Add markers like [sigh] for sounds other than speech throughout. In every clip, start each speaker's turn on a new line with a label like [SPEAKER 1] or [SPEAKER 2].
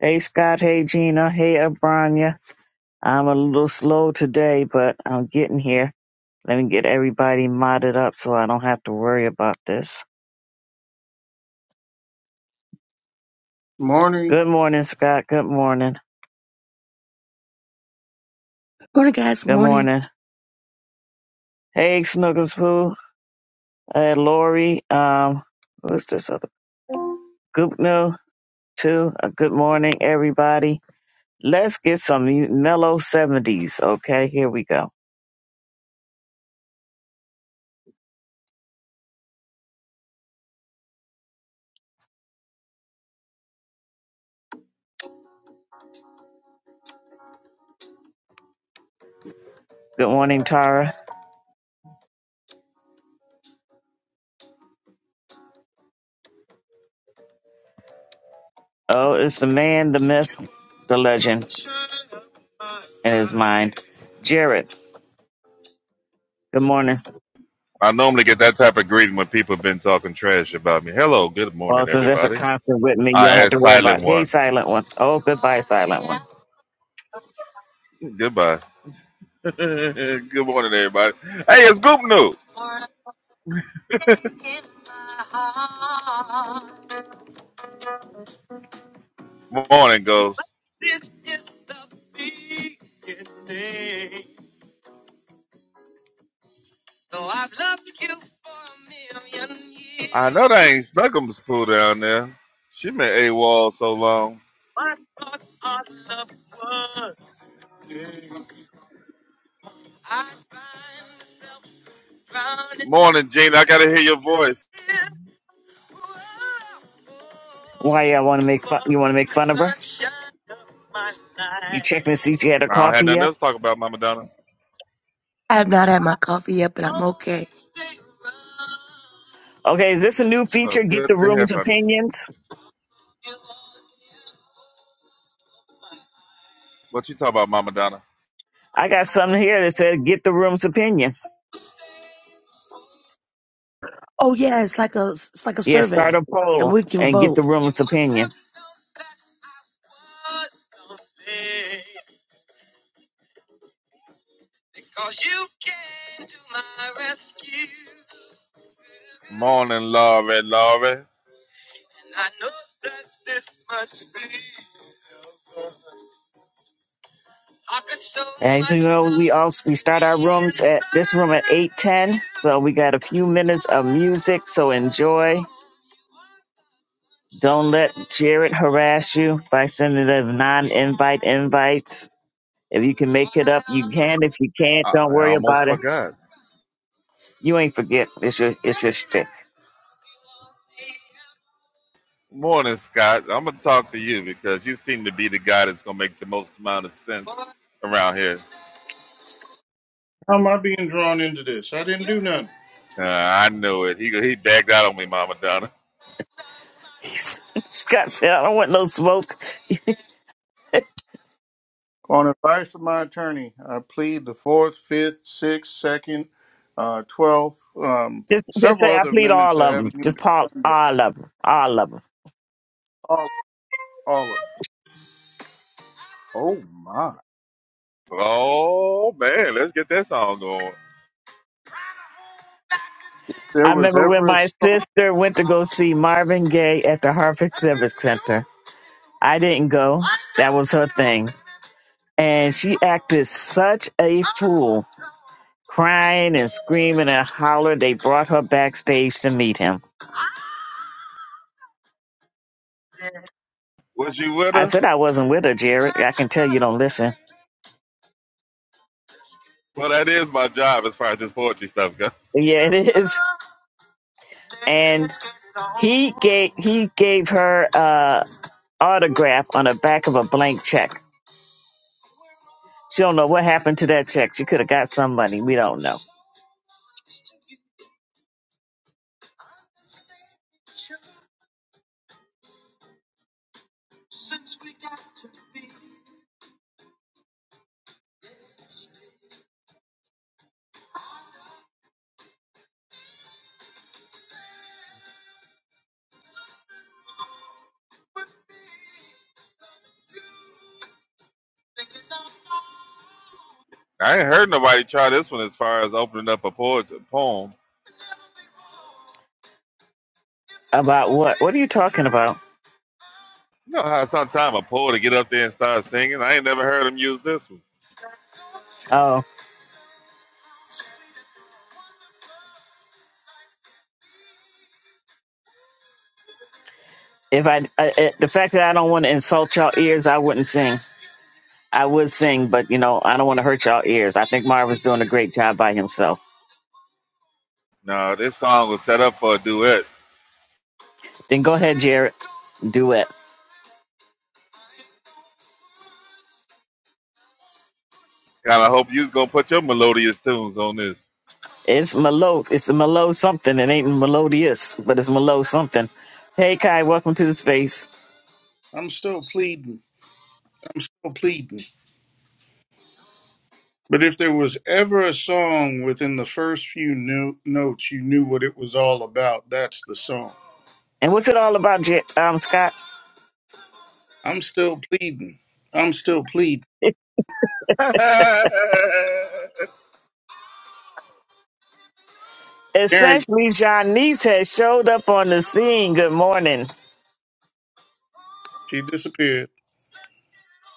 [SPEAKER 1] Hey Scott, hey Gina, hey Abranya. I'm a little slow today, but I'm getting here. Let me get everybody modded up so I don't have to worry about this.
[SPEAKER 2] Morning.
[SPEAKER 1] Good morning, Scott. Good morning.
[SPEAKER 3] Morning, guys.
[SPEAKER 1] Good
[SPEAKER 3] Morning.
[SPEAKER 1] morning. Hey Snuggles Pooh, hey Lori, um, who's this other Goopno too? Uh, good morning, everybody. Let's get some mellow seventies, okay? Here we go. Good morning, Tara. Oh, it's the man, the myth, the legend in his mind. Jared. Good morning.
[SPEAKER 4] I normally get that type of greeting when people have been talking trash about me. Hello, good
[SPEAKER 1] Well,
[SPEAKER 4] morning,
[SPEAKER 1] since that's a
[SPEAKER 4] everybody.
[SPEAKER 1] concert with me, you don't
[SPEAKER 4] I
[SPEAKER 1] have
[SPEAKER 4] ask
[SPEAKER 1] to worry
[SPEAKER 4] silent
[SPEAKER 1] about hey,
[SPEAKER 4] one.
[SPEAKER 1] silent one. Oh, goodbye, silent one.
[SPEAKER 4] Goodbye. [laughs] good morning, everybody. Hey, it's Goop New. Morning, Ghost. I know they ain't Snuggum's poo down there. She been AWOL so long. Morning, Gene. I gotta hear your voice.
[SPEAKER 1] Why y'all want to make fun? You want to make fun of her? You checking to see if she had a
[SPEAKER 4] I don't have
[SPEAKER 1] coffee
[SPEAKER 4] nothing
[SPEAKER 1] yet?
[SPEAKER 4] else to talk about, Mama Donna.
[SPEAKER 3] I have not had my coffee yet, but I'm okay.
[SPEAKER 1] Okay, is this a new
[SPEAKER 4] So
[SPEAKER 1] feature?
[SPEAKER 4] it's
[SPEAKER 1] Get
[SPEAKER 4] good
[SPEAKER 1] the
[SPEAKER 4] to hear
[SPEAKER 1] room's
[SPEAKER 4] from you.
[SPEAKER 1] opinions.
[SPEAKER 4] What you talk about, Mama Donna?
[SPEAKER 1] I got something here that says get the room's opinion.
[SPEAKER 3] Oh yeah, it's like a it's like a
[SPEAKER 1] Yeah, start
[SPEAKER 3] survey,
[SPEAKER 1] a
[SPEAKER 3] and
[SPEAKER 1] poll
[SPEAKER 3] we can
[SPEAKER 1] and get
[SPEAKER 3] vote.
[SPEAKER 1] the room's opinion.
[SPEAKER 4] Morning, Laurie. Laurie.
[SPEAKER 1] As you know, we also we start our rooms at this room at eight ten, so we got a few minutes of music. So enjoy. Don't let Jared harass you by sending the non-invite invites. If you can make it up, you can. If you can't,
[SPEAKER 4] I,
[SPEAKER 1] don't
[SPEAKER 4] I
[SPEAKER 1] worry
[SPEAKER 4] almost
[SPEAKER 1] about it.
[SPEAKER 4] forgot.
[SPEAKER 1] You ain't forget. It's your it's your shtick.
[SPEAKER 4] Morning, Scott. I'm gonna talk to you because you seem to be the guy that's gonna make the most amount of sense around here.
[SPEAKER 2] How am I being drawn into this? I didn't do nothing.
[SPEAKER 4] Uh, I know it. He he bagged out on me, Mama Donna.
[SPEAKER 1] [laughs] Scott said, "I don't want no smoke.
[SPEAKER 2] On advice of my attorney, I plead the fourth, fifth, sixth, second, uh, twelfth, um,
[SPEAKER 1] Just just say
[SPEAKER 2] several
[SPEAKER 1] I
[SPEAKER 2] other
[SPEAKER 1] plead
[SPEAKER 2] amendments
[SPEAKER 1] all
[SPEAKER 2] that
[SPEAKER 1] of them.
[SPEAKER 2] haven't even
[SPEAKER 1] Just call
[SPEAKER 2] been done yet.
[SPEAKER 1] all of them. All of 'em.
[SPEAKER 2] All, all of. them. Oh my!
[SPEAKER 4] Oh man, let's get that song going.
[SPEAKER 2] There
[SPEAKER 1] I
[SPEAKER 2] was
[SPEAKER 1] remember
[SPEAKER 2] ever
[SPEAKER 1] when
[SPEAKER 2] a
[SPEAKER 1] my
[SPEAKER 2] song.
[SPEAKER 1] sister went to go see Marvin Gaye at the Harvard Civic Center. I didn't go. That was her thing. And she acted such a fool, crying and screaming and hollering. They brought her backstage to meet him.
[SPEAKER 4] Was you with
[SPEAKER 1] I
[SPEAKER 4] her?
[SPEAKER 1] said I wasn't with her, Jared. I can tell you don't listen.
[SPEAKER 4] Well, that is my job as far as this poetry stuff goes.
[SPEAKER 1] Yeah, it is. And he gave he gave her uh autograph on the back of a blank check. She don't know what happened to that check. She could have got some money. We don't know
[SPEAKER 4] I ain't heard nobody try this one as far as opening up a poet poem.
[SPEAKER 1] About what? What are you talking about?
[SPEAKER 4] You know how sometimes a poet to get up there and start singing. I ain't never heard him use this one.
[SPEAKER 1] Oh, if I, I I- the fact that I don't want to insult y'all ears, I wouldn't sing. I would sing, but you know, I don't want to hurt y'all ears. I think Marvin's doing a great job by himself.
[SPEAKER 4] No, this song was set up for a duet.
[SPEAKER 1] Then go ahead, Jared. Duet.
[SPEAKER 4] Kind of hope you's gonna put your melodious tunes on this.
[SPEAKER 1] It's Melo. It's a Melo something. It ain't melodious, but it's Melo something. Hey, Kai, welcome to the space.
[SPEAKER 2] I'm still pleading, still pleading. But if there was ever a song within the first few no- notes, you knew what it was all about. That's the song.
[SPEAKER 1] And what's it all about, J- um, Scott?
[SPEAKER 2] I'm still pleading. I'm still pleading.
[SPEAKER 1] [laughs]
[SPEAKER 4] [laughs] she
[SPEAKER 2] Guaranteed.
[SPEAKER 1] Essentially, Janice has showed up on the scene. Good morning.
[SPEAKER 2] She disappeared.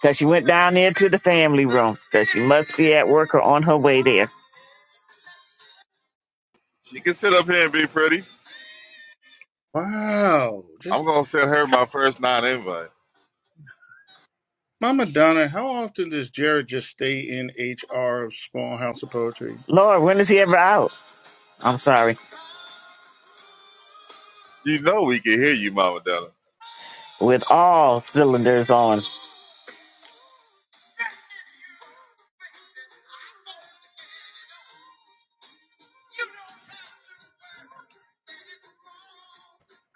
[SPEAKER 1] because she went down there to the family room because she must be at work or on her way there.
[SPEAKER 4] can sit up here and be pretty.
[SPEAKER 2] Wow.
[SPEAKER 4] I'm
[SPEAKER 2] Just
[SPEAKER 4] gonna send her
[SPEAKER 2] how,
[SPEAKER 4] my first non-invite.
[SPEAKER 2] Mama Donna, how often does Jared just stay in HR of Small House of Poetry?
[SPEAKER 1] Lord, when is he ever out? I'm sorry,
[SPEAKER 4] You know we can hear you, Mama Della.
[SPEAKER 1] with all cylinders on.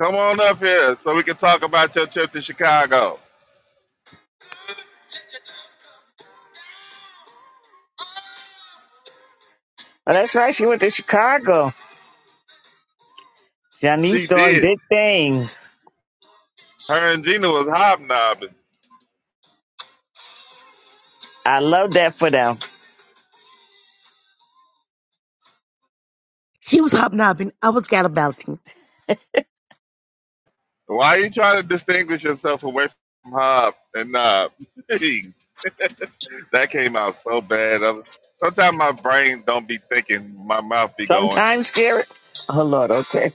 [SPEAKER 4] Come on up here so we can talk about your trip to Chicago.
[SPEAKER 1] Oh, that's right. She went to Chicago. Johnny's
[SPEAKER 4] She
[SPEAKER 1] doing
[SPEAKER 4] did.
[SPEAKER 1] big things.
[SPEAKER 4] Her and Gina was hobnobbing.
[SPEAKER 1] I love that for them.
[SPEAKER 3] She was hobnobbing. I was gallivanting.
[SPEAKER 4] Why are you trying to distinguish yourself away from hob and knob? [laughs] that came out so bad. I'm- Sometimes my brain don't be thinking, my mouth be going.
[SPEAKER 1] Sometimes, Jared. Oh Lord, okay.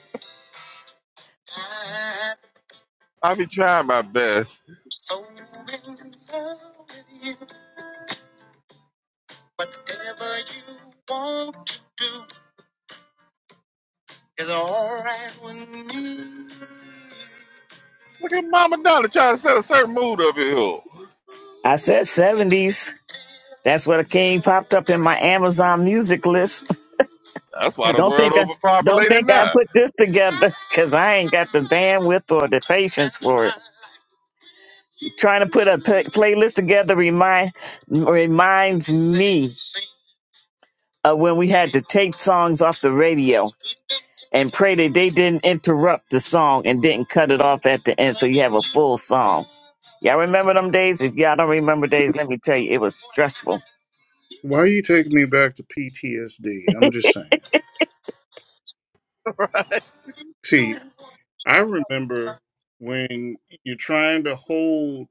[SPEAKER 4] I be trying my best.
[SPEAKER 1] So in love with you, whatever you want to do is all right with me.
[SPEAKER 4] Look at Mama Donna trying to set a certain mood up in here.
[SPEAKER 1] I said 70s. That's where the king popped up in my Amazon music list.
[SPEAKER 4] That's why
[SPEAKER 1] [laughs]
[SPEAKER 4] the
[SPEAKER 1] don't
[SPEAKER 4] world
[SPEAKER 1] think I don't
[SPEAKER 4] overpopulated
[SPEAKER 1] think I
[SPEAKER 4] now.
[SPEAKER 1] put this together because I ain't got the bandwidth or the patience for it. Trying to put a p- playlist together remind reminds me of when we had to tape songs off the radio and pray that they didn't interrupt the song and didn't cut it off at the end so you have a full song. Y'all remember them days? If y'all don't remember days, let me tell you, it was stressful.
[SPEAKER 2] Why are you taking me back to PTSD? I'm just saying.
[SPEAKER 4] [laughs] Right?
[SPEAKER 2] See, I remember when you're trying to hold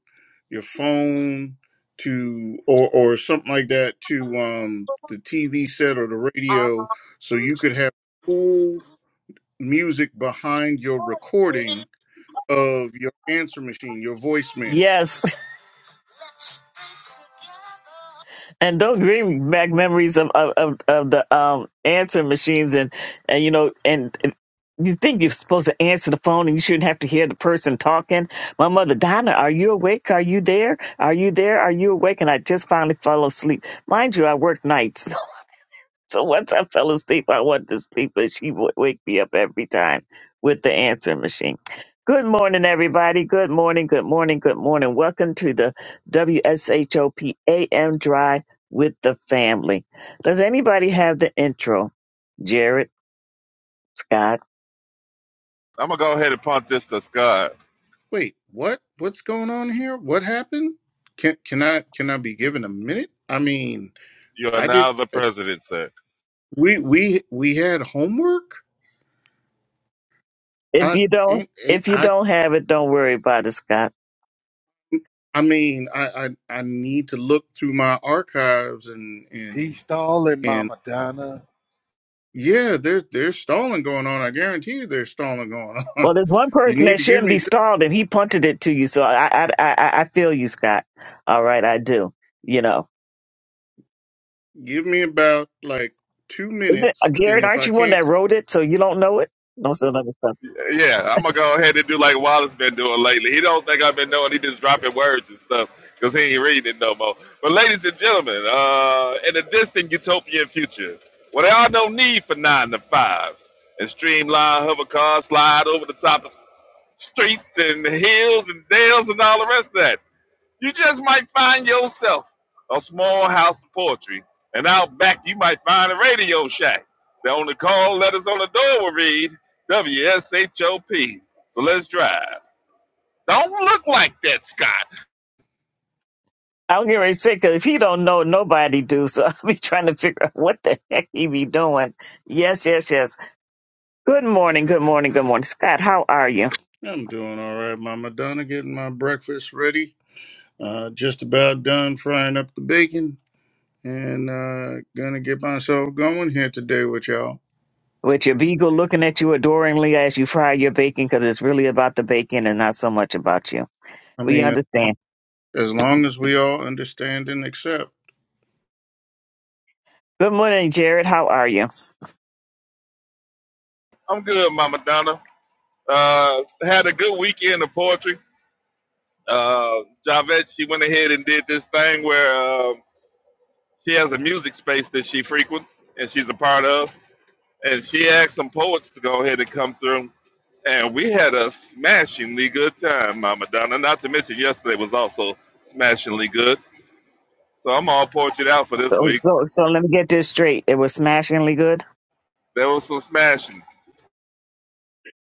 [SPEAKER 2] your phone to or or something like that to um the TV set or the radio so you could have cool music behind your recording of your answer machine, your voicemail.
[SPEAKER 1] Yes. and those bring back memories of of, of, of the um answering machines and and you know and, and you think you're supposed to answer the phone and you shouldn't have to hear the person talking. My mother, Donna, are you awake? Are you there? Are you there? Are you awake? And I just finally fell asleep. Mind you, I work nights. So once I fell asleep, I wanted to sleep, but she would wake me up every time with the answer machine. Good morning, everybody. Good morning. Good morning. Good morning. Welcome to the WSHOP AM Drive with the family. Does anybody have the intro? Jared, Scott.
[SPEAKER 4] I'm gonna go ahead and punt this to Scott.
[SPEAKER 2] wait, what? What's going on here? What happened? Can can I can I be given a minute? I mean,
[SPEAKER 4] You are
[SPEAKER 2] I did.
[SPEAKER 4] now the president, sir.
[SPEAKER 2] We we we had homework.
[SPEAKER 1] If
[SPEAKER 2] I
[SPEAKER 1] you don't,
[SPEAKER 2] ain't, ain't-
[SPEAKER 1] if you
[SPEAKER 2] I
[SPEAKER 1] don't have it, don't worry about it, Scott.
[SPEAKER 2] I mean, I, I I need to look through my archives and and
[SPEAKER 4] He's stalling,
[SPEAKER 2] and
[SPEAKER 4] Mama Donna.
[SPEAKER 2] yeah, there's there's stalling going on. I guarantee you, there's stalling going on. [laughs]
[SPEAKER 1] Well, there's one
[SPEAKER 2] You
[SPEAKER 1] person
[SPEAKER 2] need
[SPEAKER 1] that
[SPEAKER 2] to give
[SPEAKER 1] shouldn't
[SPEAKER 2] me
[SPEAKER 1] be
[SPEAKER 2] just
[SPEAKER 1] stalled, and he punted it to you. So I, I, I, I I feel you, Scott. All right, I do. You know.
[SPEAKER 2] give me about like two
[SPEAKER 1] Is it
[SPEAKER 2] minutes,
[SPEAKER 1] uh,
[SPEAKER 2] and
[SPEAKER 1] Jared?
[SPEAKER 2] if
[SPEAKER 1] Aren't
[SPEAKER 2] I
[SPEAKER 1] you one
[SPEAKER 2] can't
[SPEAKER 1] that
[SPEAKER 2] come,
[SPEAKER 1] wrote it, so you don't know it? No, so other stuff.
[SPEAKER 4] Yeah, I'm gonna go ahead and do like Wallace been doing lately. He don't think I've been doing. He just dropping words and stuff because he ain't reading it no more. But ladies and gentlemen, uh, in the distant utopian future, where there are no need for nine to fives and streamlined hover cars slide over the top of streets and hills and dales and all the rest of that. You just might find yourself a small house of poetry, and out back you might find a radio shack. The only call letters on the door will read WSHOP. So let's drive. Don't look like that, Scott.
[SPEAKER 1] I'll get ready to say, 'cause if he don't know, nobody do. So [laughs] I'll be trying to figure out what the heck he be doing. Yes, yes, yes. Good morning, good morning, good morning, Scott. How are you?
[SPEAKER 2] I'm doing all right, Mama Donna, getting my breakfast ready Uh, just about done frying up the bacon and uh, gonna get myself going here today with y'all.
[SPEAKER 1] With your beagle looking at you adoringly as you fry your bacon, because it's really about the bacon and not so much about you.
[SPEAKER 2] I
[SPEAKER 1] We
[SPEAKER 2] mean,
[SPEAKER 1] understand.
[SPEAKER 2] as long as we all understand and accept.
[SPEAKER 1] Good morning, Jared. How are you?
[SPEAKER 4] I'm good, Mama Donna. Uh, had a good weekend of poetry. Uh, Javette, she went ahead and did this thing where uh, she has a music space that she frequents and she's a part of. And she asked some poets to go ahead and come through And we had a smashingly good time, Mama Donna. Not to mention yesterday was also smashingly good. So I'm all portrait out for this
[SPEAKER 1] So,
[SPEAKER 4] week.
[SPEAKER 1] so, so let me get this straight. It was smashingly good. [laughs]
[SPEAKER 4] There was some smashing.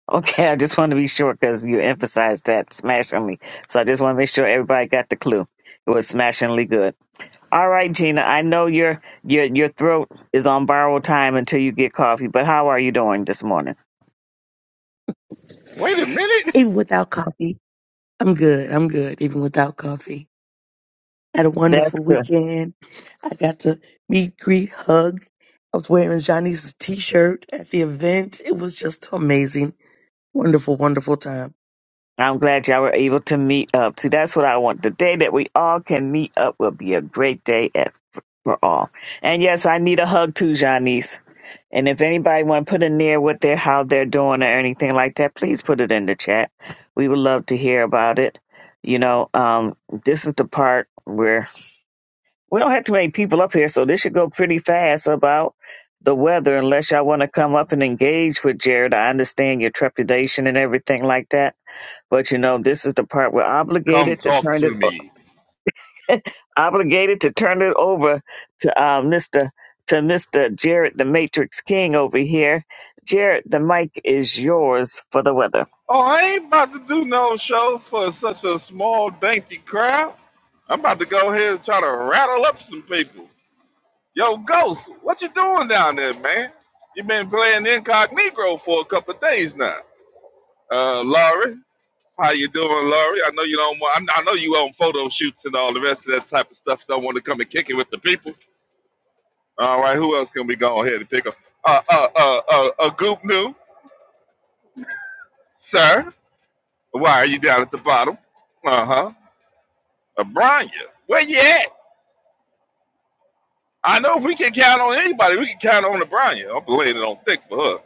[SPEAKER 1] Okay, I just want to be sure because you emphasized that smashingly. So I just want to make sure everybody got the clue. It was smashingly good. All right, Gina. I know your your your throat is on borrowed time until you get coffee, but how are you doing this morning?
[SPEAKER 4] Wait a minute.
[SPEAKER 3] Even without coffee, I'm good. I'm good. Even without coffee, had a
[SPEAKER 1] That's
[SPEAKER 3] wonderful
[SPEAKER 1] good.
[SPEAKER 3] weekend. I got to meet, greet, hug. I was wearing Johnny's t-shirt at the event. It was just amazing. Wonderful, wonderful time.
[SPEAKER 1] I'm glad y'all were able to meet up. See, that's what I want. The day that we all can meet up will be a great day at, for all. And yes, I need a hug too, Janice. And if anybody want to put in there what they're how they're doing or anything like that, please put it in the chat. We would love to hear about it. You know, um, this is the part where We don't have too many people up here, so this should go pretty fast about the weather, unless y'all want to come up and engage with Jared. I understand your trepidation and everything like that. But you know, this is the part we're
[SPEAKER 4] Come
[SPEAKER 1] obligated to
[SPEAKER 4] talk
[SPEAKER 1] turn
[SPEAKER 4] to
[SPEAKER 1] it
[SPEAKER 4] me.
[SPEAKER 1] o- [laughs] obligated to turn it over to uh, Mr. to Mr. Jared the Matrix King over here. Jared, the mic is yours for the weather.
[SPEAKER 4] Oh, I ain't about to do no show for such a small, dainty crowd. I'm about to go ahead and try to rattle up some people. Yo, Ghost, what you doing down there, man? you been playing incognito for a couple of days now. Uh, Laurie, How you doing, Laurie? I know you don't want. I I know you on photo shoots and all the rest of that type of stuff. Don't want to come and kick it with the people. All right, who else can we go ahead and pick up? Uh, uh, uh, uh, uh Goop New, sir. Why are you down at the bottom? Uh huh. Abranya, where you at? I know if we can count on anybody, we can count on Abranya. I'm laying it on thick for her.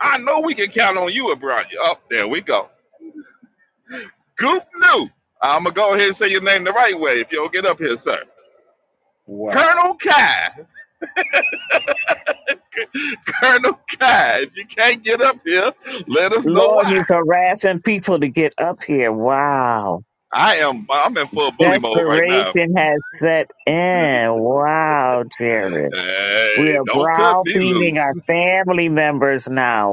[SPEAKER 4] I know we can count on you, Abranya. Oh, there we go. Goop New. I'm gonna go ahead and say your name the right way if you don't get up here, sir.
[SPEAKER 2] Wow.
[SPEAKER 4] Colonel Kai. Colonel Kai, if you can't get up here, let us know
[SPEAKER 1] Lord,
[SPEAKER 4] why.
[SPEAKER 1] he's harassing people to get up here. Wow.
[SPEAKER 4] I am I'm in full bully mode right now.
[SPEAKER 1] Desperation has set in. Wow, Jared. We
[SPEAKER 4] Hey,
[SPEAKER 1] are
[SPEAKER 4] don't cut me
[SPEAKER 1] browbeating our
[SPEAKER 4] loose.
[SPEAKER 1] family members now.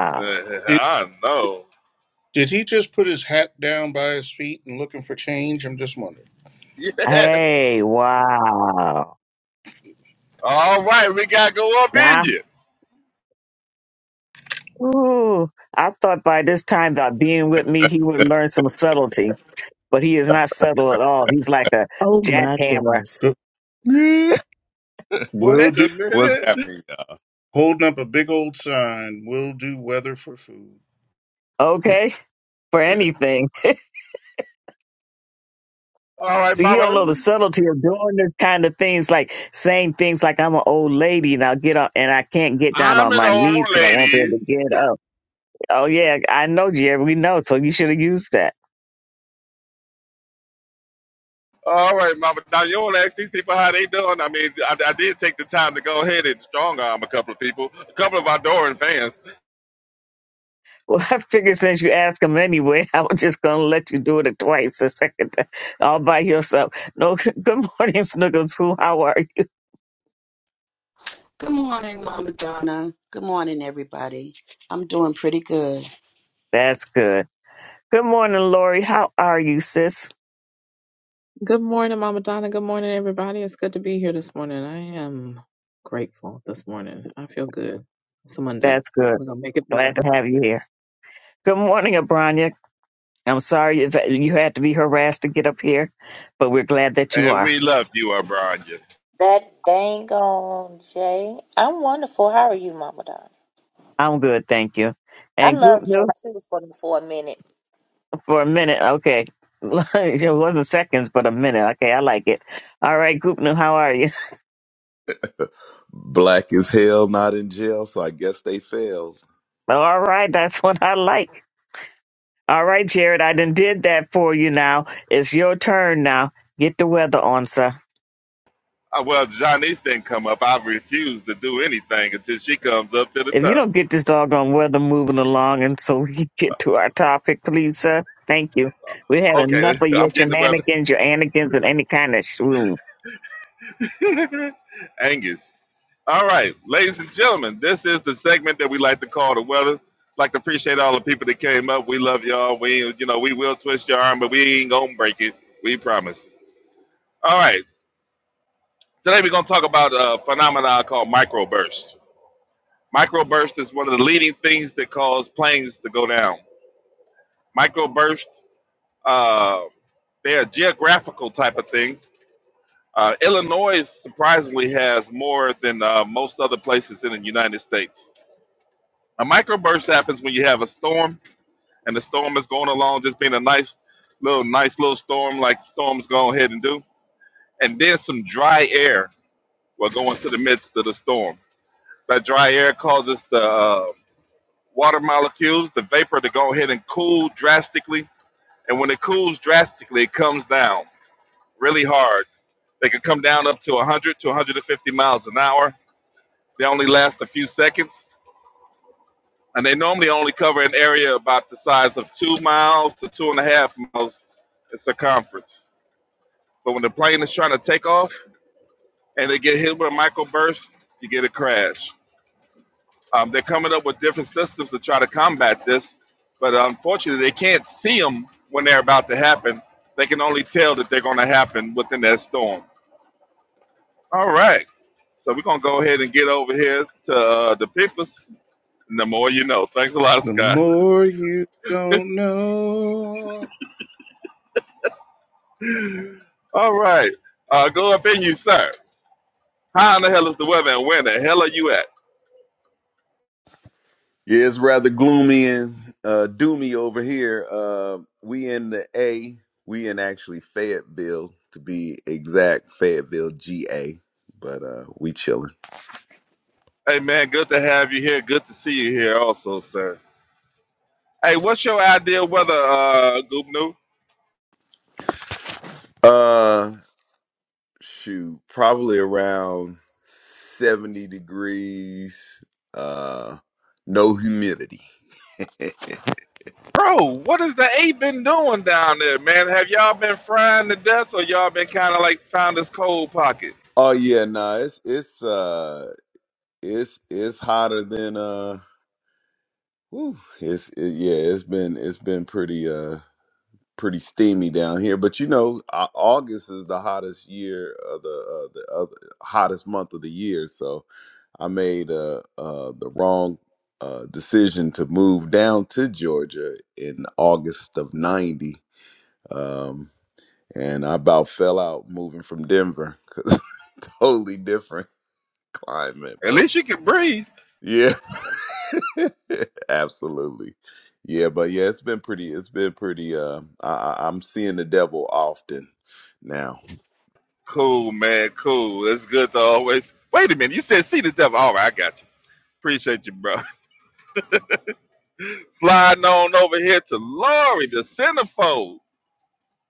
[SPEAKER 4] [laughs]
[SPEAKER 2] Did,
[SPEAKER 4] I know.
[SPEAKER 2] did he just put his hat down by his feet and looking for change? I'm just wondering.
[SPEAKER 4] Yes.
[SPEAKER 1] Hey, wow.
[SPEAKER 4] All right, we gotta go up in
[SPEAKER 1] Now,
[SPEAKER 4] you.
[SPEAKER 1] ooh, I thought by this time that being with me, he would learn some subtlety, but he is not subtle at all. He's like a
[SPEAKER 3] Oh my
[SPEAKER 1] jackhammer.
[SPEAKER 3] goodness.
[SPEAKER 2] Good.
[SPEAKER 5] [laughs]
[SPEAKER 2] We'll
[SPEAKER 4] Wait
[SPEAKER 2] do,
[SPEAKER 4] a
[SPEAKER 5] What's
[SPEAKER 4] minute.
[SPEAKER 5] happening? y'all?
[SPEAKER 2] holding up a big old sign, we'll do weather for food.
[SPEAKER 1] Okay, for anything.
[SPEAKER 4] All right,
[SPEAKER 1] See, he don't
[SPEAKER 4] mama.
[SPEAKER 1] know the subtlety of doing this kind of things, like saying things like "I'm an old lady and I'll get up and I can't get down
[SPEAKER 4] I'm
[SPEAKER 1] on
[SPEAKER 4] an
[SPEAKER 1] my
[SPEAKER 4] old
[SPEAKER 1] knees because I won't be
[SPEAKER 4] lady.
[SPEAKER 1] able to get up." Oh yeah, I know, Jerry. We know, so you should have used that.
[SPEAKER 4] All right, mama. Now you want to ask these people how they doing? I mean, I, I did take the time to go ahead and strong arm a couple of people, a couple of our adoring fans,
[SPEAKER 1] Well, [laughs] I figured since you asked him anyway, [laughs] i was just gonna let you do it [laughs] twice, the second time, all by yourself. No, [laughs] good morning, Snuggles. Who? How are you?
[SPEAKER 6] Good morning, Mama Donna. Good morning, everybody. I'm doing pretty good.
[SPEAKER 1] That's good. Good morning, Lori. How are you, sis?
[SPEAKER 7] Good morning, Mama Donna. Good morning, everybody. It's good to be here this morning. I am grateful this morning. I feel good. It's a Monday.
[SPEAKER 1] That's good.
[SPEAKER 7] We're gonna make it
[SPEAKER 1] Glad
[SPEAKER 7] through.
[SPEAKER 1] to have you here. Good morning, Abranya. I'm sorry if you had to be harassed to get up here, but we're glad that you
[SPEAKER 4] and
[SPEAKER 1] are.
[SPEAKER 4] we love you, O'Brien.
[SPEAKER 8] That dang on Jay. I'm wonderful. How are you, Mama Don?
[SPEAKER 1] I'm good, thank you.
[SPEAKER 8] I
[SPEAKER 1] And Goop
[SPEAKER 8] love Jay
[SPEAKER 1] knew
[SPEAKER 8] too for, for a minute.
[SPEAKER 1] for a minute, okay. [laughs] it wasn't seconds, but a minute. Okay, I like it. All right, Goop knew, how are you?
[SPEAKER 5] Black as hell, not in jail, so I guess they failed.
[SPEAKER 1] [laughs] All right, that's what I like. All right, Jared, I done did that for you now. It's your turn now. Get the weather on, sir.
[SPEAKER 4] Uh, well, Janice didn't come up. I refuse to do anything until she comes up to the
[SPEAKER 1] If you
[SPEAKER 4] top.
[SPEAKER 1] don't get this doggone weather moving along and so we [laughs] can get to our topic, please, sir. Thank you. We had enough
[SPEAKER 4] Okay,
[SPEAKER 1] of
[SPEAKER 4] [laughs]
[SPEAKER 1] your
[SPEAKER 4] I'm getting the
[SPEAKER 1] shenanigans, your anigans, and any kind of shroom.
[SPEAKER 4] weather. [laughs] Angus. All right, ladies and gentlemen, this is the segment that we like to call the weather. Like to appreciate all the people that came up. We love y'all. We, you know, we will twist your arm, but we ain't gonna break it. We promise. All right, today we're gonna talk about a phenomenon called microburst. Microburst is one of the leading things that cause planes to go down. Microburst. Uh, They're a geographical type of thing. Uh, Illinois surprisingly has more than uh, most other places in the United States. A microburst happens when you have a storm, and the storm is going along, just being a nice little, nice little storm, like storms go ahead and do, and then some dry air will go into the midst of the storm. That dry air causes the uh, water molecules, the vapor, to go ahead and cool drastically, and when it cools drastically, it comes down really hard They can come down up to 100 to 150 miles an hour. They only last a few seconds, and they normally only cover an area about the size of two miles to two and a half miles in circumference. But when the plane is trying to take off and they get hit with a microburst, you get a crash. Um, they're coming up with different systems to try to combat this, but unfortunately, they can't see them when they're about to happen. They can only tell that they're going to happen within that storm. All right. So we're going to go ahead and get over here to uh, the papers. The more you know. Thanks a lot,
[SPEAKER 2] The
[SPEAKER 4] Scott.
[SPEAKER 2] more you don't know.
[SPEAKER 4] All right. Uh, go up in you, sir. How in the hell is the weather and where the hell are you at?
[SPEAKER 5] Yeah, it's rather gloomy and uh, doomy over here. Uh, we in the A, we in actually Fayetteville to be exact, Fayetteville, GA, but uh, we chilling.
[SPEAKER 4] Hey, man, good to have you here. Good to see you here also, sir. Hey, what's your idea of weather, uh, Goop Noob?
[SPEAKER 5] Uh, shoot, probably around seventy degrees. Uh, no humidity. [laughs]
[SPEAKER 4] Bro, what has the eight been doing down there, man? Have y'all been frying to death or y'all been kind of like found this cold pocket?
[SPEAKER 5] Oh yeah, nah, it's it's uh it's it's hotter than uh whew, it's it, yeah it's been it's been pretty uh pretty steamy down here but you know Au- august is the hottest year of the uh, the other hottest month of the year so i made uh uh the wrong uh decision to move down to georgia in august of 90 um and i about fell out moving from denver 'cause [laughs] totally different climate but
[SPEAKER 4] At least you can breathe.
[SPEAKER 5] Yeah. [laughs] Absolutely. Yeah, but yeah, it's been pretty it's been pretty uh I I- I'm seeing the devil often now.
[SPEAKER 4] Cool, man. Cool. That's good to always. Wait a minute. You said see the devil. All right, I got you. Appreciate you, bro. [laughs] Sliding on over here to Laurie, the centerfold.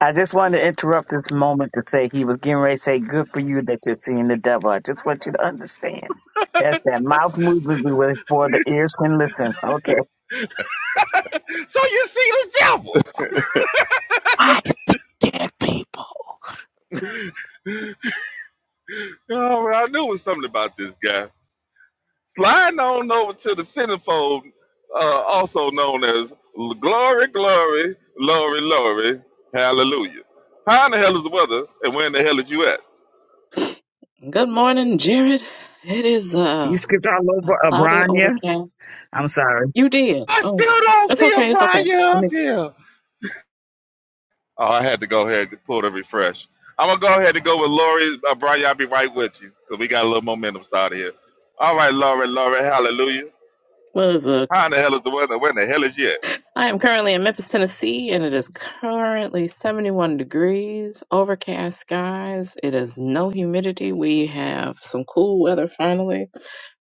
[SPEAKER 1] I just wanted to interrupt this moment to say he was getting ready to say, Good for you that you're seeing the devil. I just want you to understand. That's that mouth movement we were for the ears can listen. Okay.
[SPEAKER 4] [laughs] so you see the devil.
[SPEAKER 5] I see dead people.
[SPEAKER 4] All right, I knew it was something about this guy. Sliding on over to the centerfold, uh, also known as L- Glory, Glory, Glory, Glory, Hallelujah. How in the hell is the weather, and where in the hell is you at?
[SPEAKER 7] Good morning, Jared. It is
[SPEAKER 1] You
[SPEAKER 7] uh,
[SPEAKER 1] skipped all
[SPEAKER 7] a
[SPEAKER 1] over
[SPEAKER 7] cloudy
[SPEAKER 1] Abranya.
[SPEAKER 7] overcast.
[SPEAKER 1] I'm sorry.
[SPEAKER 7] You did.
[SPEAKER 4] I
[SPEAKER 7] Oh,
[SPEAKER 4] still don't
[SPEAKER 7] it's
[SPEAKER 4] see
[SPEAKER 7] okay. It's okay.
[SPEAKER 4] O'Brien
[SPEAKER 7] Let
[SPEAKER 4] up
[SPEAKER 7] me.
[SPEAKER 4] here. Oh, I had to go ahead and pull the refresh. I'm gonna go ahead and go with Lori. Uh, Brian, I'll be right with you because we got a little momentum started here. All right, Lori, Lori, hallelujah.
[SPEAKER 7] What is it?
[SPEAKER 4] How in the hell is the weather? Where in the hell is it?
[SPEAKER 7] I am currently in Memphis, Tennessee, and it is currently 71 degrees, overcast skies. It is no humidity. We have some cool weather finally.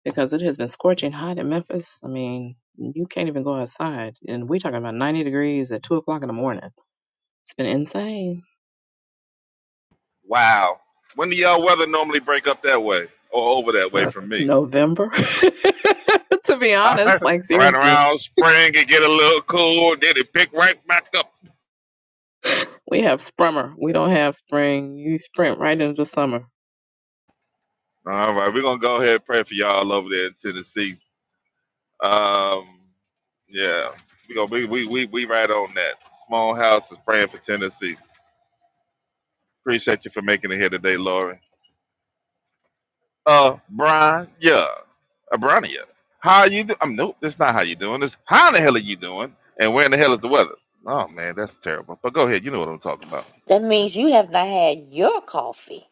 [SPEAKER 7] because it has been scorching hot in Memphis. I mean, you can't even go outside, and we're talking about 90 degrees at two o'clock in the morning. It's been insane.
[SPEAKER 4] Wow. When do y'all weather normally break up that way or over that way
[SPEAKER 7] Uh,
[SPEAKER 4] from me?
[SPEAKER 7] November, [laughs] to be
[SPEAKER 4] All right,
[SPEAKER 7] honest, like
[SPEAKER 4] [laughs] right
[SPEAKER 7] seriously,
[SPEAKER 4] around spring, it get a little cool, then it pick right back up.
[SPEAKER 7] we have sprummer. We don't have spring. You sprint right into summer.
[SPEAKER 4] All right, we're gonna go ahead and pray for y'all over there in Tennessee. Um, yeah, we gonna we we we, we right on that. Small house is praying for Tennessee. Appreciate you for making it here today, Lori. Uh, Brian, yeah, uh, Briania, how are you doing? I'm nope. That's not how you doing. It's how in the hell are you doing? And where in the hell is the weather? Oh man, that's terrible. But go ahead. You know what I'm talking about.
[SPEAKER 8] That means you have not had your coffee.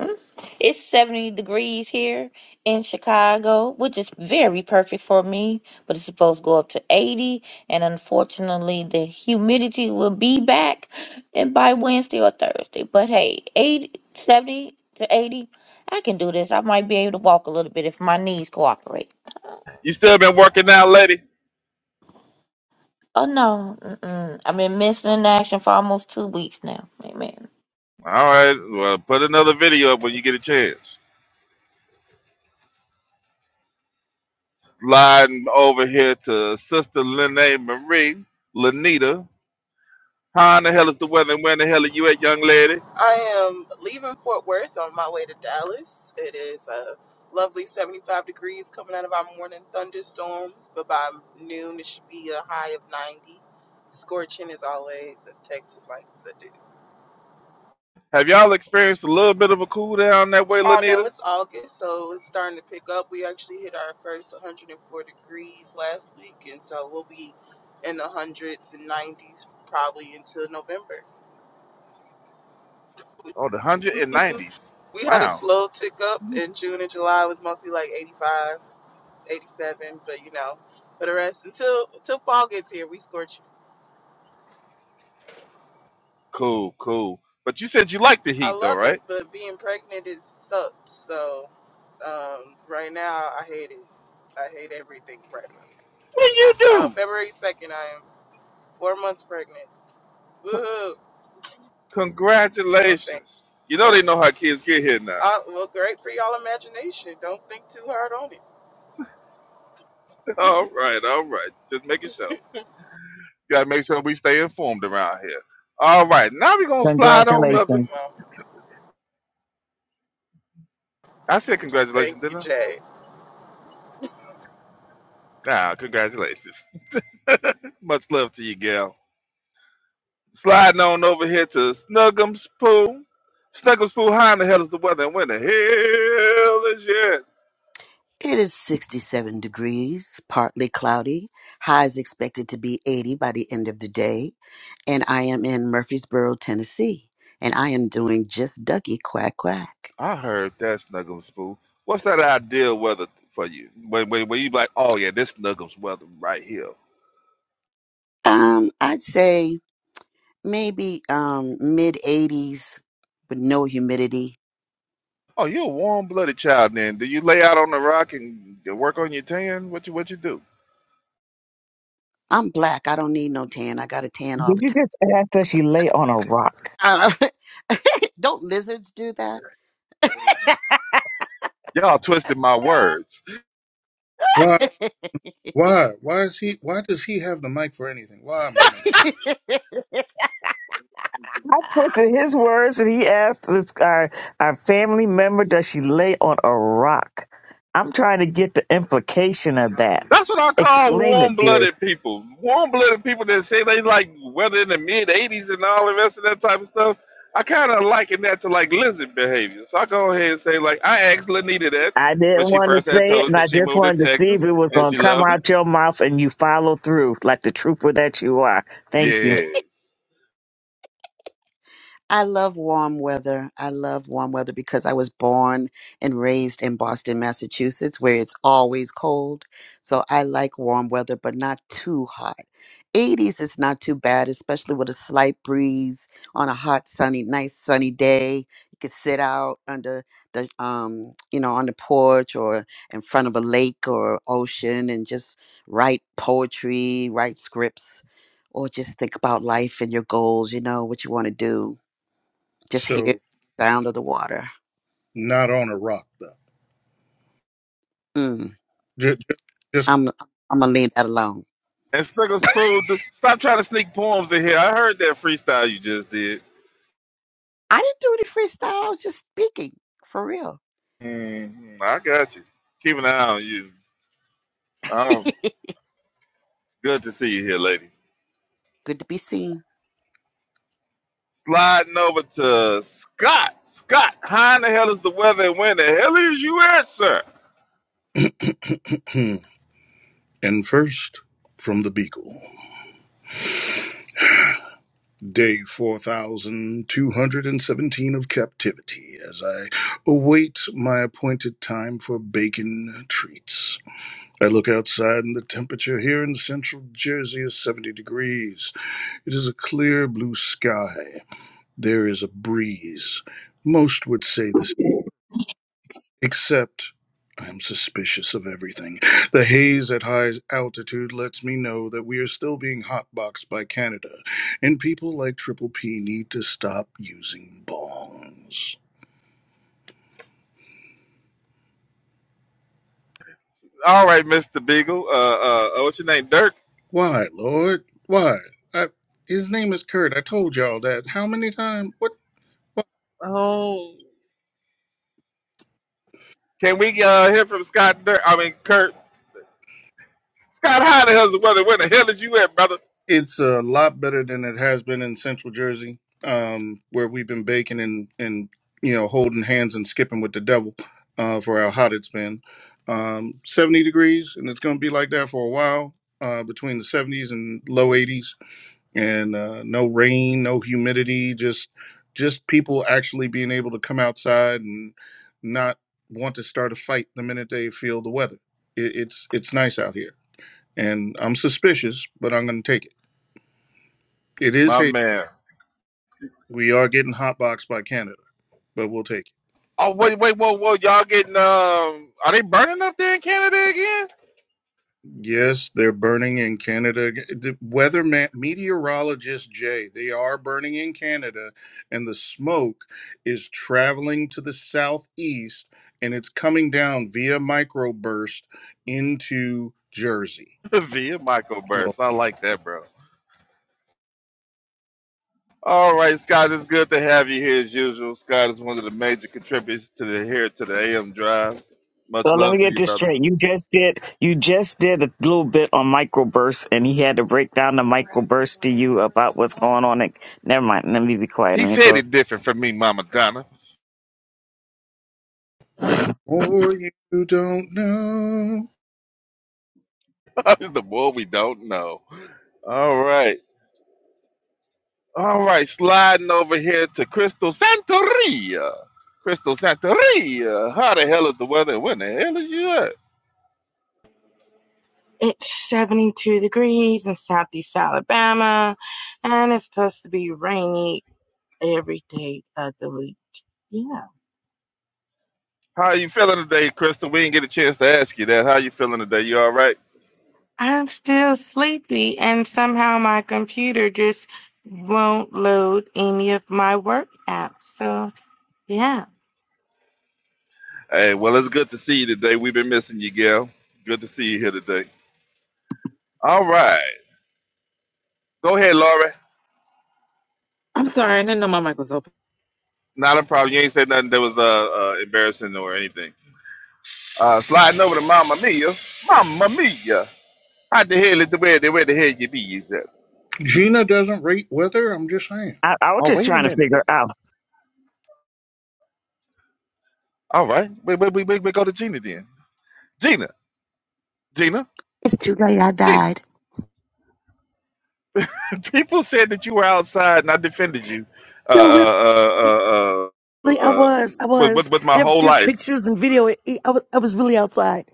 [SPEAKER 8] Hmm? It's 70 degrees here in Chicago, which is very perfect for me, but it's supposed to go up to 80. And unfortunately, the humidity will be back and by Wednesday or Thursday. But hey, 80, 70 to 80, I can do this. I might be able to walk a little bit if my knees cooperate.
[SPEAKER 4] You still been working out, lady?
[SPEAKER 8] Oh no, Mm-mm. I've been missing in action for almost two weeks now. Amen.
[SPEAKER 4] All right. Well, put another video up when you get a chance. Sliding over here to Sister Lene Marie, Lanita. How in the hell is the weather? And where in the hell are you at, young lady?
[SPEAKER 9] I am leaving Fort Worth on my way to Dallas. It is a lovely 75 degrees coming out of our morning thunderstorms, but by noon it should be a high of 90. Scorching as always, as Texas likes to do.
[SPEAKER 4] Have y'all experienced a little bit of a cool down that way,
[SPEAKER 9] Oh no,
[SPEAKER 4] Lanita?
[SPEAKER 9] it's August, so it's starting to pick up. We actually hit our first 104 degrees last week, and so we'll be in the hundreds and 90s probably until November.
[SPEAKER 4] Oh, the hundred and nineties.
[SPEAKER 9] [laughs] we had a
[SPEAKER 4] Wow.
[SPEAKER 9] slow tick up in June and July. It was mostly like 85. 87, but you know, for the rest until until fall gets here, we scorch.
[SPEAKER 4] Cool, cool. But you said you like the
[SPEAKER 9] I
[SPEAKER 4] heat though,
[SPEAKER 9] love it,
[SPEAKER 4] right?
[SPEAKER 9] but being pregnant is sucked. So um, right now, I hate it. I hate everything right about it.
[SPEAKER 4] Well you
[SPEAKER 9] Uh,
[SPEAKER 4] do.
[SPEAKER 9] February 2nd, I am four months pregnant. Woohoo! No thank.
[SPEAKER 4] Congratulations. You know they know how kids get here now.
[SPEAKER 9] Uh, well, great for y'all imagination. Don't think too hard on it.
[SPEAKER 4] [laughs] All right, all right. Just making sure. Gotta make sure we stay informed around here. All right, now we're gonna slide on
[SPEAKER 9] Thank
[SPEAKER 4] up.
[SPEAKER 9] you,
[SPEAKER 4] it.
[SPEAKER 1] Congratulations.
[SPEAKER 9] mom.
[SPEAKER 4] I said
[SPEAKER 9] Thank
[SPEAKER 4] congratulations,
[SPEAKER 9] you,
[SPEAKER 4] didn't I?
[SPEAKER 9] Jay.
[SPEAKER 4] Ah, congratulations. [laughs] Much love to you, gal. Sliding on over here to Snuggums Pool. Snuggums Pool, how in the hell is the weather and when the hell is you?
[SPEAKER 6] It is 67 degrees, partly cloudy. Highs expected to be 80 by the end of the day. And I am in Murfreesboro, Tennessee. And I am doing just ducky quack quack.
[SPEAKER 4] I heard that Snuggums Boo. What's that ideal weather for you? When, when, when you like, oh yeah, this Snuggums weather right here.
[SPEAKER 6] Um, I'd say maybe um mid 80s with no humidity.
[SPEAKER 4] Oh, you're a warm-blooded child. Then do you lay out on the rock and work on your tan? What you what you do?
[SPEAKER 6] I'm black. I don't need no tan. I got a tan all
[SPEAKER 1] Did
[SPEAKER 6] the
[SPEAKER 1] you
[SPEAKER 6] time.
[SPEAKER 1] just ask that she lay on a rock?
[SPEAKER 6] [laughs] don't lizards do that?
[SPEAKER 4] Y'all twisted my words.
[SPEAKER 2] Why? Why? Why is he? Why does he have the mic for anything? Why, Mama? Done?
[SPEAKER 6] [laughs]
[SPEAKER 1] I twisted his words and he asked this our our family member, does she lay on a rock? I'm trying to get the implication of that.
[SPEAKER 4] That's what I call
[SPEAKER 1] Explain it,
[SPEAKER 4] warm-blooded people. Warm-blooded people that say they like weather in the mid 80s and all the rest of that type of stuff. I kind of liken that to like lizard behavior. So I go ahead and say like I asked Lanita that
[SPEAKER 1] I
[SPEAKER 4] when
[SPEAKER 1] didn't
[SPEAKER 4] she
[SPEAKER 1] want to
[SPEAKER 4] first had
[SPEAKER 1] say it,
[SPEAKER 4] told us
[SPEAKER 1] and I
[SPEAKER 4] that she
[SPEAKER 1] just
[SPEAKER 4] moved to
[SPEAKER 1] wanted to see if
[SPEAKER 4] Texas
[SPEAKER 1] it was
[SPEAKER 4] and
[SPEAKER 1] going
[SPEAKER 4] she
[SPEAKER 1] to come
[SPEAKER 4] loved it.
[SPEAKER 1] out your mouth and you follow through like the trooper that you are. Thank you.
[SPEAKER 4] Yes.
[SPEAKER 6] I love warm weather. I love warm weather because I was born and raised in Boston, Massachusetts, where it's always cold. So I like warm weather, but not too hot. 80s is not too bad, especially with a slight breeze on a hot, sunny, nice sunny day. You could sit out under the, um, you know, on the porch or in front of a lake or ocean and just write poetry, write scripts, or just think about life and your goals, you know, what you want to do just hear the
[SPEAKER 2] So
[SPEAKER 6] sound of the water.
[SPEAKER 2] not on a rock though.
[SPEAKER 6] Mm,
[SPEAKER 2] Just, just
[SPEAKER 6] I'm I'm gonna leave that alone.
[SPEAKER 4] And Snuggles Food, th- stop trying to sneak poems in here. I heard that freestyle you just did.
[SPEAKER 6] I didn't do any freestyle. I was just speaking for real.
[SPEAKER 4] hmm I got you. Keep an eye on you. Oh,
[SPEAKER 6] [laughs]
[SPEAKER 4] good to see you here, lady.
[SPEAKER 6] Good to be seen.
[SPEAKER 4] Sliding over to Scott. Scott, how in the hell is the weather and when the hell is you at, sir?
[SPEAKER 2] hmm. and first from the Beagle, day four thousand two hundred and seventeen of captivity. As I await my appointed time for bacon treats, I look outside, and the temperature here in central Jersey is seventy degrees. It is a clear blue sky. There is a breeze. Most would say the Except I am suspicious of everything. The haze at high altitude lets me know that we are still being hotboxed by Canada, and people like Triple P need to stop using bongs.
[SPEAKER 4] All right, Mr. Beagle. Uh, uh, uh, what's your name? Dirk?
[SPEAKER 2] Why, Lord? Why? I, his name is Kurt. I told y'all that. How many times? What?
[SPEAKER 4] Oh. Can we uh, hear from Scott Dirk? I mean, Kurt. Scott, how in the hell is the weather? Where the hell is you at, brother?
[SPEAKER 2] It's a lot better than it has been in Central Jersey, um, where we've been baking and and you know holding hands and skipping with the devil uh, for how hot it's been. Um, 70 degrees, and it's going to be like that for a while. Uh, between the 70s and low 80s, and uh, no rain, no humidity, just just people actually being able to come outside and not want to start a fight the minute they feel the weather. It, it's it's nice out here, and I'm suspicious, but I'm going to take it. It is
[SPEAKER 4] My
[SPEAKER 2] Haiti.
[SPEAKER 4] man.
[SPEAKER 2] We are getting hotboxed by Canada, but we'll take it.
[SPEAKER 4] Oh wait, wait, whoa, whoa! Y'all getting um? Are they burning up there in Canada again?
[SPEAKER 2] Yes, they're burning in Canada. The weather man, meteorologist Jay, they are burning in Canada, and the smoke is traveling to the southeast, and it's coming down via microburst into Jersey.
[SPEAKER 4] [laughs] Via Michael
[SPEAKER 2] Lord,
[SPEAKER 4] Burst, I like that, bro. All right, Scott, it's good to have you here as usual. Scott is one of the major contributors to the here to the AM Drive.
[SPEAKER 1] So
[SPEAKER 4] Much
[SPEAKER 1] let
[SPEAKER 4] love
[SPEAKER 1] me
[SPEAKER 4] to
[SPEAKER 1] get
[SPEAKER 4] you,
[SPEAKER 1] this
[SPEAKER 4] brother.
[SPEAKER 1] straight. You just did you just did a little bit on microbursts, and he had to break down the microburst to you about what's going on. And, never mind. Let me be quiet.
[SPEAKER 4] He
[SPEAKER 1] Let me
[SPEAKER 4] said
[SPEAKER 1] close.
[SPEAKER 4] it different from me, Mama Donna.
[SPEAKER 2] more you don't know.
[SPEAKER 4] [laughs] the more we don't know. All right, all right. Sliding over here to Crystal Santeria. Crystal Santeria. How the hell is the weather? When the hell is you at?
[SPEAKER 10] It's 72 degrees in southeast Alabama, and it's supposed to be rainy every day of the week. Yeah.
[SPEAKER 4] How you feeling today, Crystal? We didn't get a chance to ask you that. How you feeling today? You all right?
[SPEAKER 10] I'm still sleepy, and somehow my computer just won't load any of my work apps. So, yeah.
[SPEAKER 4] Hey, well, it's good to see you today. We've been missing you, Gail. Good to see you here today. All right. Go ahead, Laura.
[SPEAKER 7] I'm sorry, I didn't know my mic was open.
[SPEAKER 4] Not a problem. You ain't said nothing that was uh, uh embarrassing or anything. Uh sliding over to Mama Mia. Mama Mia. How the hell is the where the where the hell you be is that?
[SPEAKER 2] Gina doesn't rate weather. I'm just saying.
[SPEAKER 1] I, I was
[SPEAKER 4] Oh,
[SPEAKER 1] just
[SPEAKER 4] wait a
[SPEAKER 1] trying to
[SPEAKER 4] minute.
[SPEAKER 1] figure out.
[SPEAKER 4] All right. Wait, wait, wait, wait, wait, go to Gina then. Gina, Gina,
[SPEAKER 3] It's too late. I
[SPEAKER 4] Gina.
[SPEAKER 3] died.
[SPEAKER 4] People said that you were outside, and I defended you. Uh,
[SPEAKER 3] No, really,
[SPEAKER 4] uh, uh, uh, uh,
[SPEAKER 3] I
[SPEAKER 4] uh,
[SPEAKER 3] was. I
[SPEAKER 4] with, with
[SPEAKER 3] was.
[SPEAKER 4] with my
[SPEAKER 3] There,
[SPEAKER 4] whole
[SPEAKER 3] there's
[SPEAKER 4] life.
[SPEAKER 3] pictures and video. It- it- I was, I was really outside.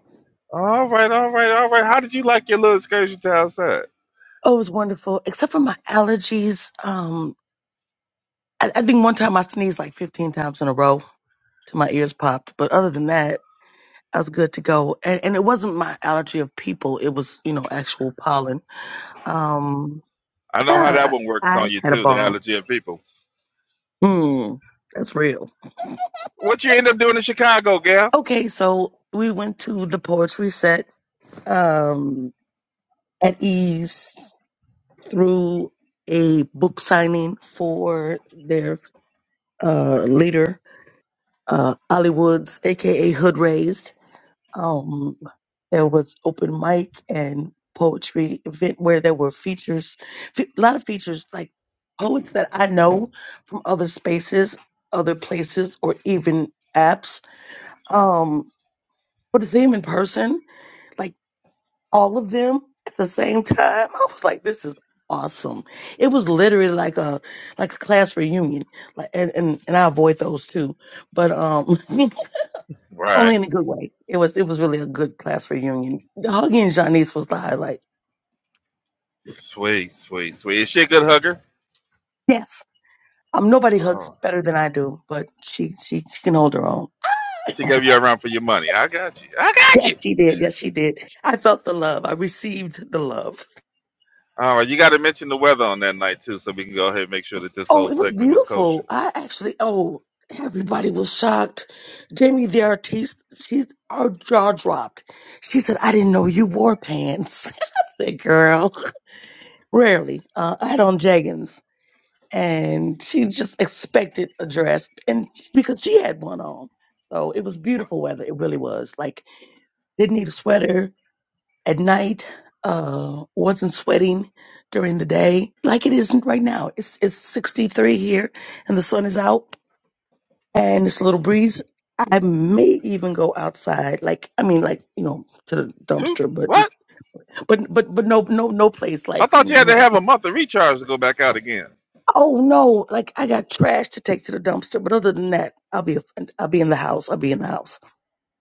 [SPEAKER 4] All right, all right, all right. How did you like your little excursion to outside?
[SPEAKER 3] Oh, it was wonderful. Except for my allergies. Um, I, I think one time I sneezed like 15 times in a row till my ears popped. But other than that, I was good to go. And, and it wasn't my allergy of people. It was, you know, actual pollen. Um,
[SPEAKER 4] I know how that
[SPEAKER 3] yeah,
[SPEAKER 4] one works on
[SPEAKER 3] I
[SPEAKER 4] you
[SPEAKER 3] had a
[SPEAKER 4] too. The
[SPEAKER 3] ball.
[SPEAKER 4] allergy of people.
[SPEAKER 3] Hmm, that's real.
[SPEAKER 4] What you end up doing in Chicago, gal?
[SPEAKER 3] Okay, so we went to the poetry set um, at ease through a book signing for their uh, leader, uh, Ollie Woods, aka Hood Raised. um, there was open mic and poetry event where there were features, fe- a lot of features like poets that I know from other spaces, other places, or even apps. Um, but to see them in person, like all of them at the same [laughs] time, I was like, this is awesome. It was literally like a like a class reunion. Like and and, and I avoid those too. But um [laughs]
[SPEAKER 4] Right.
[SPEAKER 3] only in a good way. It was it was really a good class reunion. Huggy and Janice was the highlight.
[SPEAKER 4] Sweet, sweet, sweet. Is she a good hugger?
[SPEAKER 3] Yes, um, nobody hugs
[SPEAKER 4] Oh,
[SPEAKER 3] better than I do, but she she she can hold her own. [laughs]
[SPEAKER 4] she gave you a run for your money. I got you. I got you.
[SPEAKER 3] yes, she did. Yes, she did. I felt the love. I received the love.
[SPEAKER 4] All right, you got to mention the weather on that night too, so we can go ahead and make sure that this
[SPEAKER 3] Oh,
[SPEAKER 4] whole
[SPEAKER 3] it was
[SPEAKER 4] segment was kosher.
[SPEAKER 3] beautiful. I actually oh. Everybody was shocked. Jamie the artiste, she's our jaw dropped. She said, "I didn't know you wore pants." [laughs] I said, "Girl, rarely. Uh, I had on jeggings and she just expected a dress and because she had one on so it was beautiful weather it really was like didn't need a sweater at night uh wasn't sweating during the day like it isn't right now it's it's 63 here and the sun is out and it's a little breeze i may even go outside like i mean like you know to the
[SPEAKER 4] Two?
[SPEAKER 3] dumpster but
[SPEAKER 4] What?
[SPEAKER 3] but but but no no no place
[SPEAKER 4] I
[SPEAKER 3] like you
[SPEAKER 4] thought you
[SPEAKER 3] know i'm
[SPEAKER 4] had to have a month of recharge to go back out again.
[SPEAKER 3] Oh no, like I got trash to take to the dumpster, but other than that, I'll be I'll be in the house. I'll be in the house.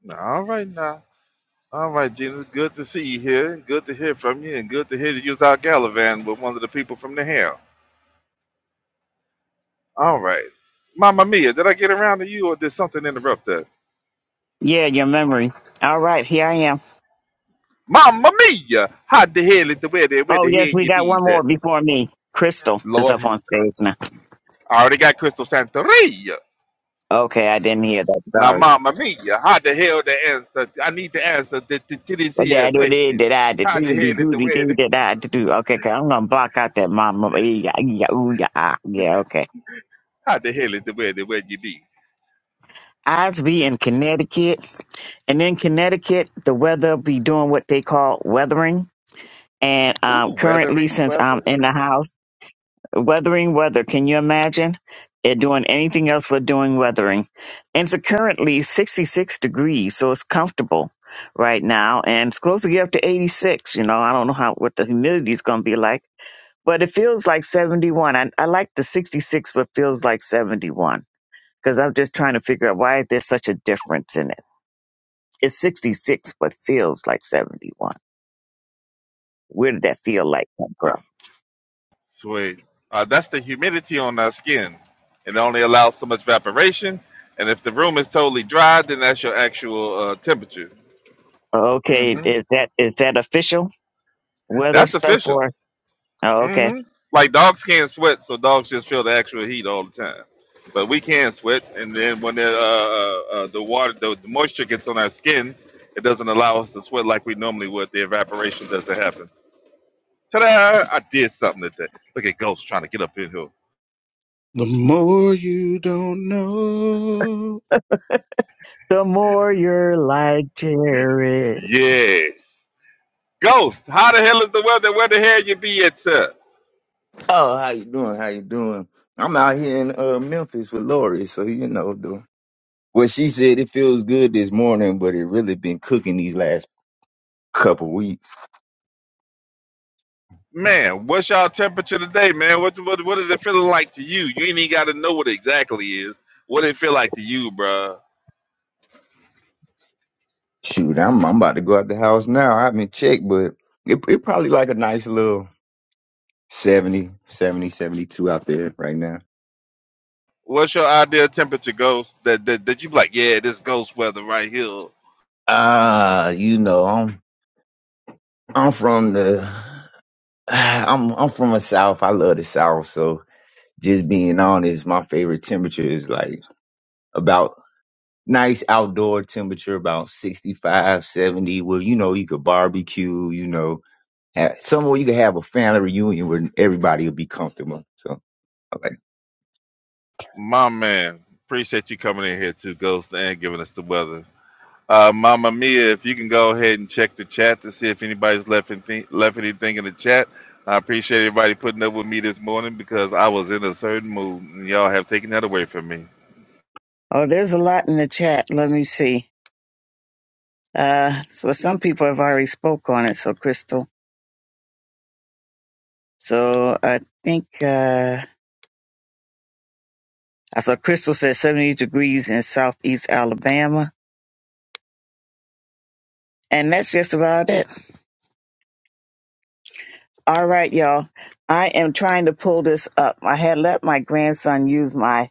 [SPEAKER 4] No, all right now. All right, Jesus. Good to see you here. Good to hear from you, and good to hear that you was out gallivanting with one of the people from the hell. All right. Mamma Mia, did I get around to you, or did something interrupt that?
[SPEAKER 1] Yeah, your memory. All right, here I am.
[SPEAKER 4] Mamma Mia! How the hell is the weather? Where
[SPEAKER 1] Oh,
[SPEAKER 4] the
[SPEAKER 1] yes,
[SPEAKER 4] hell
[SPEAKER 1] we
[SPEAKER 4] you
[SPEAKER 1] got one
[SPEAKER 4] bees
[SPEAKER 1] more
[SPEAKER 4] at?
[SPEAKER 1] before me. Crystal is
[SPEAKER 4] Lord,
[SPEAKER 1] up on stage now.
[SPEAKER 4] I already got Crystal Santeria.
[SPEAKER 1] Okay, I didn't hear that.
[SPEAKER 4] Now,
[SPEAKER 1] Sorry.
[SPEAKER 4] Mamma Mia, how the hell the answer? I need to answer to, to, to this here
[SPEAKER 1] Da- da- da- da-
[SPEAKER 4] question.
[SPEAKER 1] da- da- do-
[SPEAKER 4] How the
[SPEAKER 1] do-
[SPEAKER 4] hell is
[SPEAKER 1] do-
[SPEAKER 4] the
[SPEAKER 1] do- do-
[SPEAKER 4] weather?
[SPEAKER 1] da- da- da- do. Okay, 'cause I'm gonna block out that mama. Yeah, yeah, ooh, yeah, ah. Yeah, okay.
[SPEAKER 4] How the hell is the weather? Where you be?
[SPEAKER 1] I'd be in Connecticut, and in Connecticut, the weather be doing what they call weathering. And
[SPEAKER 4] Ooh,
[SPEAKER 1] um, currently,
[SPEAKER 4] weathering
[SPEAKER 1] since I'm
[SPEAKER 4] weather.
[SPEAKER 1] in the house. Weathering weather. Can you imagine it doing anything else but doing weathering? And it's currently 66 degrees, so it's comfortable right now. And it's supposed to get up to 86. You know, I don't know how what the humidity is going to be like, but it feels like 71. I, I like the 66, but feels like 71 because I'm just trying to figure out why there's such a difference in it. It's 66, but feels like 71. Where did that feel like come from?
[SPEAKER 4] Sweet. Uh, that's the humidity on our skin. It only allows so much evaporation. And if the room is totally dry, then that's your actual uh, temperature.
[SPEAKER 1] Okay,
[SPEAKER 4] hmm
[SPEAKER 1] is that is that official weather
[SPEAKER 4] That's
[SPEAKER 1] stuff
[SPEAKER 4] official.
[SPEAKER 1] or? Oh, okay.
[SPEAKER 4] hmm Like dogs can't sweat, so dogs just feel the actual heat all the time. But we can sweat, and then when the, uh, uh, uh, the water, the, the moisture gets on our skin, it doesn't allow us to sweat like we normally would. The evaporation doesn't happen. Ta-da! I did something today. Look at Ghost trying to get up in here.
[SPEAKER 2] The more you don't know.
[SPEAKER 1] the more you're like Jared.
[SPEAKER 4] Yes. Ghost, how the hell is the weather? Where the hell you be at, sir?
[SPEAKER 11] Oh, how you doing? How you doing? I'm out here in uh, Memphis with Lori, so you know the what she said. It feels good this morning, but it really been cooking these last couple weeks.
[SPEAKER 4] Man, what's y'all temperature today, man? What, what what is it feeling like to you? You ain't even got to know what it exactly is. What it feel like to you, bruh?
[SPEAKER 11] Shoot, I'm I'm about to go out the house now. I haven't checked, but it it probably like a nice little 70, 70, 72 out there right now.
[SPEAKER 4] What's your ideal temperature, Ghost? That that, that you be like, yeah, this ghost weather right here.
[SPEAKER 11] Ah, you know, I'm I'm from the I'm I'm from the South. I love the South. So just being honest, my favorite temperature is like about nice outdoor temperature, about 65, 70. Well, you know, you could barbecue, you know, have, somewhere you could have a family reunion where everybody will be comfortable. So I like
[SPEAKER 4] My man, appreciate you coming in here too, Ghost, and giving us the weather. Uh, Mama Mia, if you can go ahead and check the chat to see if anybody's left anything, left anything in the chat. I appreciate everybody putting up with me this morning because I was in a certain mood and y'all have taken that away from me.
[SPEAKER 1] Oh, there's a lot in the chat. Let me see. Uh, so some people have already spoke on it. So Crystal. So I think uh, I saw Crystal said 70 degrees in Southeast Alabama, and that's just about it. All right, y'all. I am trying to pull this up. I had let my grandson use my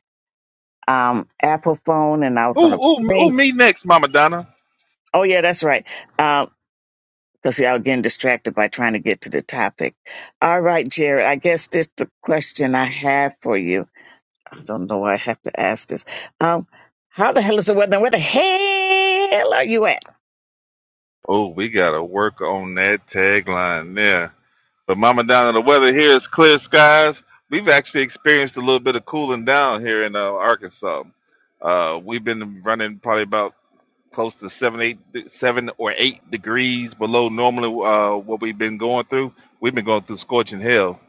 [SPEAKER 1] um, Apple phone, and I was
[SPEAKER 4] Ooh,
[SPEAKER 1] going to
[SPEAKER 4] ooh, ooh,
[SPEAKER 1] bring.
[SPEAKER 4] me next, Mama Donna.
[SPEAKER 1] Oh yeah, that's right. Because see, I was getting distracted by trying to get to the topic. All right, Jared. I guess this the question I have for you. I don't know why I have to ask this. Um, how the hell is the weather? Where the hell are you at?
[SPEAKER 4] Oh, we gotta work on that tagline there. But Mama Donna, the weather here is clear skies. We've actually experienced a little bit of cooling down here in uh, Arkansas. Uh, we've been running probably about close to seven, eight, seven or eight degrees below normally uh, what we've been going through. We've been going through scorching hell,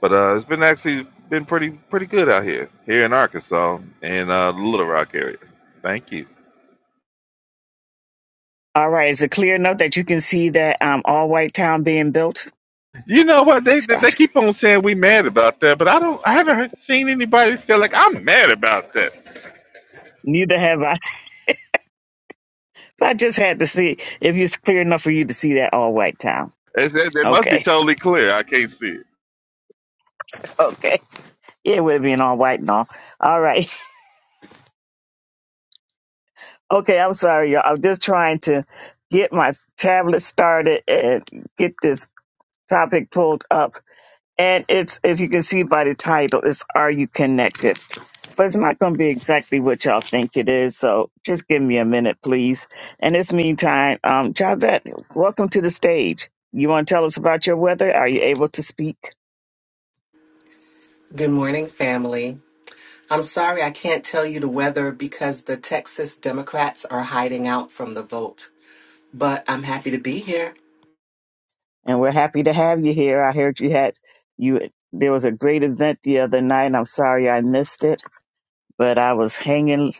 [SPEAKER 4] but uh, it's been actually been pretty pretty good out here here in Arkansas and uh, Little Rock area. Thank you.
[SPEAKER 1] All right. Is it clear enough that you can see that um, all white town being built?
[SPEAKER 4] You know what they they
[SPEAKER 1] Stop.
[SPEAKER 4] they keep on saying we mad about that, but I don't I haven't heard, seen anybody say like I'm mad about that.
[SPEAKER 1] [laughs] Neither have I. I just had to see if it's clear enough for you to see that all white town.
[SPEAKER 4] They, they, they must be
[SPEAKER 1] Okay,
[SPEAKER 4] totally clear. I can't see it.
[SPEAKER 1] [laughs] okay. Yeah, it would have been all white and all. All right. [laughs] Okay, I'm sorry, y'all. I'm just trying to get my tablet started and get this topic pulled up. And it's, if you can see by the title, it's Are You Connected? but it's not going to be exactly what y'all think it is. So just give me a minute, please. In this meantime, um, Javette, welcome to the stage. You want to tell us about your weather? Are you able to speak?
[SPEAKER 12] Good morning, family. I'm sorry I can't tell you the weather because the Texas Democrats are hiding out from the vote, but I'm happy to be here.
[SPEAKER 1] And we're happy to have you here. I heard you had you. There was a great event the other night. I'm sorry I missed it but I was hanging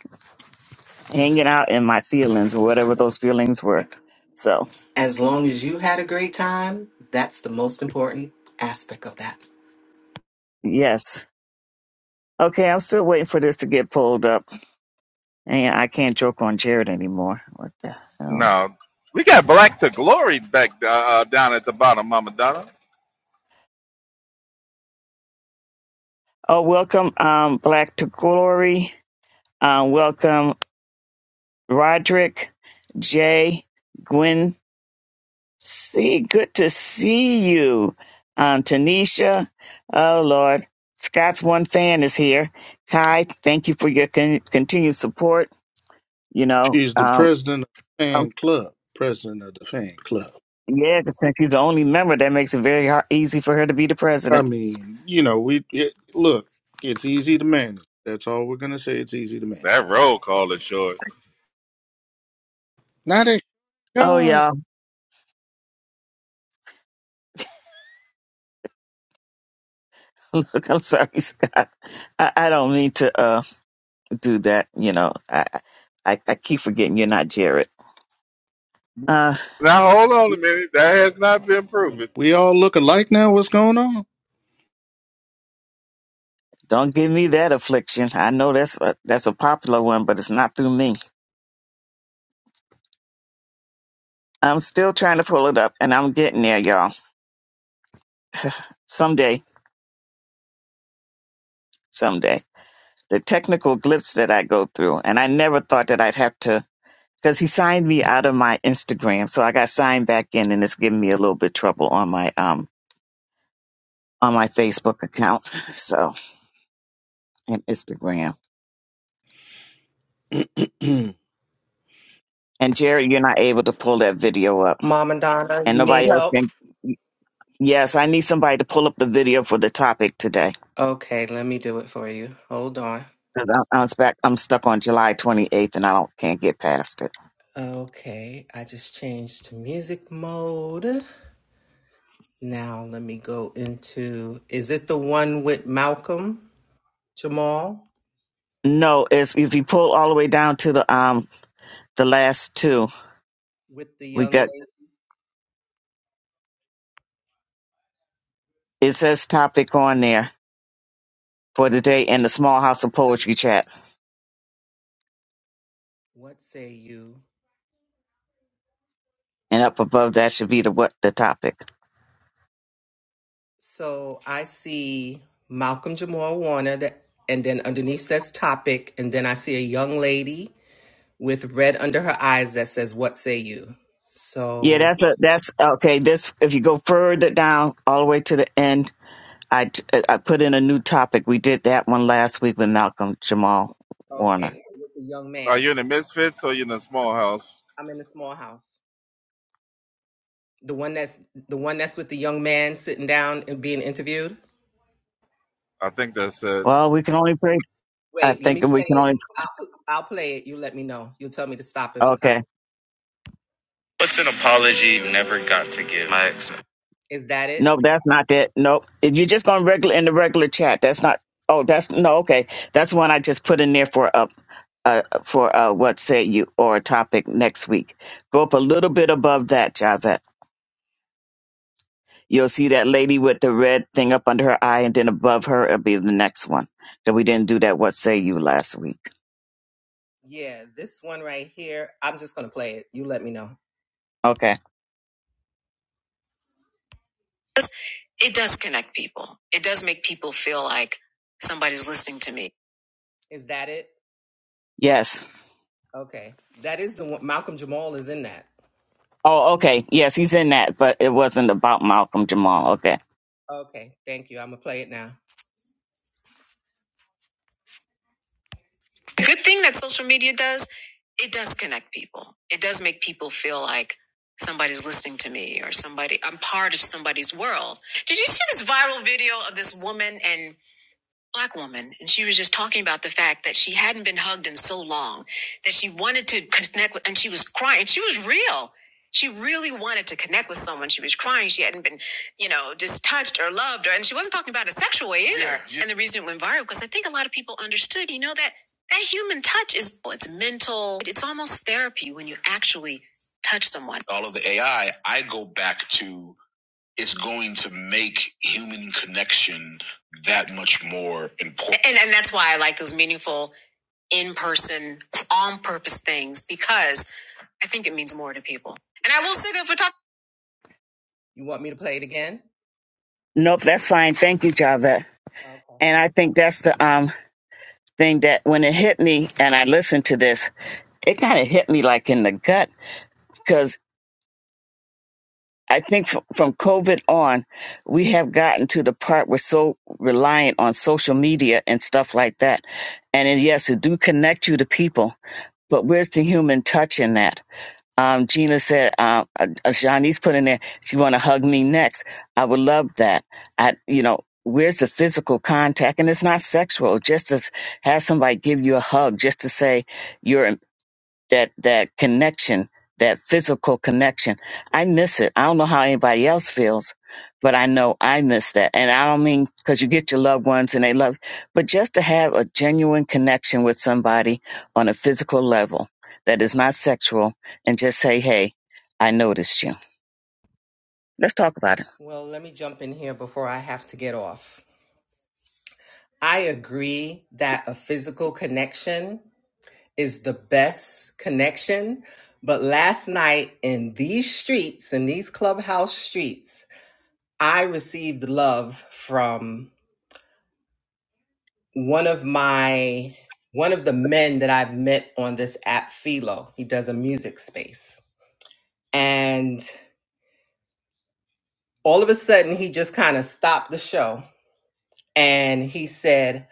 [SPEAKER 1] hanging out in my feelings or whatever those feelings were. So
[SPEAKER 12] As long as you had a great time, that's the most important aspect of that.
[SPEAKER 1] yes. Okay, I'm still waiting for this to get pulled up. And I can't joke on Jared anymore. What the hell?
[SPEAKER 4] No, we got black to glory back uh, down at the bottom, Mama Donna.
[SPEAKER 1] Oh, welcome, um, Black to Glory. Um, welcome, Roderick, Jay, Gwen. C. good to see you. Um, Tanisha. Oh, Lord. Scott's one fan is here. Kai, thank you for your con- continued support. You know,
[SPEAKER 2] She's the
[SPEAKER 1] um,
[SPEAKER 2] president of the
[SPEAKER 1] um,
[SPEAKER 2] fan club. President of the fan club.
[SPEAKER 1] yeah, 'cause since she's the only member, that makes it very hard, easy for her to be the
[SPEAKER 2] I
[SPEAKER 1] president.
[SPEAKER 2] mean, you know, we it, look. It's easy to manage. That's all we're gonna say. It's easy to manage.
[SPEAKER 4] That roll call is short.
[SPEAKER 2] Not as
[SPEAKER 1] Oh
[SPEAKER 2] yours.
[SPEAKER 1] yeah, [laughs] look, I'm sorry, [laughs] Scott. I, I don't mean to uh do that. You know, I I, I keep forgetting you're not Jared. Uh,
[SPEAKER 4] Now hold on a minute. That has not been proven.
[SPEAKER 2] We all look alike now. What's going on?
[SPEAKER 1] don't give me that affliction. I know that's a, that's a popular one, but it's not through me. I'm still trying to pull it up, and I'm getting there, y'all. someday, someday, the technical glitch that I go through. And I never thought that I'd have to, because he signed me out of my Instagram. So I got signed back in and it's giving me a little bit trouble on my, um, on my Facebook account. [laughs] So, and Instagram.
[SPEAKER 2] [clears throat]
[SPEAKER 1] And Jerry, you're not able to pull that video up
[SPEAKER 12] Mom and Donna,
[SPEAKER 1] and
[SPEAKER 12] you need
[SPEAKER 1] nobody else
[SPEAKER 12] help?
[SPEAKER 1] can. Yes, I need somebody to pull up the video for the topic today.
[SPEAKER 12] Okay, let me do it for you. Hold on.
[SPEAKER 1] 'Cause I'm, I'm, stuck, I'm stuck on July 28th and I don't can't get past it.
[SPEAKER 12] Okay, I just changed to music mode. Now let me go into is it the one with Malcolm Jamal
[SPEAKER 1] No, it's if you pull all the way down to the um the last two,
[SPEAKER 12] with the
[SPEAKER 1] we
[SPEAKER 12] young
[SPEAKER 1] got
[SPEAKER 12] lady?
[SPEAKER 1] it says topic on there for the day in the Small House of Poetry chat.
[SPEAKER 12] What say you?
[SPEAKER 1] And up above that should be the what the topic.
[SPEAKER 12] So I see Malcolm Jamal Warner, that, and then underneath says topic, and then I see a young lady with red under her eyes that says, What say you?
[SPEAKER 1] Yeah,
[SPEAKER 12] So,
[SPEAKER 1] that's a that's okay. This if you go further down all the way to the end, I t- I put in a new topic. We did that one last week with Malcolm Jamal Warner.
[SPEAKER 12] okay, with the young
[SPEAKER 4] Are
[SPEAKER 12] man.
[SPEAKER 4] you in the misfits or you in a small house?
[SPEAKER 12] I'm in the small house. The one that's the one that's with the young man sitting down and being interviewed.
[SPEAKER 4] I think that's it.
[SPEAKER 1] Well, we can only pray I
[SPEAKER 12] Wait, let
[SPEAKER 1] think
[SPEAKER 12] me
[SPEAKER 1] we
[SPEAKER 12] play
[SPEAKER 1] can
[SPEAKER 12] it.
[SPEAKER 1] only.
[SPEAKER 12] I'll, I'll play it. You let me know. You'll tell me to stop if it's not.
[SPEAKER 1] Okay.
[SPEAKER 12] What's an apology you never got to give? My ex. Is that it?
[SPEAKER 1] Nope, that's not that. Nope. If you're just going regular in the regular chat, that's not. Oh, that's no. Okay, that's one I just put in there for up. Uh, for uh, what say you or a topic next week. Go up a little bit above that, Javette. You'll see that lady with the red thing up under her eye, and then above her it'll be the next one. That we didn't do that. What say you last week?
[SPEAKER 12] Yeah, this one right here, I'm just going to play it. You let me know.
[SPEAKER 1] Okay.
[SPEAKER 12] It does connect people. It does make people feel like somebody's listening to me. Is that it?
[SPEAKER 1] Yes.
[SPEAKER 12] Okay. That is the one. Malcolm Jamal is in that.
[SPEAKER 1] Oh, okay. Yes, he's in that, but it wasn't about Malcolm Jamal. Okay.
[SPEAKER 12] Okay. Thank you. I'm going to play it now. Good thing that social media does, it does connect people. It does make people feel like somebody's listening to me or somebody, I'm part of somebody's world. Did you see this viral video of this woman and black woman and she was just talking about the fact that she hadn't been hugged in so long that she wanted to connect with and she was crying she was real she really wanted to connect with someone she was crying she hadn't been you know just touched or loved or and she wasn't talking about it a sexual way either Yeah, yeah. and the reason it went viral because i think a lot of people understood you know that that human touch is oh, it's mental it's almost therapy when you actually touch someone all of the ai i I go back to is going to make human connection that much more important. And, and that's why I like those meaningful, in person, on purpose things because I think it means more to people. And I will say that for talking. You want me to play it again?
[SPEAKER 1] Nope, that's fine. Thank you, Javette.
[SPEAKER 12] Okay.
[SPEAKER 1] And I think that's the um thing that when it hit me and I listened to this, it kind of hit me like in the gut because I think f- from COVID on, we have gotten to the part we're so reliant on social media and stuff like that. And it, yes, it do connect you to people, but where's the human touch in that? Um, Gina said, uh, uh, Shanice put in there, she want to hug me next. I would love that. I, you know, where's the physical contact? And it's not sexual. Just to have somebody give you a hug, just to say you're that that connection, that physical connection. I miss it. I don't know how anybody else feels, but I know I miss that. And I don't mean because you get your loved ones and they love, but just to have a genuine connection with somebody on a physical level that is not sexual, and just say, "Hey, I noticed you." Let's talk about it.
[SPEAKER 12] Well, let me jump in here before I have to get off. I agree that a physical connection is the best connection. But last night in these streets, in these clubhouse streets, I received love from one of my one of the men that I've met on this app, Philo. He does a music space. And all of a sudden he just kind of stopped the show and he said,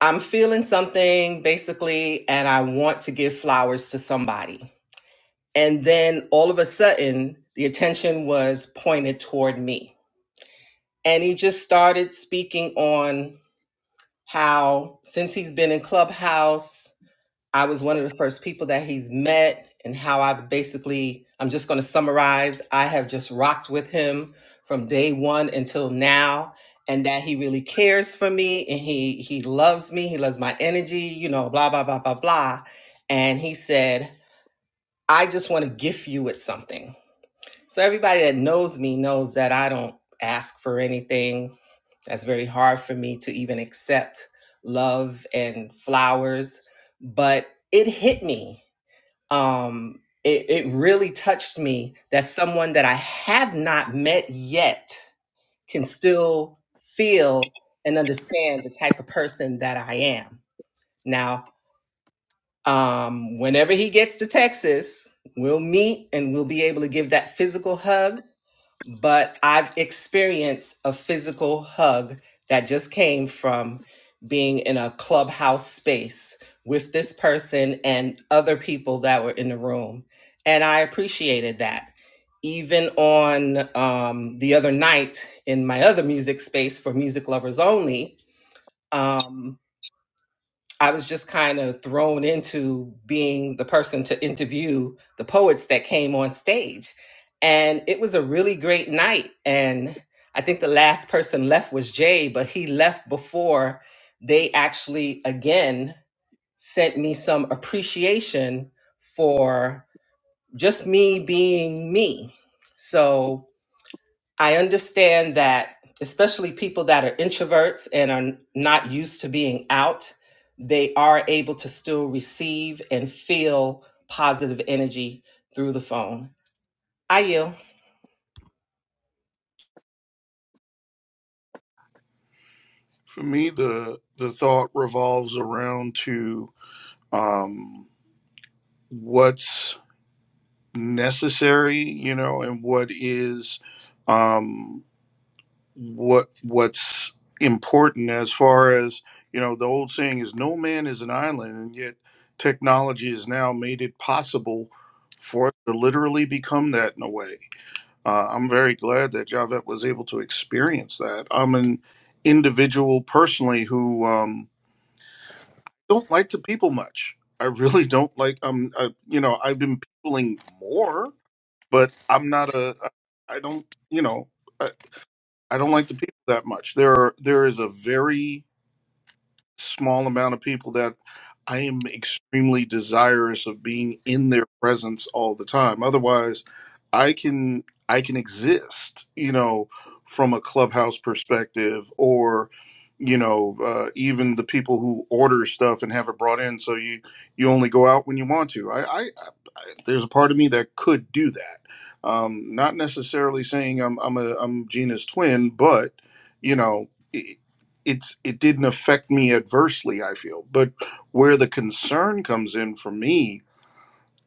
[SPEAKER 12] I'm feeling something basically, and I want to give flowers to somebody. And then all of a sudden, the attention was pointed toward me. And he just started speaking on how since he's been in Clubhouse I was one of the first people that he's met, and how I've basically, I'm just going to summarize I have just rocked with him from day one until now, and that he really cares for me and he, he loves me. He loves my energy, you know, blah, blah, blah, blah, blah. And he said, I just want to gift you with something. So everybody that knows me knows that I don't ask for anything. That's very hard for me to even accept love and flowers, but it hit me. Um, it, it really touched me that someone that I have not met yet can still feel and understand the type of person that I am. Now, um, whenever he gets to Texas, we'll meet and we'll be able to give that physical hug but I've experienced a physical hug that just came from being in a clubhouse space with this person and other people that were in the room. And I appreciated that. Even on um, the other night in my other music space for music lovers only, um. I was just kind of thrown into being the person to interview the poets that came on stage. And it was a really great night. And I think the last person left was Jay, but he left before they actually again sent me some appreciation for just me being me. So I understand that, especially people that are introverts and are not used to being out, they are able to still receive and feel positive energy through the phone. I yield.
[SPEAKER 2] For me, the the thought revolves around to um, what's necessary, you know, and what is. um. what what's important as far as you know the old saying is no man is an island and yet technology has now made it possible for us to literally become that in a way uh, i'm very glad that javette was able to experience that i'm an individual personally who um, don't like to people much i really [laughs] don't like um. I, you know i've been peopling more but i'm not a i don't you know I don't like the people that much. There are there is a very small amount of people that I am extremely desirous of being in their presence all the time. Otherwise, I can I can exist, you know, from a clubhouse perspective, or you know, uh, even the people who order stuff and have it brought in, so you you only go out when you want to. I, I, I there's a part of me that could do that. Um, not necessarily saying I'm I'm a I'm Gina's twin, but you know it's it didn't affect me adversely i feel but where the concern comes in for me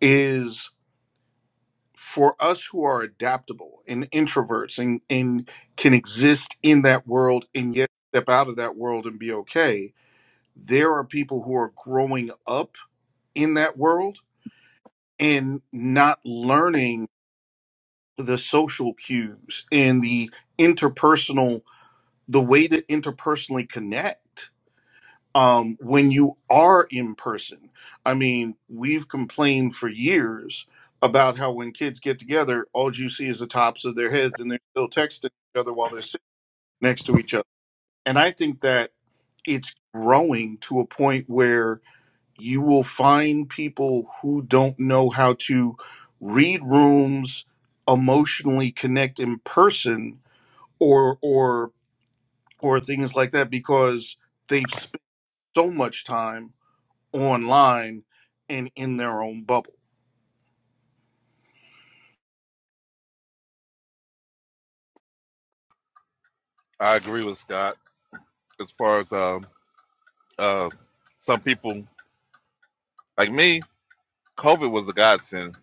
[SPEAKER 2] is for us who are adaptable and introverts and and can exist in that world and yet step out of that world and be okay there are people who are growing up in that world and not learning the social cues and the interpersonal the way to interpersonally connect um, when you are in person. I mean, we've complained for years about how when kids get together, all you see is the tops of their heads and they're still texting each other while they're sitting next to each other. And I think that it's growing to a point where you will find people who don't know how to read rooms, emotionally connect in person or or or things like that because they've spent so much time online and in their own bubble.
[SPEAKER 4] I agree with Scott as far as um uh some people like me. COVID was a godsend.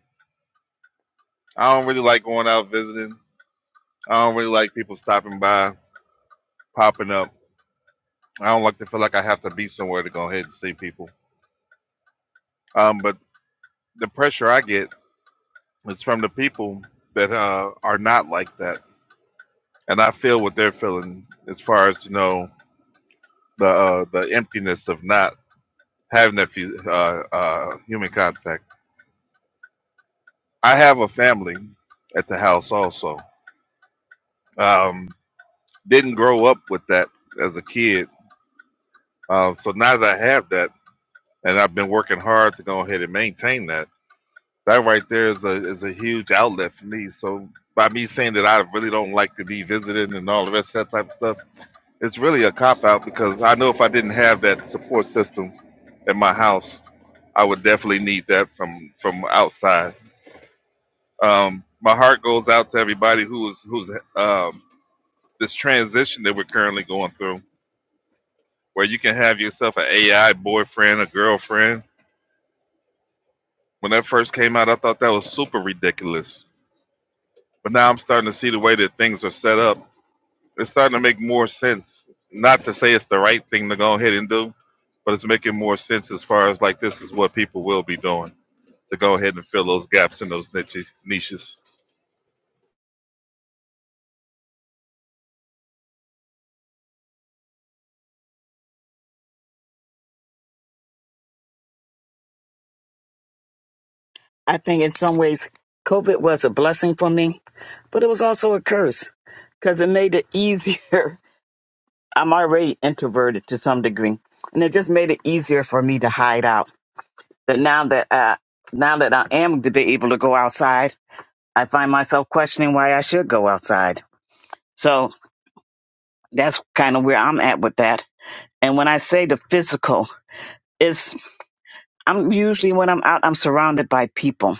[SPEAKER 4] I don't really like going out visiting. I don't really like people stopping by, popping up. I don't like to feel like I have to be somewhere to go ahead and see people. Um, but the pressure I get is from the people that uh, are not like that, and I feel what they're feeling as far as you know. the uh, the emptiness of not having that fu- uh, uh, human contact. I have a family at the house also. Um, didn't grow up with that as a kid, uh, so now that I have that, and I've been working hard to go ahead and maintain that. That right there is a is a huge outlet for me. So by me saying that I really don't like to be visited and all the rest of that type of stuff, it's really a cop out because I know if I didn't have that support system at my house, I would definitely need that from from outside. Um, my heart goes out to everybody who is who's um, this transition that we're currently going through, where you can have yourself an AI boyfriend, a girlfriend. When that first came out, I thought that was super ridiculous, but now I'm starting to see the way that things are set up. It's starting to make more sense. Not to say it's the right thing to go ahead and do, but it's making more sense as far as like this is what people will be doing to go ahead and fill those gaps in those niches. niches.
[SPEAKER 1] I think in some ways, COVID was a blessing for me, but it was also a curse because it made it easier. [laughs] I'm already introverted to some degree, and it just made it easier for me to hide out. But now that uh, now that I am to be able to go outside, I find myself questioning why I should go outside. So that's kind of where I'm at with that. And when I say the physical, It's I'm usually when I'm out, I'm surrounded by people,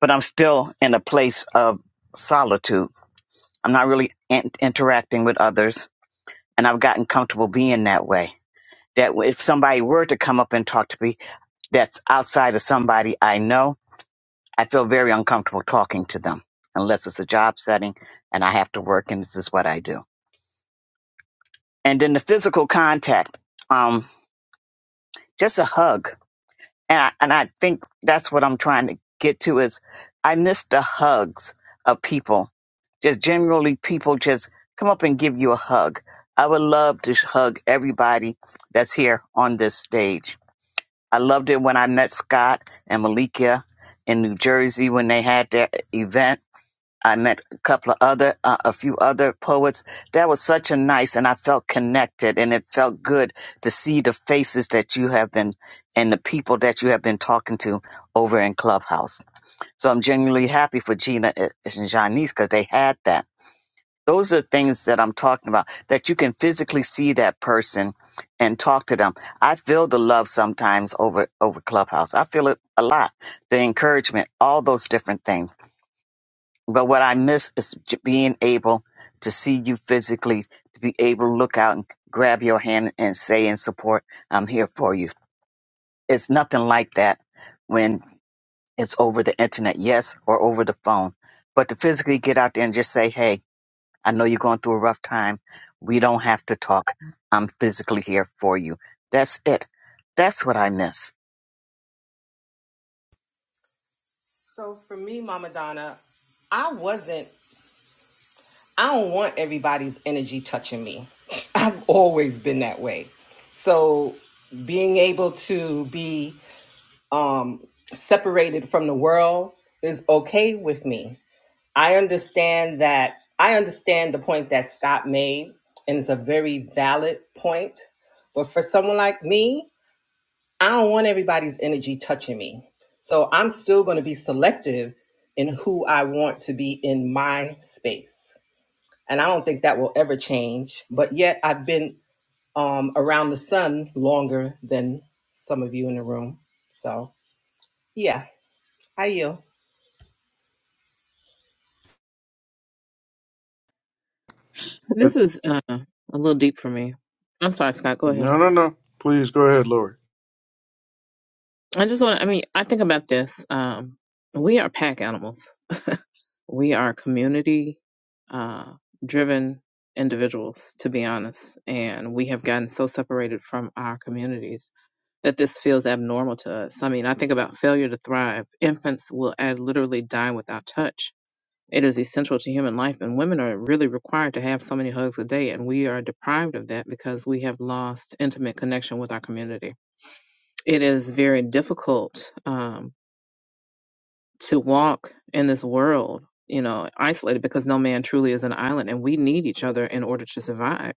[SPEAKER 1] but I'm still in a place of solitude. I'm not really in- interacting with others, and I've gotten comfortable being that way. That if somebody were to come up and talk to me, that's outside of somebody I know, I feel very uncomfortable talking to them, unless it's a job setting and I have to work, and this is what I do. And then the physical contact, um, just a hug and I, and I think that's what I'm trying to get to is I miss the hugs of people. Just generally people just come up and give you a hug. I would love to hug everybody that's here on this stage. I loved it when I met Scott and Malika in New Jersey when they had their event. I met a couple of other, uh, a few other poets. That was such a nice, and I felt connected, and it felt good to see the faces that you have been and the people that you have been talking to over in Clubhouse. So I'm genuinely happy for Gina and and Janice because they had that. Those are things that I'm talking about that you can physically see that person and talk to them. I feel the love sometimes over over Clubhouse. I feel it a lot, the encouragement, all those different things. But what I miss is j- being able to see you physically, to be able to look out and grab your hand and say in support, I'm here for you. It's nothing like that when it's over the internet, yes, or over the phone. But to physically get out there and just say, hey, I know you're going through a rough time. We don't have to talk. I'm physically here for you. That's it. That's what I miss.
[SPEAKER 12] So for me, Mama Donna, I wasn't, I don't want everybody's energy touching me. [laughs] I've always been that way. So being able to be um, separated from the world is okay with me I understand that. I understand the point that Scott made, and it's a very valid point. But for someone like me, I don't want everybody's energy touching me. So I'm still going to be selective in who I want to be in my space. And I don't think that will ever change. But yet, I've been um, around the sun longer than some of you in the room. So, yeah, I you.
[SPEAKER 7] This is uh, a little deep for me. I'm sorry, Scott. Go ahead.
[SPEAKER 2] No, no, no. Please go ahead, Lori.
[SPEAKER 7] I just want to, I mean, I think about this. Um, we are pack animals. We are community uh, driven individuals, to be honest. And we have gotten so separated from our communities that this feels abnormal to us. I mean, I think about failure to thrive. Infants will ad- literally die without touch. It is essential to human life, and women are really required to have so many hugs a day, and we are deprived of that because we have lost intimate connection with our community. It is very difficult. um, to walk in this world, you know, isolated because no man truly is an island and we need each other in order to survive.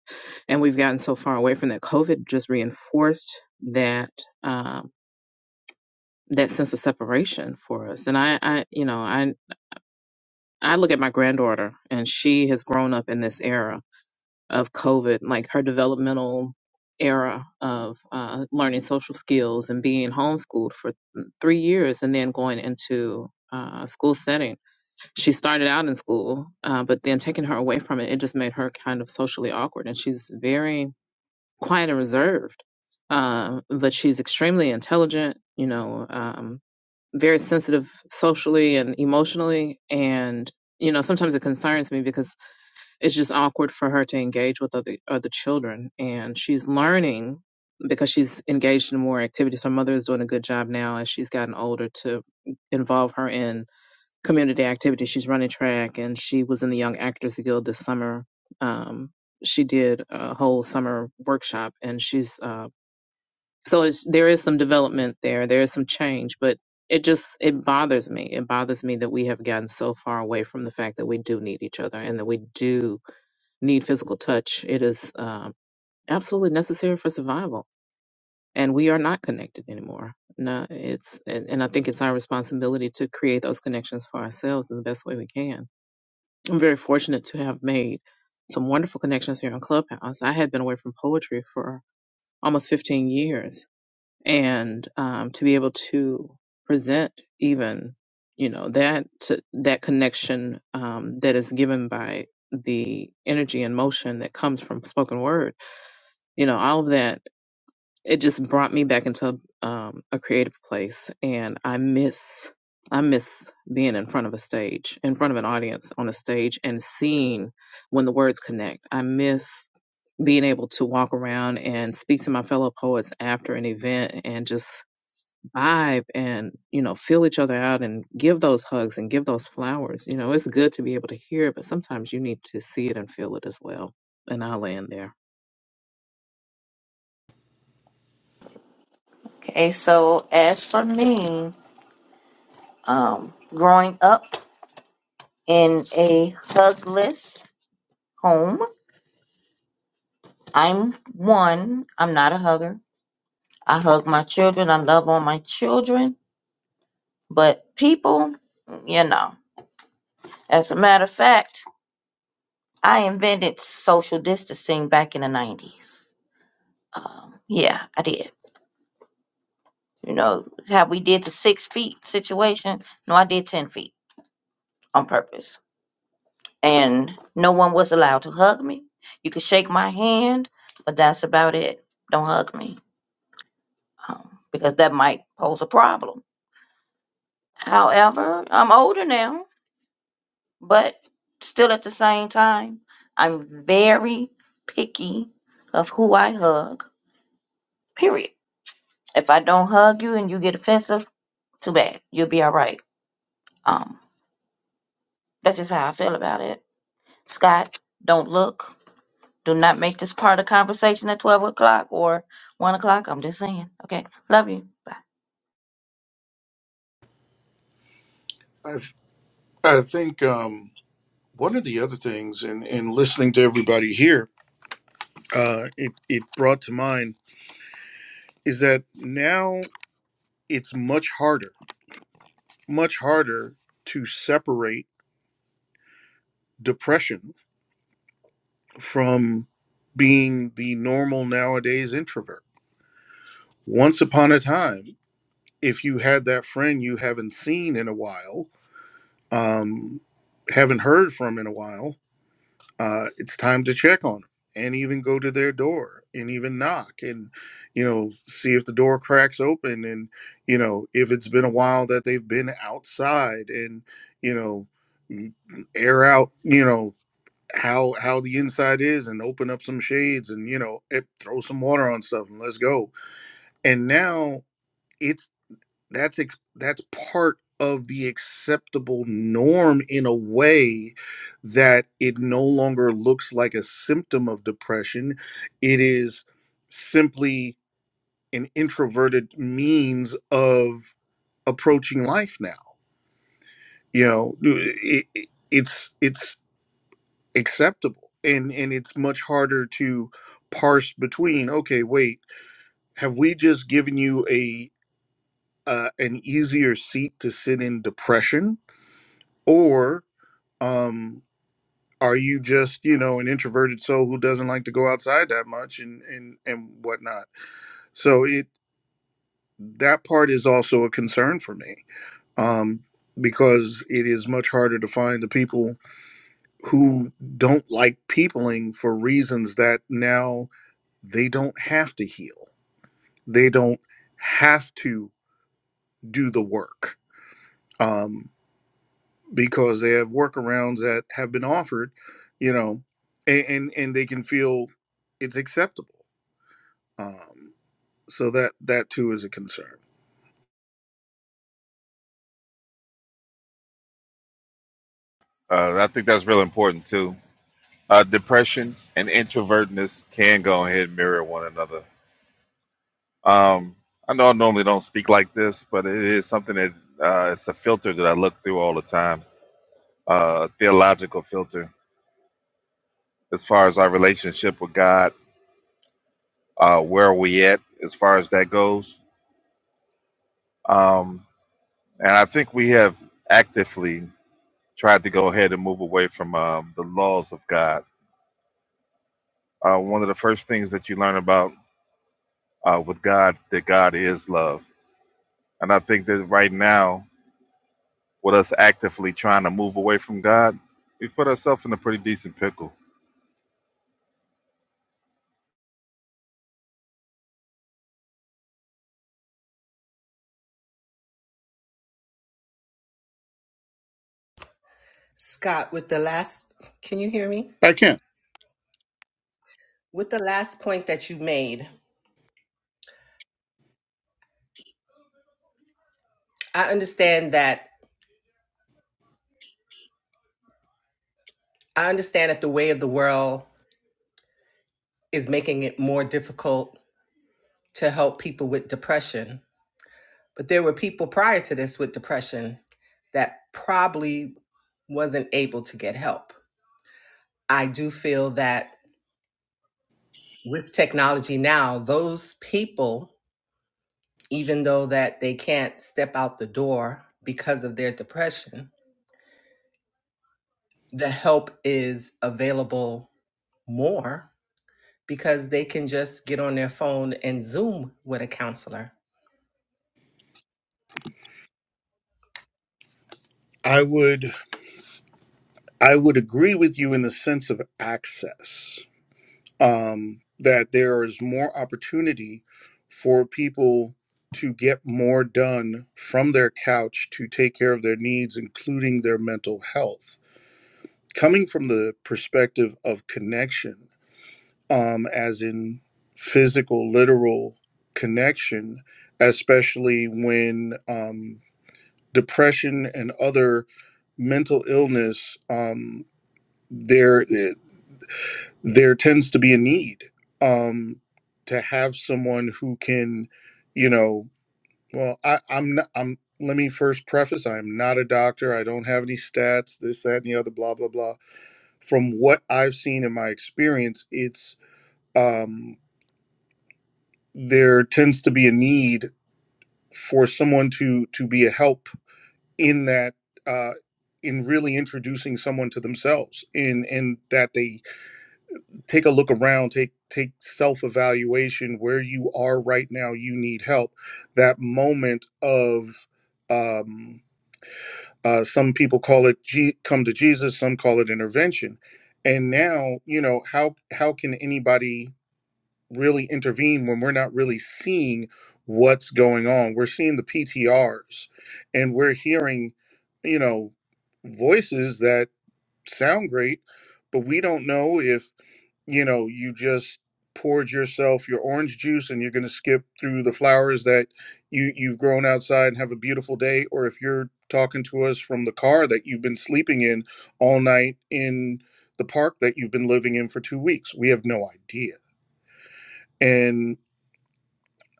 [SPEAKER 7] And we've gotten so far away from that. COVID just reinforced that um that sense of separation for us. And I, I you know, I I look at my granddaughter and she has grown up in this era of COVID, like her developmental era of uh, learning social skills and being homeschooled for three years and then going into uh, school setting she started out in school, uh, but then taking her away from it, it just made her kind of socially awkward. And she's very quiet and reserved, um, but she's extremely intelligent, you know, um, very sensitive socially and emotionally. And, you know, sometimes it concerns me because it's just awkward for her to engage with other, other children. And she's learning because she's engaged in more activities. Her mother is doing a good job now as she's gotten older to involve her in community activities. She's running track, and she was in the Young Actors Guild this summer. Um, she did a whole summer workshop, and she's uh, so it's, there is some development there. There is some change, but it just it bothers me. It bothers me that we have gotten so far away from the fact that we do need each other and that we do need physical touch. It is um, absolutely necessary for survival, and we are not connected anymore. No, it's and, and I think it's our responsibility to create those connections for ourselves in the best way we can I'm very fortunate to have made some wonderful connections here on Clubhouse. I had been away from poetry for almost 15 years, and um, to be able to present even, you know, that to, that connection um, that is given by the energy and motion that comes from spoken word, you know, all of that it just brought me back into um, a creative place and i miss i miss being in front of a stage in front of an audience on a stage and seeing when the words connect i miss being able to walk around and speak to my fellow poets after an event and just vibe and you know feel each other out and give those hugs and give those flowers you know it's good to be able to hear it but sometimes you need to see it and feel it as well and i'll land there
[SPEAKER 8] Okay, so as for me, um, growing up in a hugless home, I'm one. I'm not a hugger. I hug my children. I love on my children, but people, you know. As a matter of fact, I invented social distancing back in the '90s. Um, yeah, I did. You know, how we did the six feet situation. No, I did 10 feet on purpose. And no one was allowed to hug me. You could shake my hand, but that's about it. Don't hug me um, because that might pose a problem. However, I'm older now, but still at the same time, I'm very picky of who I hug, period. If I don't hug you and you get offensive, too bad. You'll be all right. Um, that's just how I feel about it Scott, don't look. Do not make this part of conversation at 12 o'clock or 1 o'clock. I'm just saying. Okay. Love you. Bye.
[SPEAKER 2] I, th- I think um, one of the other things, in, in listening to everybody here, uh, it, it brought to mind is that now it's much harder, much harder to separate depression from being the normal nowadays introvert. Once upon a time, if you had that friend you haven't seen in a while, um, haven't heard from in a while, uh, it's time to check on them and even go to their door and even knock and you know see if the door cracks open and you know if it's been a while that they've been outside and you know air out you know how how the inside is and open up some shades and you know eh, throw some water on stuff and let's go and now it's that's ex- that's part of the acceptable norm in a way that it no longer looks like a symptom of depression it is simply an introverted means of approaching life now you know it, it- it's it's acceptable and and it's much harder to parse between okay wait have we just given you a uh, an easier seat to sit in depression or um are you just you know an introverted soul who doesn't like to go outside that much and and and whatnot so it that part is also a concern for me um because it is much harder to find the people who don't like peopling for reasons that now they don't have to heal they don't have to do the work Um, because they have workarounds that have been offered, you know, and and, and they can feel it's acceptable. Um, so that that too is a concern.
[SPEAKER 4] Uh, I think that's really important too. Uh, depression and introvertness can go ahead and mirror one another. Um, I know I normally don't speak like this, but it is something that uh, it's a filter that I look through all the time, uh, a theological filter as far as our relationship with God, uh, where are we at as far as that goes. Um, and I think we have actively tried to go ahead and move away from um, the laws of God. Uh, one of the first things that you learn about uh, with God that God is love. And I think that right now, with us actively trying to move away from God, we put ourselves in a pretty decent pickle.
[SPEAKER 12] Scott, with the last, can you hear me?
[SPEAKER 2] I can.
[SPEAKER 12] With the last point that you made, I understand that I understand that the way of the world is making it more difficult to help people with depression. But there were people prior to this with depression that probably wasn't able to get help. I do feel that with technology now, those people, even though that they can't step out the door because of their depression, the help is available more because they can just get on their phone and Zoom with a counselor.
[SPEAKER 2] I would I would agree with you in the sense of access um, that there is more opportunity for people to get more done from their couch to take care of their needs, including their mental health. Coming from the perspective of connection um, as in physical, literal connection, especially when um, depression and other mental illness, um, there there tends to be a need um, to have someone who can, you know, well, I, I'm not, I'm. Let me first preface: I am not a doctor. I don't have any stats, this, that, and the other, blah, blah, blah. From what I've seen in my experience, it's um, there tends to be a need for someone to to be a help in that uh, in really introducing someone to themselves in in that they take a look around take take self-evaluation where you are right now you need help that moment of um, uh, some people call it G- come to jesus some call it intervention and now you know how how can anybody really intervene when we're not really seeing what's going on. We're seeing the PTRs and we're hearing, you know, voices that sound great, but we don't know if, you know, you just poured yourself your orange juice and you're going to skip through the flowers that you you've grown outside and have a beautiful day or if you're talking to us from the car that you've been sleeping in all night in the park that you've been living in for 2 weeks. We have no idea. and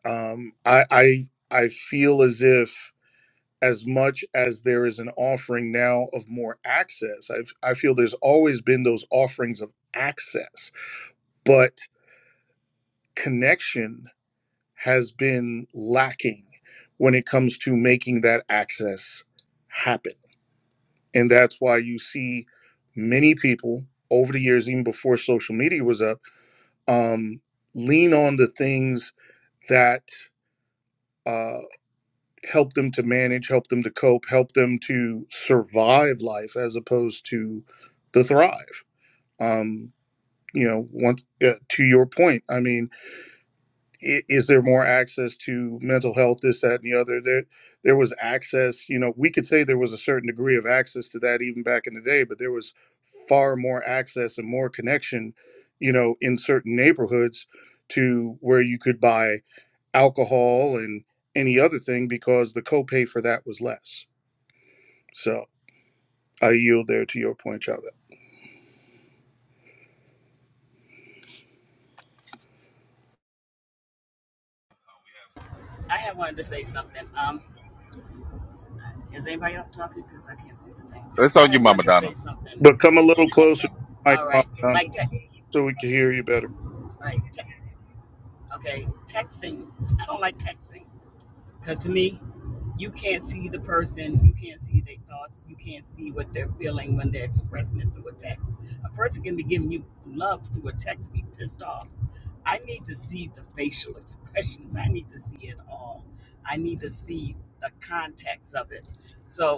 [SPEAKER 2] um, I, I I feel as if as much as there is an offering now of more access, I've, I feel there's always been those offerings of access, but connection has been lacking when it comes to making that access happen, and that's why you see many people over the years, even before social media was up, um, lean on the things that uh, help them to manage, help them to cope, help them to survive life as opposed to the thrive. Um, you know, once uh, to your point, I mean, i- is there more access to mental health, this, that, and the other? There, there was access. You know, we could say there was a certain degree of access to that even back in the day, but there was far more access and more connection. You know, in certain neighborhoods, to where you could buy alcohol and any other thing because the copay for that was less so I yield there to your point, Chavez.
[SPEAKER 4] That's on you, Mama Donna.
[SPEAKER 2] But come a little closer, Mike, so we can hear you better.
[SPEAKER 1] I need to see all. I need to see the context of it. So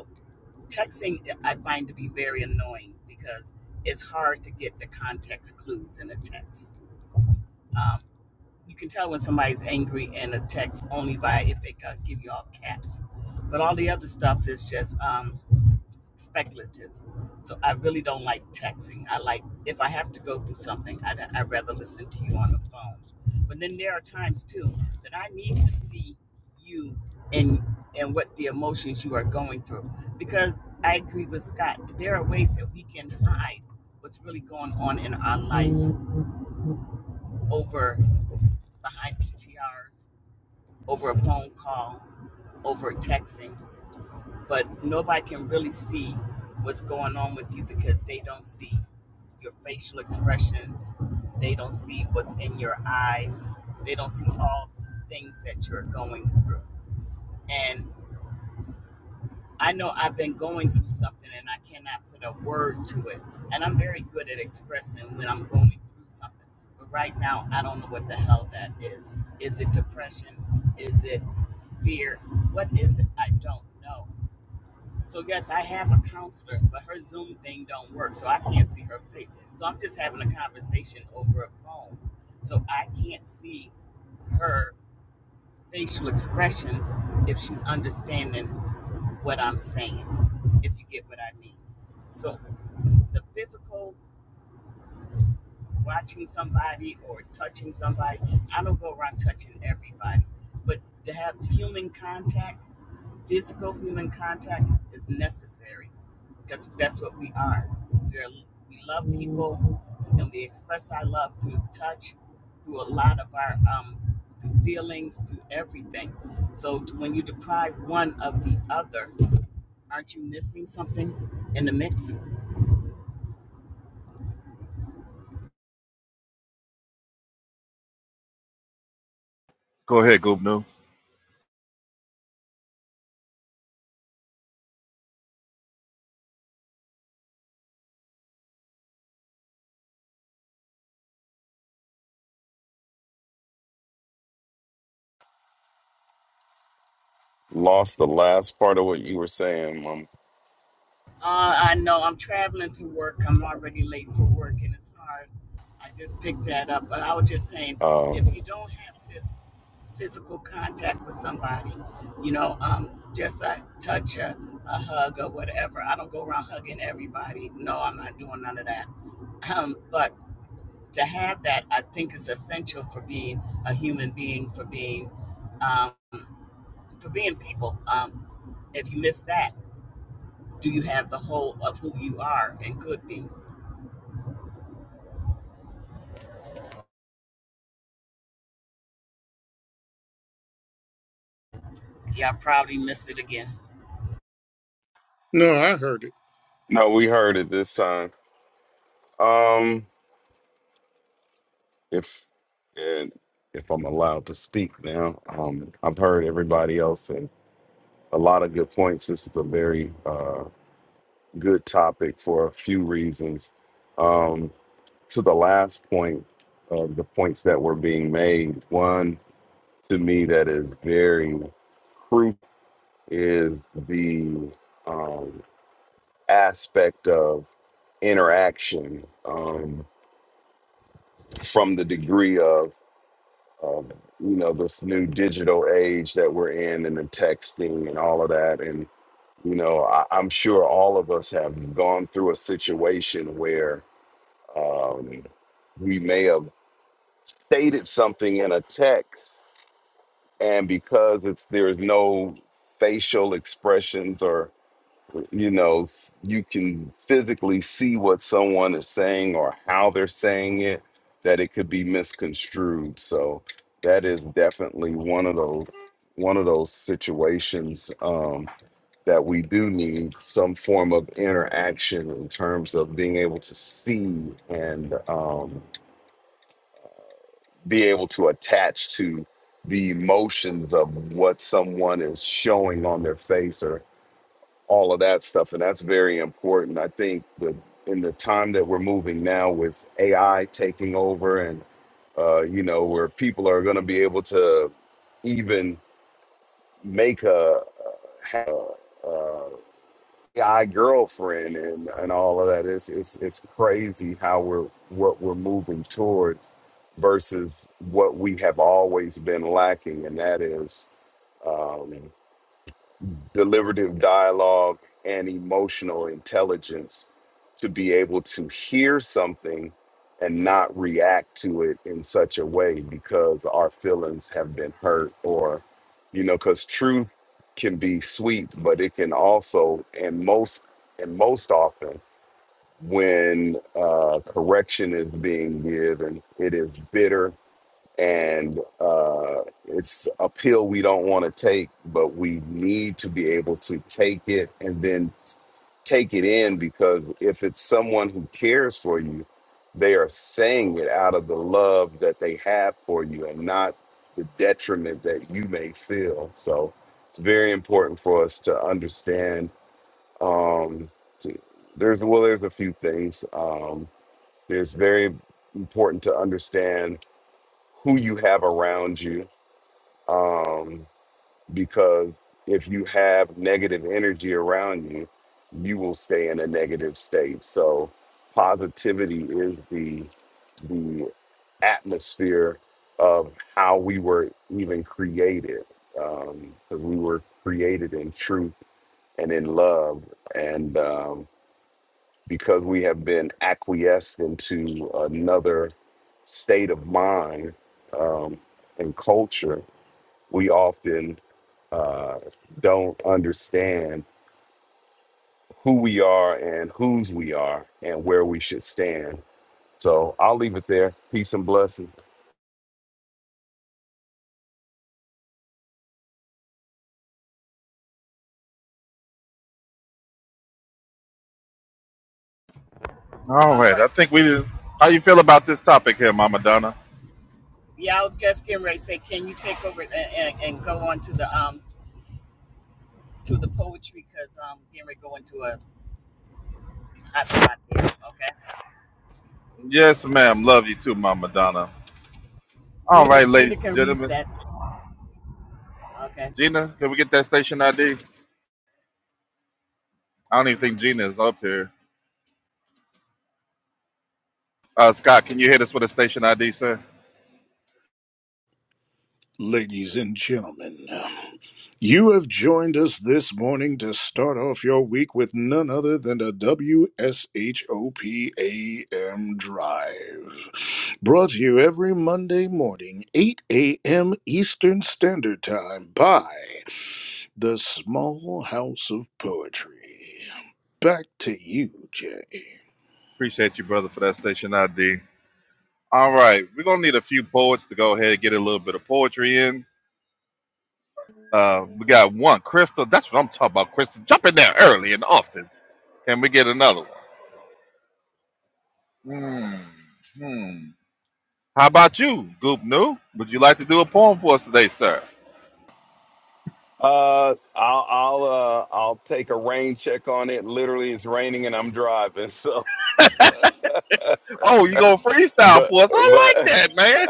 [SPEAKER 1] texting I find to be very annoying because it's hard to get the context clues in a text. Um, you can tell when somebody's angry in a text only by if they ca- give you all caps, but all the other stuff is just. Um, speculative. So I really don't like texting. I like if I have to go through something, I'd, I'd rather listen to you on the phone. But then there are times too that I need to see you and and what the emotions you are going through. Because I agree with Scott, there are ways that we can hide what's really going on in our life over behind PTRs, over a phone call, over texting. but nobody can really see what's going on with you because they don't see your facial expressions they don't see what's in your eyes they don't see all the things that you're going through and i know i've been going through something and i cannot put a word to it and i'm very good at expressing when i'm going through something but right now i don't know what the hell that is is it depression is it fear what is it i don't know So yes, I have a counselor, but her Zoom thing don't work, so I can't see her face. So I'm just having a conversation over a phone, so I can't see her facial expressions if she's understanding what I'm saying. If you get what I mean. So the physical, watching somebody or touching somebody, I don't go around touching everybody, but to have human contact, physical human contact is necessary because that's what we are. in the mix.
[SPEAKER 4] Go ahead, Goob News.
[SPEAKER 5] Lost the last part of what you were saying, Mom.
[SPEAKER 1] Uh, I know I'm traveling to work. I'm already late for work, and it's hard. I just picked that up, but I was just saying,
[SPEAKER 5] Uh,
[SPEAKER 1] if you don't have this physical contact with somebody, you know, you,
[SPEAKER 2] No, I heard it.
[SPEAKER 5] no, we heard it this time. Um, if and if I'm allowed to speak now, um, I've heard everybody else and a lot of good points. This is a very uh, good topic for a few reasons. Um, to the last point of the points that were being made, one to me that is very proof is the um, aspect of interaction um, from the degree of, of you know this new digital age that we're in and the texting and all of that and you know I, i'm sure all of us have gone through a situation where um, we may have stated something in a text and because it's there's no facial expressions or. you know s- you can physically see what someone is saying or how they're saying it that it could be misconstrued so that is definitely one of those one of those situations um, that we do need some form of interaction in terms of being able to see and um, be able to attach to the emotions of what someone is showing on their face all of that stuff and that's very important i think that in the time that we're moving now with ai taking over and uh, you know where people are going to be able to even make a, have a, uh, a ai wor- words versus wordless um, dialogue and or intelligence to be something and not react to it in such a way because our feelings have been hurt you know because truth can be sweet but it can also and most and most often when uh, correction is being given it is bitter and uh, it's a pill we don't want to take but we need to be able to take it and then take it in because if it's someone who cares for you, they are saying it out of the love that they have for you and not the detriment that you may feel. So it's very important for us to understand. Um, to, there's well, there's a few things. Um, it's very important to understand who you have around you. Um, because if you have negative energy around you, you will stay in a negative state. So positivity is the the atmosphere of how we were even created, because we were created in truth and in love, and um, because we have been acquiesced into another state of mind um, and culture, we often uh, don't understand who we are and whose we are and where we should stand. So I'll leave it there. Peace and blessings.
[SPEAKER 4] All
[SPEAKER 1] all
[SPEAKER 4] right,
[SPEAKER 1] right.
[SPEAKER 4] I think we. How you feel about this topic here, Mama Donna?
[SPEAKER 1] Yeah, I was just getting ready to say, can you take over and, and, and go on to the um to the poetry because um getting ready to go into a hot spot there. Okay,
[SPEAKER 4] Yes, ma'am. Love you too, Mama Donna. All
[SPEAKER 1] Gina,
[SPEAKER 4] right,
[SPEAKER 1] if Gina
[SPEAKER 4] ladies and
[SPEAKER 1] can
[SPEAKER 4] gentlemen.
[SPEAKER 1] reset. Okay.
[SPEAKER 4] Gina, can we get that station ID? I don't even think Gina is up here. Uh, Scott, can you hit us with a station ID, sir?
[SPEAKER 2] Ladies and gentlemen, you have joined us this morning to start off your week with none other than a WSHOPAM drive. Brought to you every Monday morning, 8 a.m. Eastern Standard Time by the Small House of Poetry. Back to you, Jay.
[SPEAKER 4] Appreciate you, brother, for that station ID. All right, we're gonna need a few poets to go ahead and get a little bit of poetry in. Uh, we got one, Crystal. That's what I'm talking about, Crystal. Jump in there early and often. Can we get another one? Hmm. Hmm. How about you, Goop New? Would you like to do a poem for us today, sir?
[SPEAKER 5] Uh, I'll I'll uh, I'll take a rain check on it. Literally, it's raining and I'm driving. [laughs] So,
[SPEAKER 4] Oh, you gonna freestyle
[SPEAKER 5] but
[SPEAKER 4] for us? I like
[SPEAKER 5] but
[SPEAKER 4] that, man.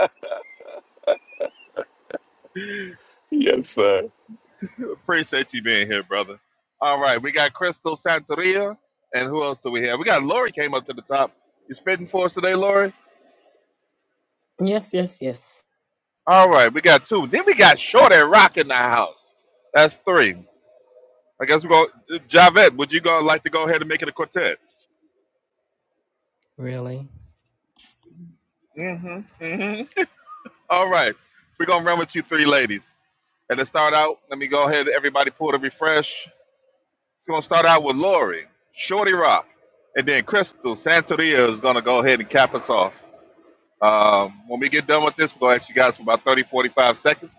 [SPEAKER 5] [laughs] yes, sir.
[SPEAKER 4] Appreciate you being here, brother. All right, we got Crystal Santeria, and who else do we have? We got Lori came up to the top. You spitting for us today, Lori?
[SPEAKER 7] yes yes yes
[SPEAKER 4] All right, we got two. Then we got Short and Rock in the house. That's three. I guess we're going. Javette, would you go like to go ahead and make it a quartet?
[SPEAKER 12] Really?
[SPEAKER 4] Mm-hmm. Mm-hmm. All right, we're gonna run with you three ladies. And to start out, let me go ahead. Everybody, pull the refresh. It's gonna start out with Lori, Shorty Rock, and then Crystal Santeria is gonna go ahead and cap us off. Um, when we get done with this, we're gonna ask you guys for about 30, 45 seconds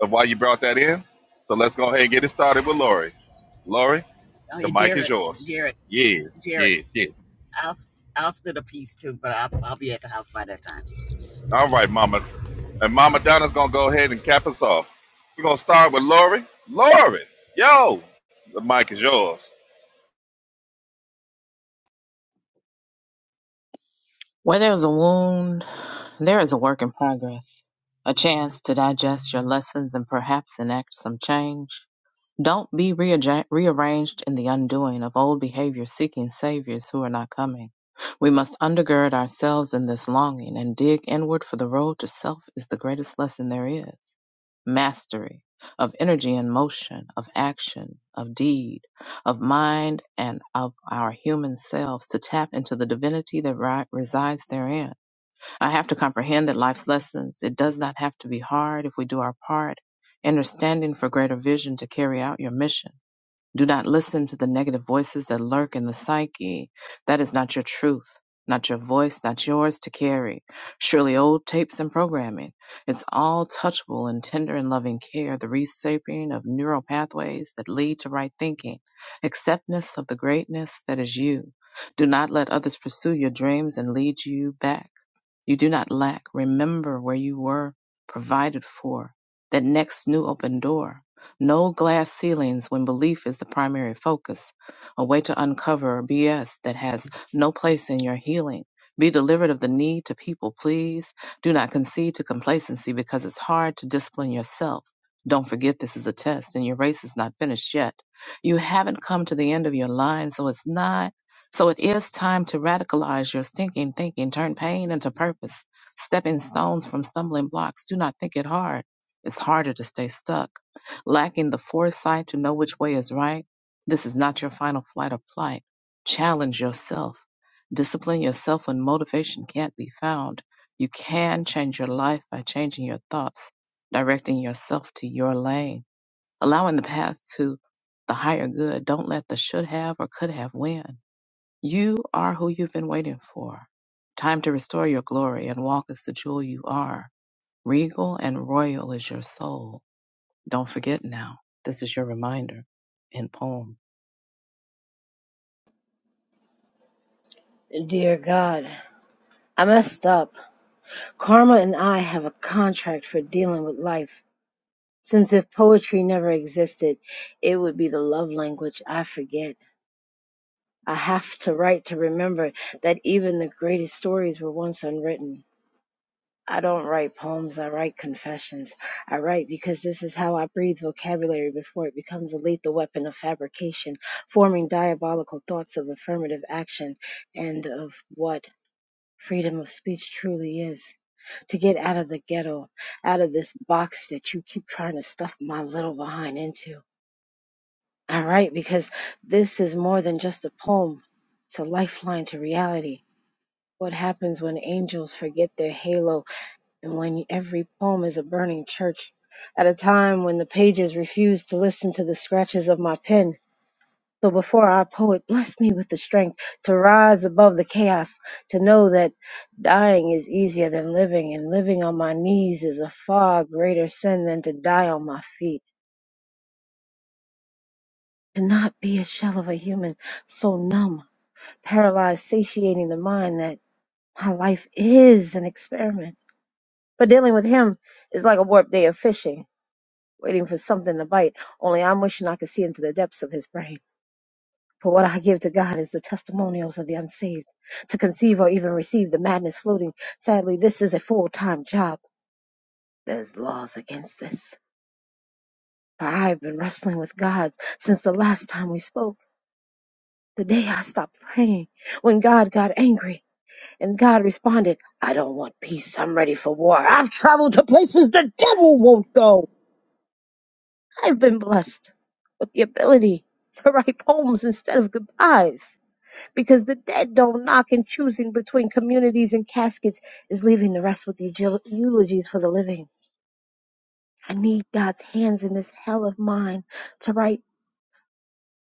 [SPEAKER 4] of why you brought that in. So let's go ahead and get it started with Lori. Lori.
[SPEAKER 1] Oh
[SPEAKER 4] The
[SPEAKER 1] yeah,
[SPEAKER 4] mic is
[SPEAKER 1] Jared,
[SPEAKER 4] yours.
[SPEAKER 1] Jared,
[SPEAKER 4] Yes,
[SPEAKER 1] Jared.
[SPEAKER 4] yes, yes.
[SPEAKER 1] I'll I'll spit a piece too, but I'll, I'll be at the house by that time.
[SPEAKER 4] All right, Mama. And Mama Donna's gonna go ahead and cap us off. We're gonna start with Lori. Lori, yo, the mic is yours.
[SPEAKER 7] Where there is a wound, there is a work in progress, a chance to digest your lessons and perhaps enact some change. Don't be rearja- rearranged in the undoing of old behavior seeking saviors who are not coming. We must undergird ourselves in this longing and dig inward, for the road to self is the greatest lesson there is. Mastery of energy and motion, of action, of deed of mind and of our human selves to tap into the divinity that ri- resides therein. I have to comprehend that life's lessons, it does not have to be hard if we do our part. Understanding for greater vision to carry out your mission. Do not listen to the negative voices that lurk in the psyche. That is not your truth, not your voice, not yours to carry. Surely old tapes and programming. It's all touchable in tender and loving care, the reshaping of neural pathways that lead to right thinking, acceptance of the greatness that is you. Do not let others pursue your dreams and lead you back. You do not lack. Remember where you were provided for, that next new open door. No glass ceilings when belief is the primary focus. A way to uncover BS that has no place in your healing. Be delivered of the need to people please. Do not concede to complacency because it's hard to discipline yourself. Don't forget this is a test and your race is not finished yet. You haven't come to the end of your line, so it's not. So it is time to radicalize your stinking thinking, turn pain into purpose. Stepping stones from stumbling blocks. Do not think it hard. It's harder to stay stuck lacking the foresight to know which way is right, this is not your final flight or flight. Challenge yourself. Discipline yourself when motivation can't be found. You can change your life by changing your thoughts, directing yourself to your lane, allowing the path to the higher good. Don't let the should have or could have win. You are who you've been waiting for. Time to restore your glory and walk as the jewel you are. Regal and royal is your soul don't forget now. This is your reminder in poem.
[SPEAKER 13] Dear God, I messed up. Karma and I have a contract for dealing with life. Since if poetry never existed, it would be the love language I forget. I have to write to remember that even the greatest stories were once unwritten. I don't write poems, I write confessions. I write because this is how I breathe vocabulary before it becomes a lethal weapon of fabrication, forming diabolical thoughts of affirmative action and of what freedom of speech truly is. to get out of the ghetto, out of this box that you keep trying to stuff my little behind into. All right, because this is more than just a poem, it's a lifeline to reality. What happens when angels forget their halo and when every poem is a burning church? At a time when the pages refuse to listen to the scratches of my pen, so before our poet blessed me with the strength to rise above the chaos, to know that dying is easier than living, and living on my knees is a far greater sin than to die on my feet. To not be a shell of a human, so numb, paralyzed, satiating the mind that my life is an experiment. But dealing with him is like a warped day of fishing, waiting for something to bite, only I'm wishing I could see into the depths of his brain. For what I give to God is the testimonials of the unsaved. To conceive or even receive the madness floating, sadly, this is a full time job. There's laws against this. For I have been wrestling with God since the last time we spoke, the day I stopped praying, when God got angry. And God responded, I don't want peace. I'm ready for war. I've traveled to places the devil won't go. I've been blessed with the ability to write poems instead of goodbyes. because the dead don't knock and choosing between communities and caskets is leaving the rest with eugil- eulogies for the living. I need God's hands in this hell of mine to write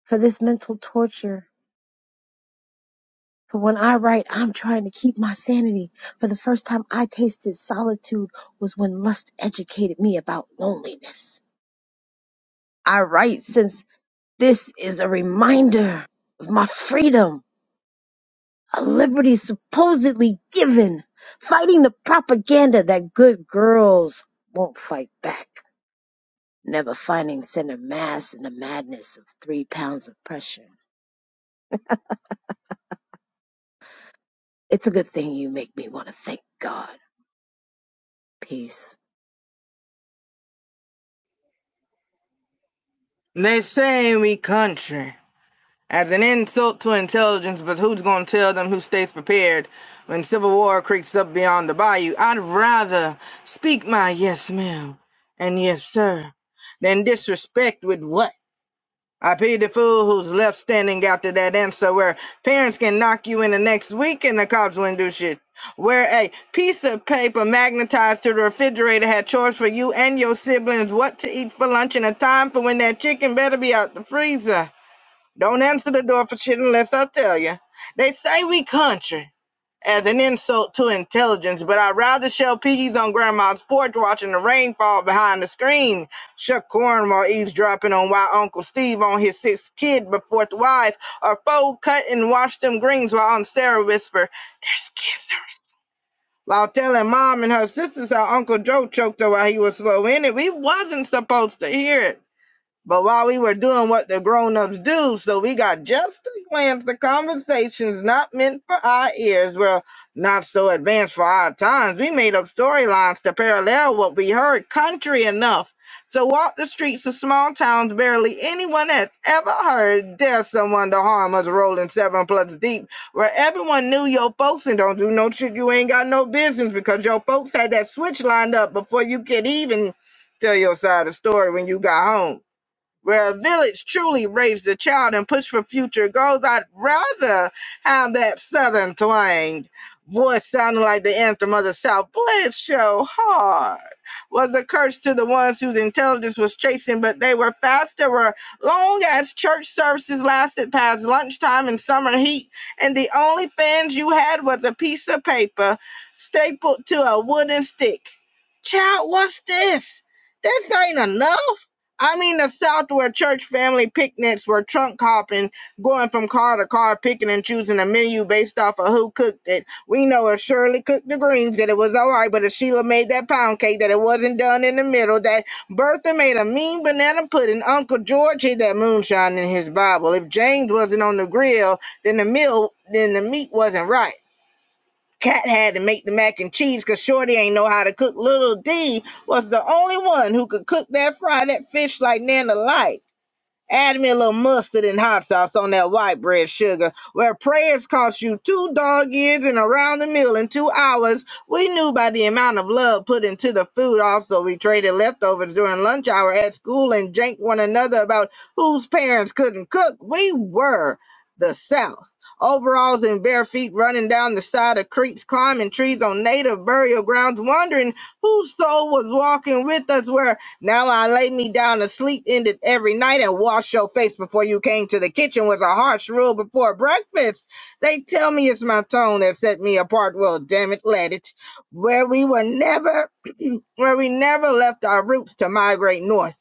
[SPEAKER 13] for this mental torture. For when I write, I'm trying to keep my sanity. For the first time I tasted solitude was when lust educated me about loneliness. I write since this is a reminder of my freedom a liberty supposedly given, fighting the propaganda that good girls won't fight back, never finding center mass in the madness of three pounds of pressure. It's a good thing you make me want to thank God. Peace.
[SPEAKER 10] They say we country. As an insult to intelligence, but who's going to tell them who stays prepared when civil war creeps up beyond the bayou? I'd rather speak my yes, ma'am, and yes, sir, than disrespect with what? I pity the fool who's left standing after that answer where parents can knock you in the next week and the cops wouldn't do shit. Where a piece of paper magnetized to the refrigerator had chores for you and your siblings what to eat for lunch and a time for when that chicken better be out the freezer. Don't answer the door for shit unless I tell you. They say we country as an insult to intelligence, but I'd rather shell peas on grandma's porch watching the rain fall behind the screen, shuck corn while eavesdropping on why Uncle Steve on his sixth kid but fourth wife, or fold cut and wash them greens while Aunt Sarah whisper, there's cancer. While telling mom and her sisters how Uncle Joe choked her while he was slow in it, we wasn't supposed to hear it. But while we were doing what the grown-ups do, so we got just a glance of conversations not meant for our ears, well, not so advanced for our times. We made up storylines to parallel what we heard country enough to walk the streets of small towns barely anyone has ever heard. There's someone to harm us rolling seven plus deep, where everyone knew your folks and don't do no shit you ain't got no business because your folks had that switch lined up before you could even tell your side of the story when you got home where a village truly raised the child and pushed for future goals, I'd rather have that southern twang. Voice sounding like the anthem of the South. Bless your hard Was a curse to the ones whose intelligence was chasing, but they were faster. Were Long as church services lasted past lunchtime and summer heat, and the only fans you had was a piece of paper stapled to a wooden stick. Child, what's this? This ain't enough. I mean, the South where church family picnics were trunk hopping, going from car to car, picking and choosing a menu based off of who cooked it. We know if Shirley cooked the greens that it was all right, but if Sheila made that pound cake that it wasn't done in the middle, that Bertha made a mean banana pudding, Uncle George hid that moonshine in his Bible. If James wasn't on the grill, then the meal, then the meat wasn't right. Cat had to make the mac and cheese because Shorty ain't know how to cook. Little D was the only one who could cook that fry that fish like Nana liked. Add me a little mustard and hot sauce on that white bread sugar. Where prayers cost you two dog ears and around the meal in two hours, we knew by the amount of love put into the food. Also, we traded leftovers during lunch hour at school and janked one another about whose parents couldn't cook. We were the South. Overalls and bare feet running down the side of creeks, climbing trees on native burial grounds, wondering whose soul was walking with us where now I lay me down to sleep in it every night and wash your face before you came to the kitchen was a harsh rule before breakfast. They tell me it's my tone that set me apart. Well, damn it, let it. Where we were never, where we never left our roots to migrate north.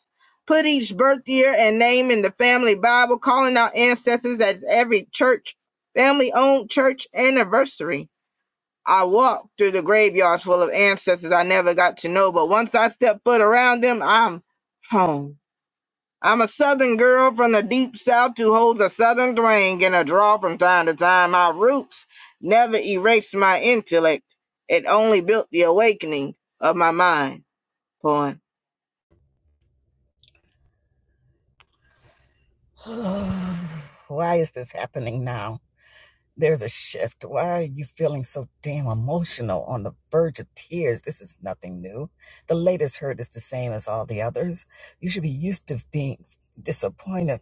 [SPEAKER 10] Put each birth year and name in the family Bible, calling our ancestors at every church, family owned church anniversary. I walked through the graveyards full of ancestors I never got to know, but once I step foot around them, I'm home. I'm a southern girl from the deep south who holds a southern twang and a draw from time to time. My roots never erased my intellect. It only built the awakening of my mind. Poem.
[SPEAKER 1] Why is this happening now? There's a shift. Why are you feeling so damn emotional on the verge of tears? This is nothing new. The latest hurt is the same as all the others. You should be used to being disappointed.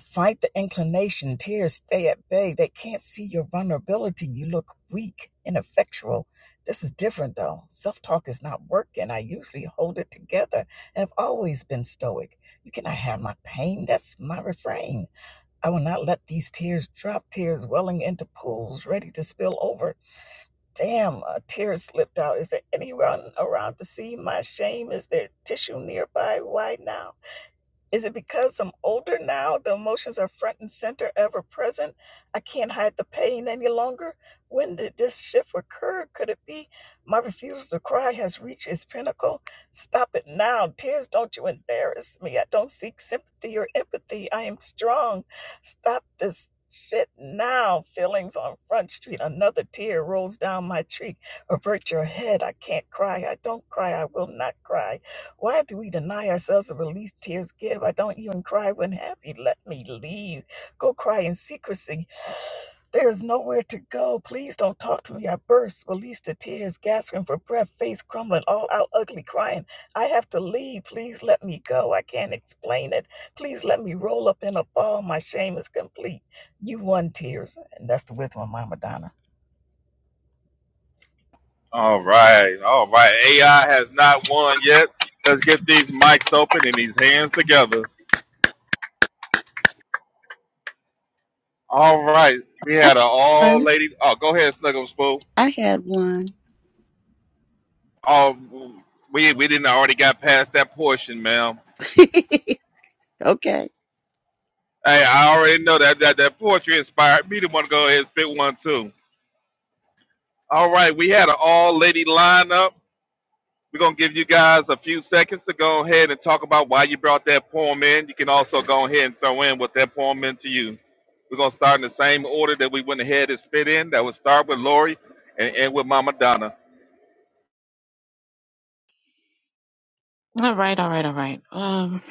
[SPEAKER 1] Fight the inclination. Tears stay at bay. They can't see your vulnerability. You look weak, ineffectual. This is different though. Self talk is not working. I usually hold it together. I've always been stoic. You cannot have my pain. That's my refrain. I will not let these tears drop, tears welling into pools ready to spill over. Damn, a tear slipped out. Is there anyone around to see my shame? Is there tissue nearby? Why now? Is it because I'm older now? The emotions are front and center, ever present. I can't hide the pain any longer. When did this shift occur? Could it be my refusal to cry has reached its pinnacle? Stop it now. Tears, don't you embarrass me. I don't seek sympathy or empathy. I am strong. Stop this shit now. Feelings on Front Street. Another tear rolls down my cheek. Avert your head. I can't cry. I don't cry. I will not cry. Why do we deny ourselves the release tears give? I don't even cry when happy. Let me leave. Go cry in secrecy. [sighs] There is nowhere to go. Please don't talk to me. I burst, release the tears, gasping for breath, face crumbling, all out ugly, crying. I have to leave. Please let me go. I can't explain it. Please let me roll up in a ball. My shame is complete. You won tears. And that's the wisdom of Mama Donna.
[SPEAKER 4] All right, all right. AI has not won yet. Let's get these mics open and these hands together. All right, we had an
[SPEAKER 6] I had
[SPEAKER 4] all
[SPEAKER 6] one.
[SPEAKER 4] lady. Oh, go ahead, Snuggle Spool.
[SPEAKER 6] I had one.
[SPEAKER 4] Oh, we we didn't already got past that portion, ma'am.
[SPEAKER 6] [laughs] okay.
[SPEAKER 4] Hey, I already know that that, that poetry inspired me to want to go ahead and spit one too. All right, we had an all lady lineup. We're gonna give you guys a few seconds to go ahead and talk about why you brought that poem in. You can also go ahead and throw in what that poem meant to you. We're gonna start in the same order that we went ahead and spit in. That would start with Lori and end with Mama Donna.
[SPEAKER 7] All right, all right, all right. Um,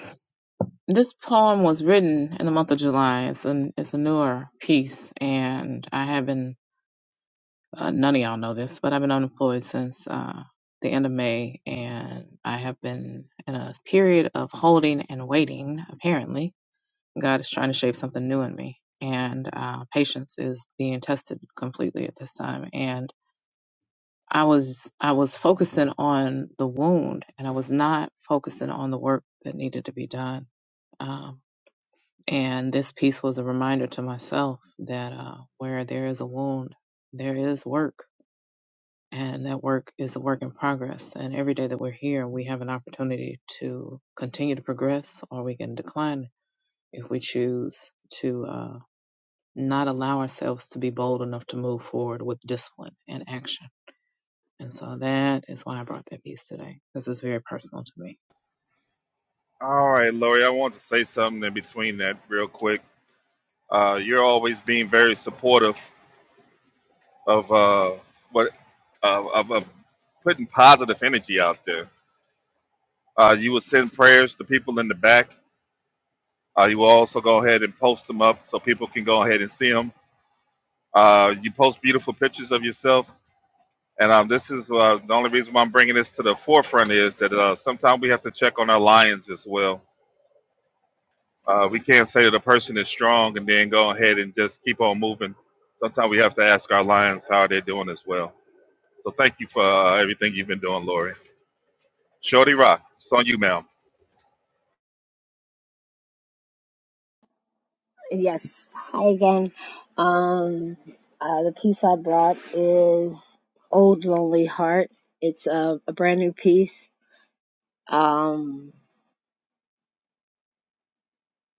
[SPEAKER 7] this poem was written in the month of July. It's an it's a newer piece, and I have been uh, none of y'all know this, but I've been unemployed since uh, the end of May, and I have been in a period of holding and waiting. Apparently, God is trying to shape something new in me, and uh, patience is being tested completely at this time. And I was I was focusing on the wound and I was not focusing on the work that needed to be done. Um, and this piece was a reminder to myself that uh, where there is a wound, there is work, and that work is a work in progress. And every day that we're here, we have an opportunity to continue to progress, or we can decline if we choose to uh, not allow ourselves to be bold enough to move forward with discipline and action. And so that is why I brought that piece today. This is very personal to me.
[SPEAKER 4] All right, Lori, I want to say something in between that real quick. Uh, you're always being very supportive of uh, what of, of, of putting positive energy out there. Uh, you will send prayers to people in the back Uh, you will also go ahead and post them up so people can go ahead and see them. Uh, you post beautiful pictures of yourself. And um, this is uh, the only reason why I'm bringing this to the forefront is that uh, sometimes we have to check on our lions as well. Uh, we can't say that a person is strong and then go ahead and just keep on moving. Sometimes we have to ask our lions how they're doing as well. So thank you for uh, everything you've been doing, Lori. Shorty Rock, it's on you, ma'am.
[SPEAKER 13] Yes, hi again. Um, uh, the piece I brought is Old Lonely Heart. It's a, a brand new piece. Um,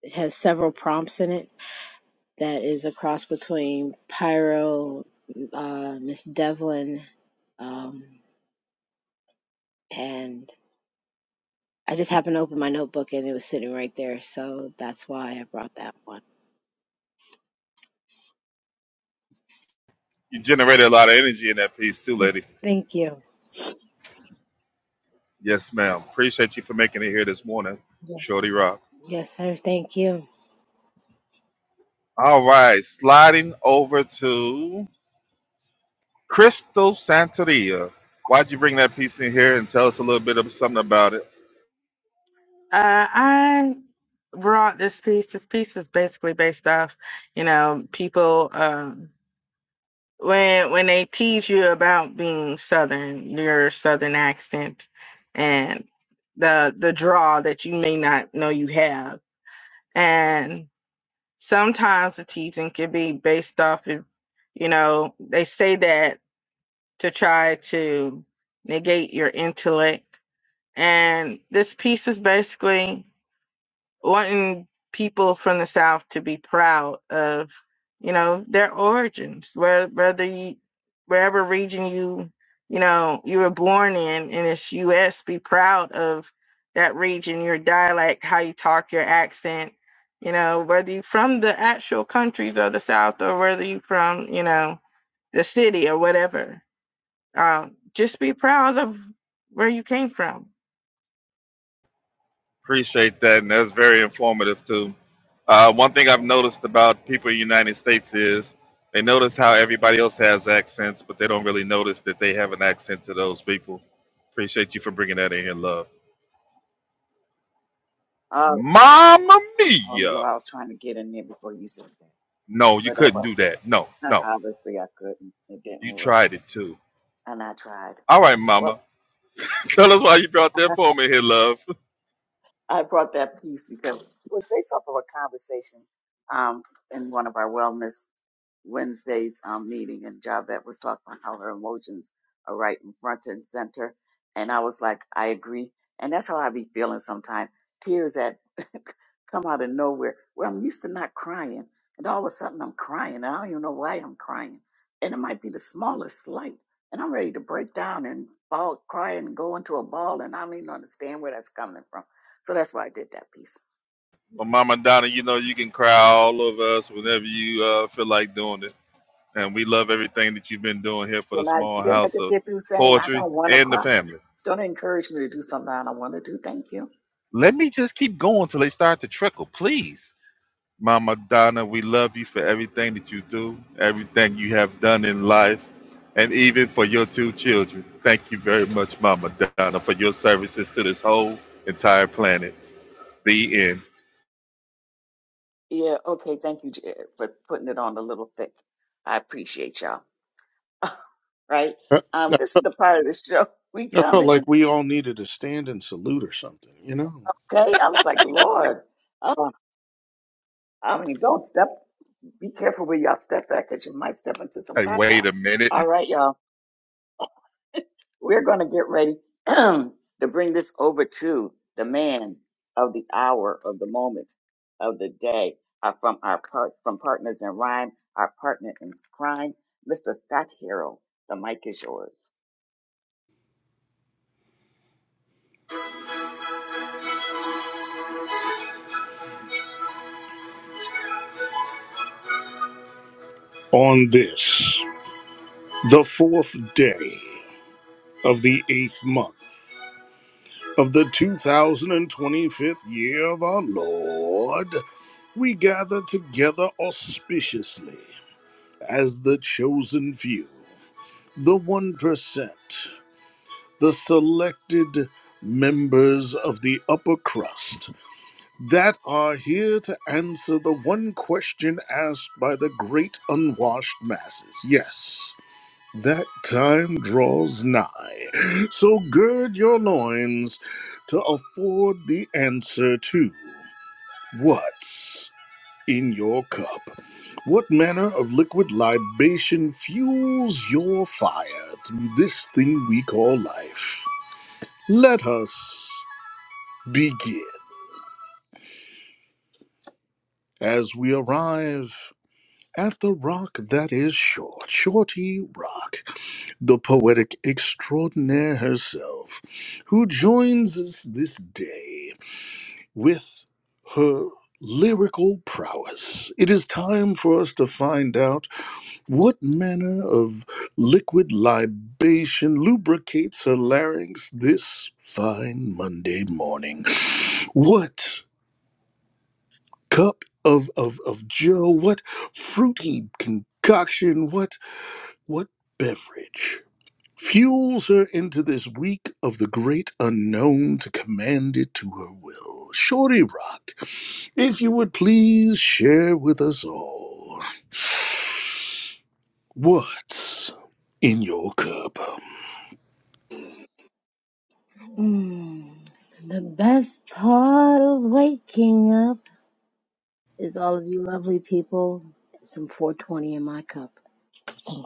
[SPEAKER 13] it has several prompts in it that is a cross between Pyro, uh, Miss Devlin, um, and I just happened to open my notebook and it was sitting right there, so that's why I brought that one.
[SPEAKER 4] You generated a lot of energy in that piece too, lady.
[SPEAKER 13] Thank you.
[SPEAKER 4] Yes, ma'am. Appreciate you for making it here this morning, Shorty Rock.
[SPEAKER 13] Yes, sir. Thank you.
[SPEAKER 4] All right, sliding over to Crystal Santeria. Why'd you bring that piece in here and tell us a little bit of something about it?
[SPEAKER 10] Uh, I brought this piece. This piece is basically based off, you know, people. um, when when they tease you about being southern your southern accent and the the draw that you may not know you have and sometimes the teasing can be based off of you know they say that to try to negate your intellect and this piece is basically wanting people from the South to be proud of, you know, their origins, where whether you, wherever region you, you know, you were born in in this U.S., be proud of that region, your dialect, how you talk, your accent, you know, whether you from the actual countries of the South or whether you from, you know, the city or whatever. Um, just be proud of where you came from.
[SPEAKER 4] Appreciate that, and that's very informative too. Uh, one thing I've noticed about people in the United States is they notice how everybody else has accents, but they don't really notice that they have an accent to those people. Appreciate you for bringing that in here, love.
[SPEAKER 1] Uh,
[SPEAKER 4] Mama mia!
[SPEAKER 1] although I was trying to get in there before you said that.
[SPEAKER 4] No, you couldn't
[SPEAKER 1] Whatever.
[SPEAKER 4] do that. No,
[SPEAKER 1] Uh,
[SPEAKER 4] no,
[SPEAKER 1] Obviously, I couldn't. It didn't
[SPEAKER 4] you
[SPEAKER 1] work,
[SPEAKER 4] tried it too.
[SPEAKER 1] and I tried.
[SPEAKER 4] All right,
[SPEAKER 1] Well,
[SPEAKER 4] Mama. Tell us why you brought that poem in here, love.
[SPEAKER 1] I brought that piece because it was based off of a conversation um, in one of our wellness Wednesday's um, meeting and Javette was talking about how her emotions are right in front and center. And I was like, I agree. And that's how I be feeling sometimes. Tears that [laughs] come out of nowhere where I'm used to not crying. And all of a sudden I'm crying. And I don't even know why I'm crying. And it might be the smallest slight. And I'm ready to break down and fall, cry and go into a ball. And I don't even understand where that's coming from. So that's why I did that piece.
[SPEAKER 4] Well, Mama Donna, you know you can cry all over us whenever you uh, feel like doing it. And we love everything that you've been doing here for the
[SPEAKER 1] Then I,
[SPEAKER 4] small
[SPEAKER 1] then I
[SPEAKER 4] house
[SPEAKER 1] just
[SPEAKER 4] of
[SPEAKER 1] get through saying I
[SPEAKER 4] poetry
[SPEAKER 1] don't want to
[SPEAKER 4] and the
[SPEAKER 1] cry?
[SPEAKER 4] family.
[SPEAKER 1] Don't encourage me to do something I don't want to do. Thank you.
[SPEAKER 4] Let me just keep going till they start to trickle, please. Mama Donna, we love you for everything that you do, everything you have done in life, and even for your two children. Thank you very much, Mama Donna, for your services to this whole entire planet. The end.
[SPEAKER 1] Yeah, okay. Thank you, Jared, for putting it on a little thick. I appreciate y'all. Right?
[SPEAKER 2] I,
[SPEAKER 1] Um,
[SPEAKER 2] I
[SPEAKER 1] this is the part of the show [laughs] we
[SPEAKER 2] I
[SPEAKER 1] come
[SPEAKER 2] felt like
[SPEAKER 1] in.
[SPEAKER 2] we all needed to stand and salute or something, you know?
[SPEAKER 1] Okay, Lord. Oh, I mean, don't step. Be careful where y'all step cause you might step into some
[SPEAKER 4] Hey,
[SPEAKER 1] caca.
[SPEAKER 4] wait a minute.
[SPEAKER 1] All right, y'all. We're going to get ready [clears throat] to bring this over to the man of the hour, of the moment, of the day, uh, from our part, from Partners in Rhyme, our partner in crime, Mr. Scott Harrell. The mic is yours.
[SPEAKER 2] On this, the fourth day of the eighth month of the 2025th year of our Lord, we gather together auspiciously as the chosen few, the 1%, the selected members of the upper crust that are here to answer the one question asked by the great unwashed masses. Yes, that time draws nigh. [gasps] So gird your loins to afford the answer to what's in your cup. What manner of liquid libation fuels your fire through this thing we call life? Let us begin as we arrive at the rock that is short, Shorty Rock, the poetic extraordinaire herself, who joins us this day with her lyrical prowess. It is time for us to find out what manner of liquid libation lubricates her larynx this fine Monday morning. What cup of, of, of Joe, what fruity concoction, what What beverage fuels her into this week of the great unknown to command it to her will? Shorty Rock, if you would please share with us all what's in your cup.
[SPEAKER 13] Mm. The best part of waking up is all of you lovely people. Some 420 in my cup. Thank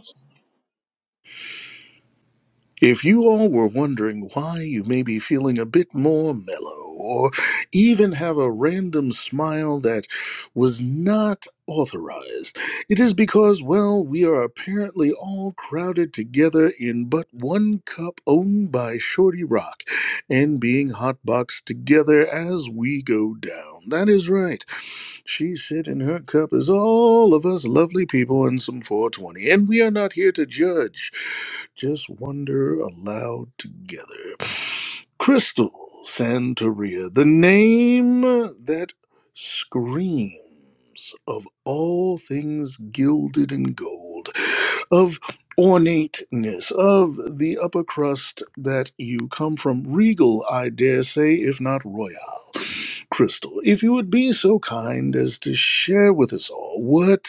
[SPEAKER 2] If you all were wondering why you may be feeling a bit more mellow, or even have a random smile that was not authorized, it is because, well, we are apparently all crowded together in but one cup owned by Shorty Rock and being hotboxed together as we go down. That is right. She said in her cup is all of us lovely people and some 420, and we are not here to judge just wonder aloud together. Crystal Santeria, the name that screams of all things gilded in gold, of ornateness, of the upper crust that you come from, regal, I dare say, if not royal. Crystal, if you would be so kind as to share with us all what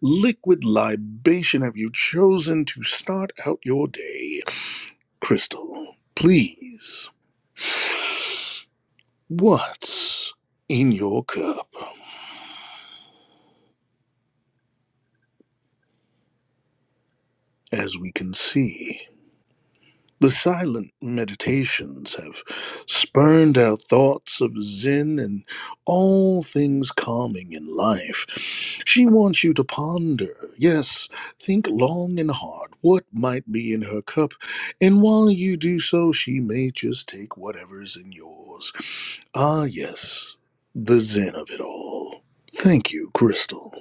[SPEAKER 2] liquid libation have you chosen to start out your day? Crystal, please, what's in your cup? As we can see. The silent meditations have spurned out thoughts of Zen and all things calming in life. She wants you to ponder, yes, think long and hard what might be in her cup, and while you do so, she may just take whatever's in yours. Ah, yes, the Zen of it all. Thank you, Crystal.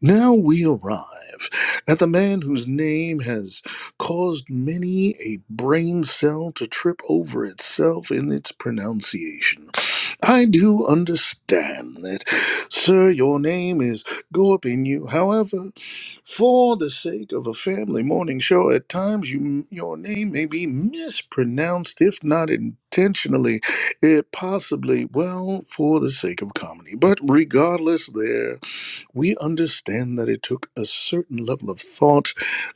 [SPEAKER 2] Now we arrive at the man whose name has caused many a brain cell to trip over itself in its pronunciation. I do understand that, sir, your name is Gorpinu. However, for the sake of a family morning show, at times you, your name may be mispronounced, if not intentionally, it possibly, well, for the sake of comedy. But regardless, there we understand that it took a certain level of thought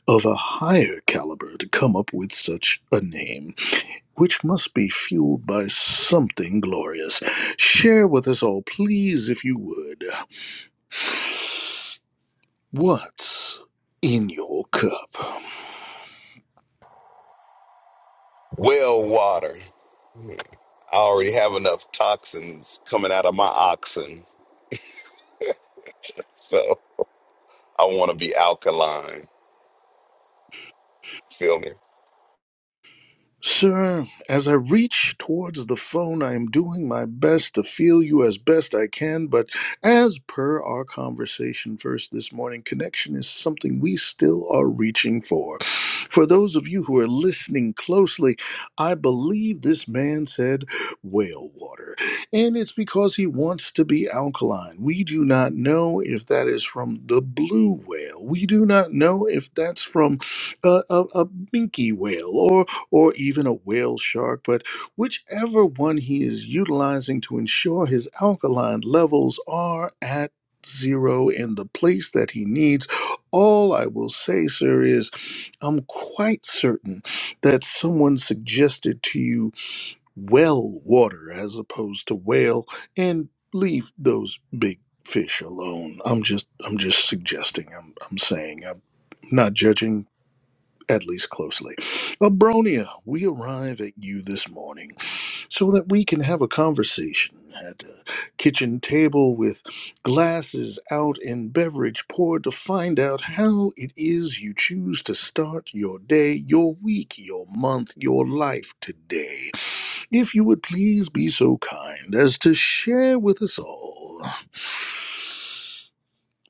[SPEAKER 2] of a higher caliber to come up with such a name, which must be fueled by something glorious. Share with us all, please, if you would, what's in your cup.
[SPEAKER 5] Well, water. I already have enough toxins coming out of my oxen, so I want to be alkaline. Feel me?
[SPEAKER 2] Sir, as I reach towards the phone, I am doing my best to feel you as best I can, but as per our conversation first this morning, connection is something we still are reaching for. For those of you who are listening closely, I believe this man said whale water, and it's because he wants to be alkaline. We do not know if that is from the blue whale, we do not know if that's from a, a, a minke whale, or or even a whale shark, but whichever one he is utilizing to ensure his alkaline levels are at zero in the place that he needs. All I will say, sir, is I'm quite certain that someone suggested to you well water as opposed to whale, and leave those big fish alone. I'm just I'm just suggesting. I'm I'm saying. I'm not judging at least closely. Abronia, we arrive at you this morning so that we can have a conversation at a kitchen table with glasses out and beverage poured to find out how it is you choose to start your day, your week, your month, your life today. If you would please be so kind as to share with us all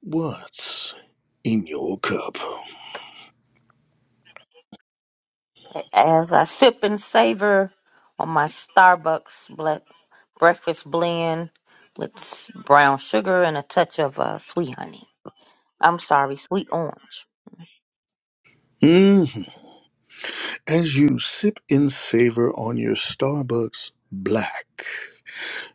[SPEAKER 2] what's in your cup.
[SPEAKER 8] As I sip and savor on my Starbucks ble- breakfast blend with s- brown sugar and a touch of uh, sweet honey. I'm sorry, sweet orange.
[SPEAKER 2] Mm-hmm. As you sip and savor on your Starbucks black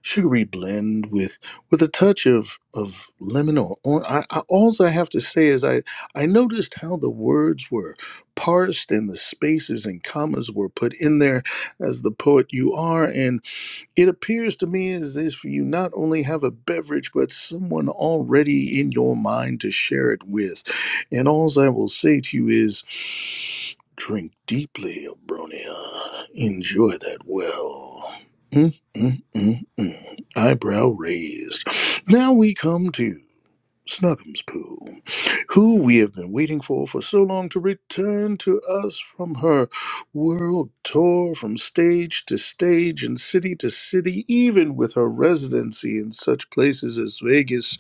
[SPEAKER 2] sugary blend with with a touch of of lemon or or I, I all I have to say is I I noticed how the words were parsed and the spaces and commas were put in there as the poet you are it appears to me as if you not only have a beverage, but someone already in your mind to share it with. And alls I will say to you is drink deeply, Abronia. Enjoy that well. Mm, mm, mm, mm. Eyebrow raised. Now we come to. Snuggum's Pooh, who we have been waiting for for so long to return to us from her world tour from stage to stage and city to city, even with her residency in such places as Vegas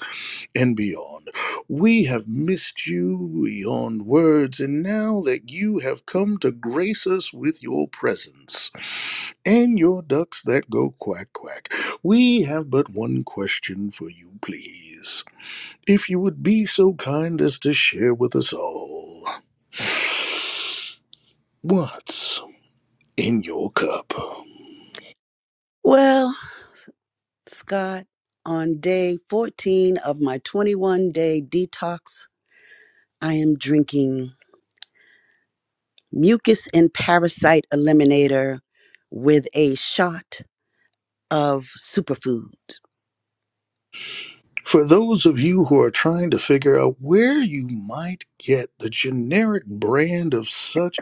[SPEAKER 2] and beyond. We have missed you beyond words, and now that you have come to grace us with your presence and your ducks that go quack quack, we have but one question for you, please if you would be so kind as to share with us all what's in your cup.
[SPEAKER 6] Well, Scott, on day 14 of my 21 day detox, I am drinking mucus and parasite eliminator with a shot of superfoods.
[SPEAKER 2] For those of you who are trying to figure out where you might get the generic brand of such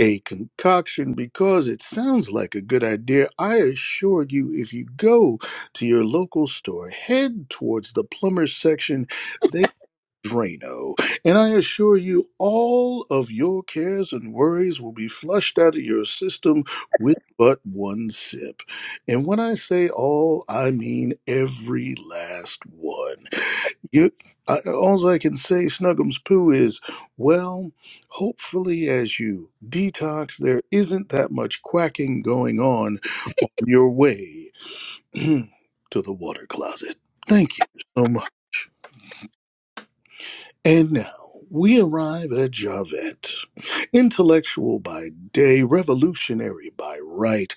[SPEAKER 2] a concoction because it sounds like a good idea, I assure you, if you go to your local store, head towards the plumber's section, they. Drano, and I assure you all of your cares and worries will be flushed out of your system with but one sip. And when I say all, I mean every last one. You, I, all I can say, Snuggums Poo, is well, hopefully, as you detox, there isn't that much quacking going on on your way [clears throat] to the water closet. Thank you so much. And now we arrive at Javert, Intellectual by day, revolutionary by right.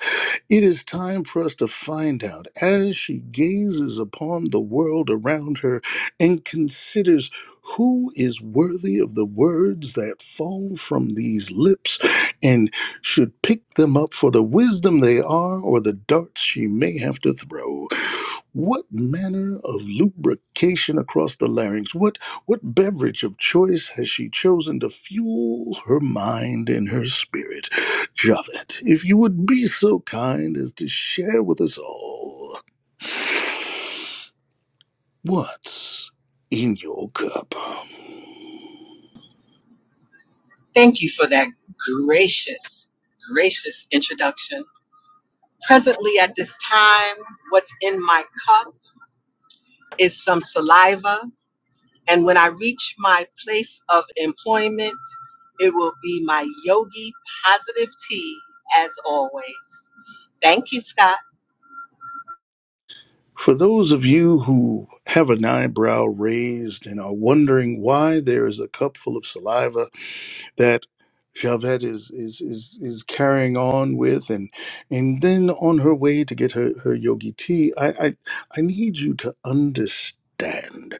[SPEAKER 2] It is time for us to find out as she gazes upon the world around her and considers who is worthy of the words that fall from these lips and should pick them up for the wisdom they are or the darts she may have to throw. What manner of lubrication across the larynx? What what beverage of choice has she chosen to fuel her mind and her spirit? Javed, if you would be so kind as to share with us all what's in your cup.
[SPEAKER 12] Thank you for that gracious, gracious introduction. Presently at this time, what's in my cup is some saliva And when I reach my place of employment, it will be my yogi positive tea as always. Thank you, Scott.
[SPEAKER 2] For those of you who have an eyebrow raised and are wondering why there is a cup full of saliva that Javette is, is is is carrying on with and and then on her way to get her, her yogi tea, I, I I need you to understand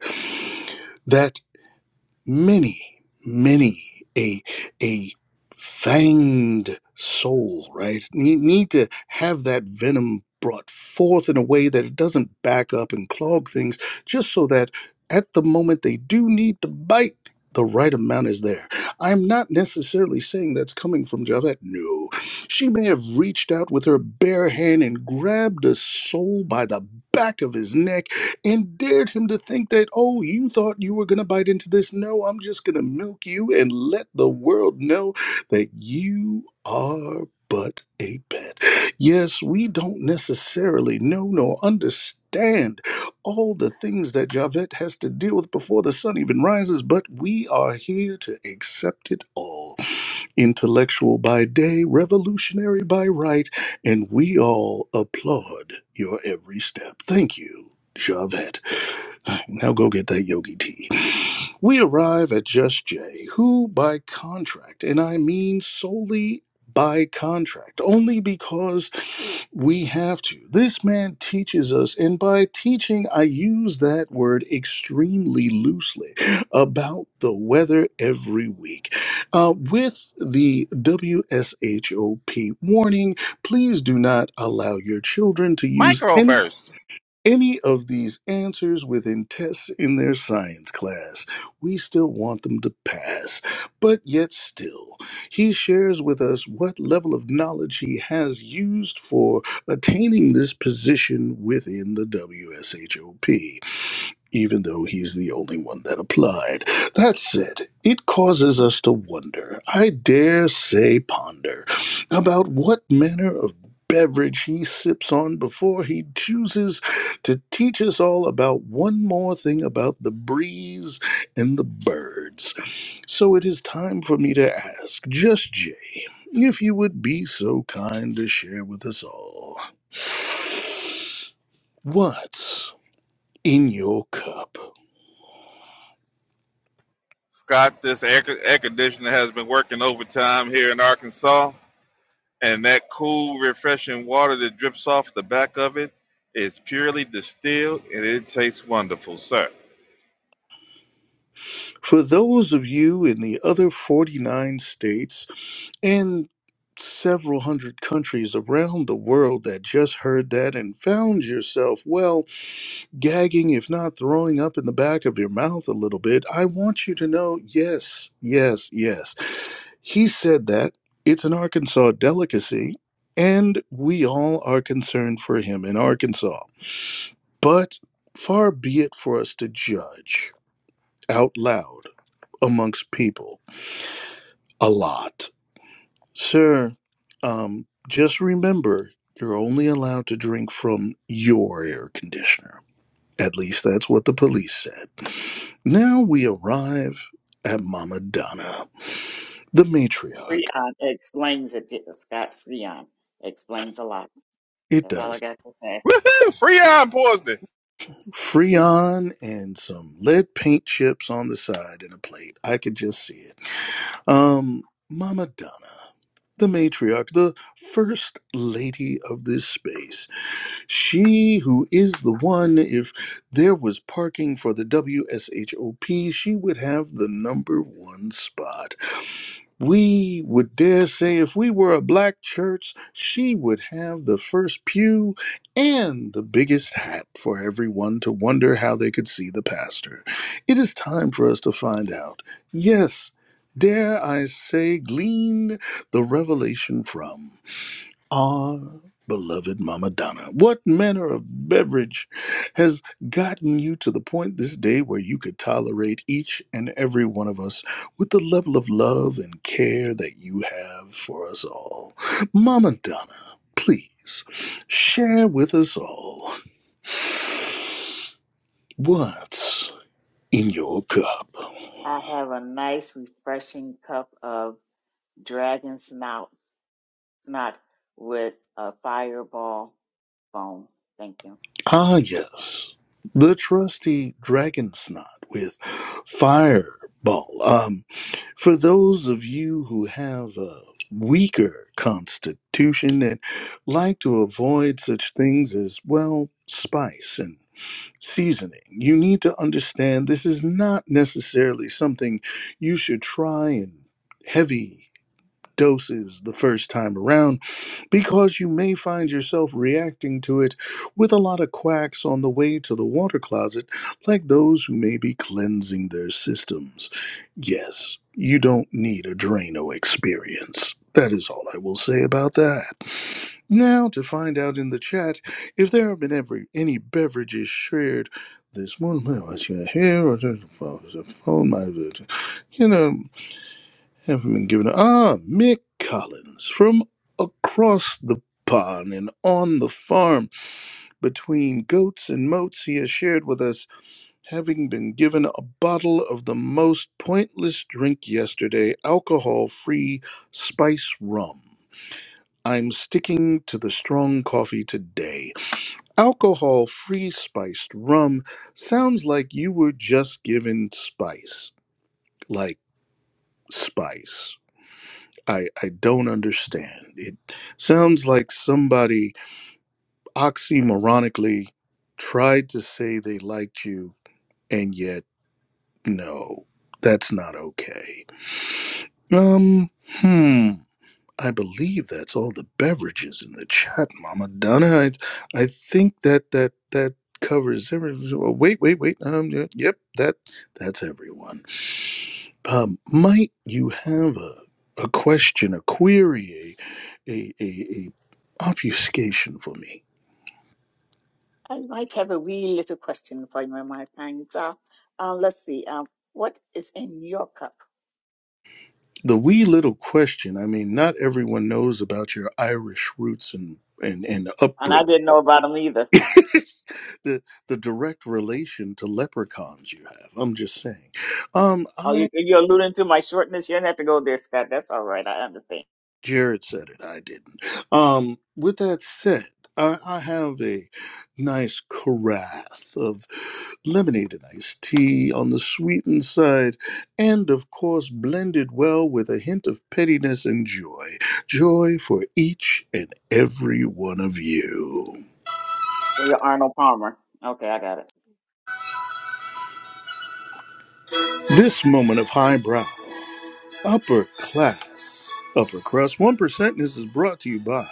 [SPEAKER 2] that many, many a a fanged soul, right? Need, need to have that venom brought forth in a way that it doesn't back up and clog things, just so that at the moment they do need to bite, the right amount is there. I'm not necessarily saying that's coming from Javette. No. She may have reached out with her bare hand and grabbed a soul by the back of his neck and dared him to think that, oh, you thought you were going to bite into this. No, I'm just going to milk you and let the world know that you are but a pet. Yes, we don't necessarily know nor understand all the things that Javette has to deal with before the sun even rises, but we are here to accept it all. Intellectual by day, revolutionary by right, and we all applaud your every step. Thank you. Javette. Now go get that yogi tea. We arrive at Just Jay, who by contract, and I mean solely by contract, only because we have to. This man teaches us, and by teaching, I use that word extremely loosely, about the weather every week. Uh, with the WSHOP warning, please do not allow your children to use any
[SPEAKER 4] Microburst.
[SPEAKER 2] any of these answers within tests in their science class. We still want them to pass, but yet still, he shares with us what level of knowledge he has used for attaining this position within the WSHOP. Even though he's the only one that applied. That said, it causes us to wonder, I dare say ponder, about what manner of beverage he sips on before he chooses to teach us all about one more thing about the breeze and the birds. So it is time for me to ask, just Jay, if you would be so kind to share with us all what's in your cup.
[SPEAKER 4] Scott, this air, air conditioner has been working overtime here in Arkansas, and that cool, refreshing water that drips off the back of it is purely distilled, and it tastes wonderful, sir.
[SPEAKER 2] For those of you in the other 49 states and several hundred countries around the world that just heard that and found yourself, well, gagging, if not throwing up in the back of your mouth a little bit, I want you to know yes, yes, yes. He said that. It's an Arkansas delicacy, and we all are concerned for him in Arkansas. But far be it for us to judge out loud amongst people a lot. Sir, um, just remember you're only allowed to drink from your air conditioner. At least that's what the police said. Now we arrive at Mama Donna, the matriarch.
[SPEAKER 1] Freon explains it. Scott Freon explains a lot.
[SPEAKER 2] It
[SPEAKER 1] That's all I
[SPEAKER 2] does.
[SPEAKER 1] got to say.
[SPEAKER 4] Woohoo! Free iron poisoning.
[SPEAKER 2] Freon and some lead paint chips on the side in a plate. I could just see it. Um, Mama Donna, the matriarch, the first lady of this space. She who is the one, if there was parking for the WSHOP, she would have the number one spot. We would dare say if we were a black church, she would have the first pew and the biggest hat for everyone to wonder how they could see the pastor. It is time for us to find out. Yes, dare I say, glean the revelation from. Ah, beloved Mama Donna, what manner of beverage has gotten you to the point this day where you could tolerate each and every one of us with the level of love and care that you have for us all? Mama Donna, please share with us all what's in your cup.
[SPEAKER 1] I have a nice, refreshing cup of dragon snout, snot with a fireball foam. Thank you.
[SPEAKER 2] Ah, yes, the trusty dragon snot with fireball. Um, For those of you who have a weaker constitution and like to avoid such things as, well, spice and seasoning, you need to understand this is not necessarily something you should try in heavy doses the first time around because you may find yourself reacting to it with a lot of quacks on the way to the water closet, like those who may be cleansing their systems. Yes, you don't need a Drano experience. That is all I will say about that. Now, to find out in the chat if there have been every, any beverages shared this morning. Well, I should hear, or just- well, it's a phone, my- you know haven't been given. Ah, Mick Collins from across the pond and on the farm between goats and moats, he has shared with us, having been given a bottle of the most pointless drink yesterday, alcohol free spice rum. I'm sticking to the strong coffee today. Alcohol free spiced rum sounds like you were just given spice, like spice. I, I don't understand. It sounds like somebody oxymoronically tried to say they liked you, and yet, no, that's not okay. Um, hmm, I believe that's all the beverages in the chat, Mama Donna. I, I think that that that covers everyone. Wait, wait, wait. Um, y- yep, that that's everyone. um, might you have a, a question, a query, a, a, a, a obfuscation for me?
[SPEAKER 1] I might have Um, what?
[SPEAKER 2] The wee little question. I mean, not everyone knows about your Irish roots and and, and upbringing, [laughs] the the direct relation to leprechauns you have. I'm just saying. Um,
[SPEAKER 1] Oh, you
[SPEAKER 2] I
[SPEAKER 1] think?
[SPEAKER 2] Jared said it. I didn't. Um, with that said, I, I have a nice carafe of lemonade and iced tea on the sweetened side, and of course blended well with a hint of pettiness and joy. Joy for each and every one of you.
[SPEAKER 1] So you're Arnold Palmer. Okay, I got it.
[SPEAKER 2] This moment of highbrow, upper class, upper crust 1% is brought to you by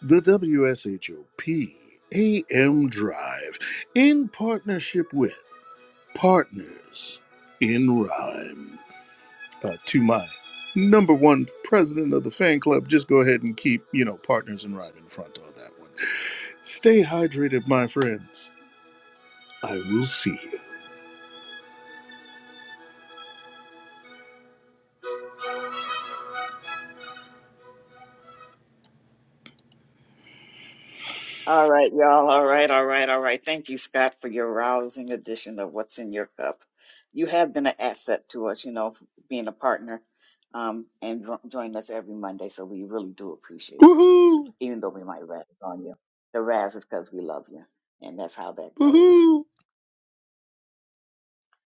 [SPEAKER 2] the W S H O P A M Drive in partnership with Partners in Rhyme. uh, to my number one president of the fan club. Just go ahead and keep, you know, partners in rhyme in front on that one. Stay hydrated, my friends. I will see you.
[SPEAKER 1] All right, y'all. All right, all right, all right. Thank you, Scott, for your rousing edition of What's in Your Cup. You have been an asset to us, you know, being a partner um, and jo- joining us every Monday. So we really do appreciate you,
[SPEAKER 2] Woohoo!
[SPEAKER 1] even though we might razz on you. The razz is because we love you, and that's how that goes.
[SPEAKER 2] Woohoo!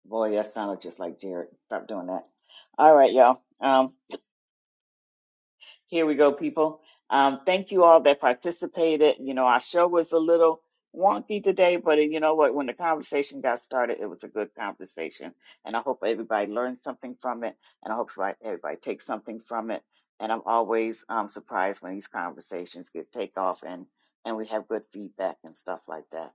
[SPEAKER 1] Boy, that sounded just like Jared. Stop doing that. All right, y'all. Um, Here we go, people. Um, thank you all that participated. You know, our show was a little wonky today, but you know what? When the conversation got started, it was a good conversation. And I hope everybody learned something from it. And I hope so- everybody takes something from it. And I'm always um, surprised when these conversations get take off and, and we have good feedback and stuff like that.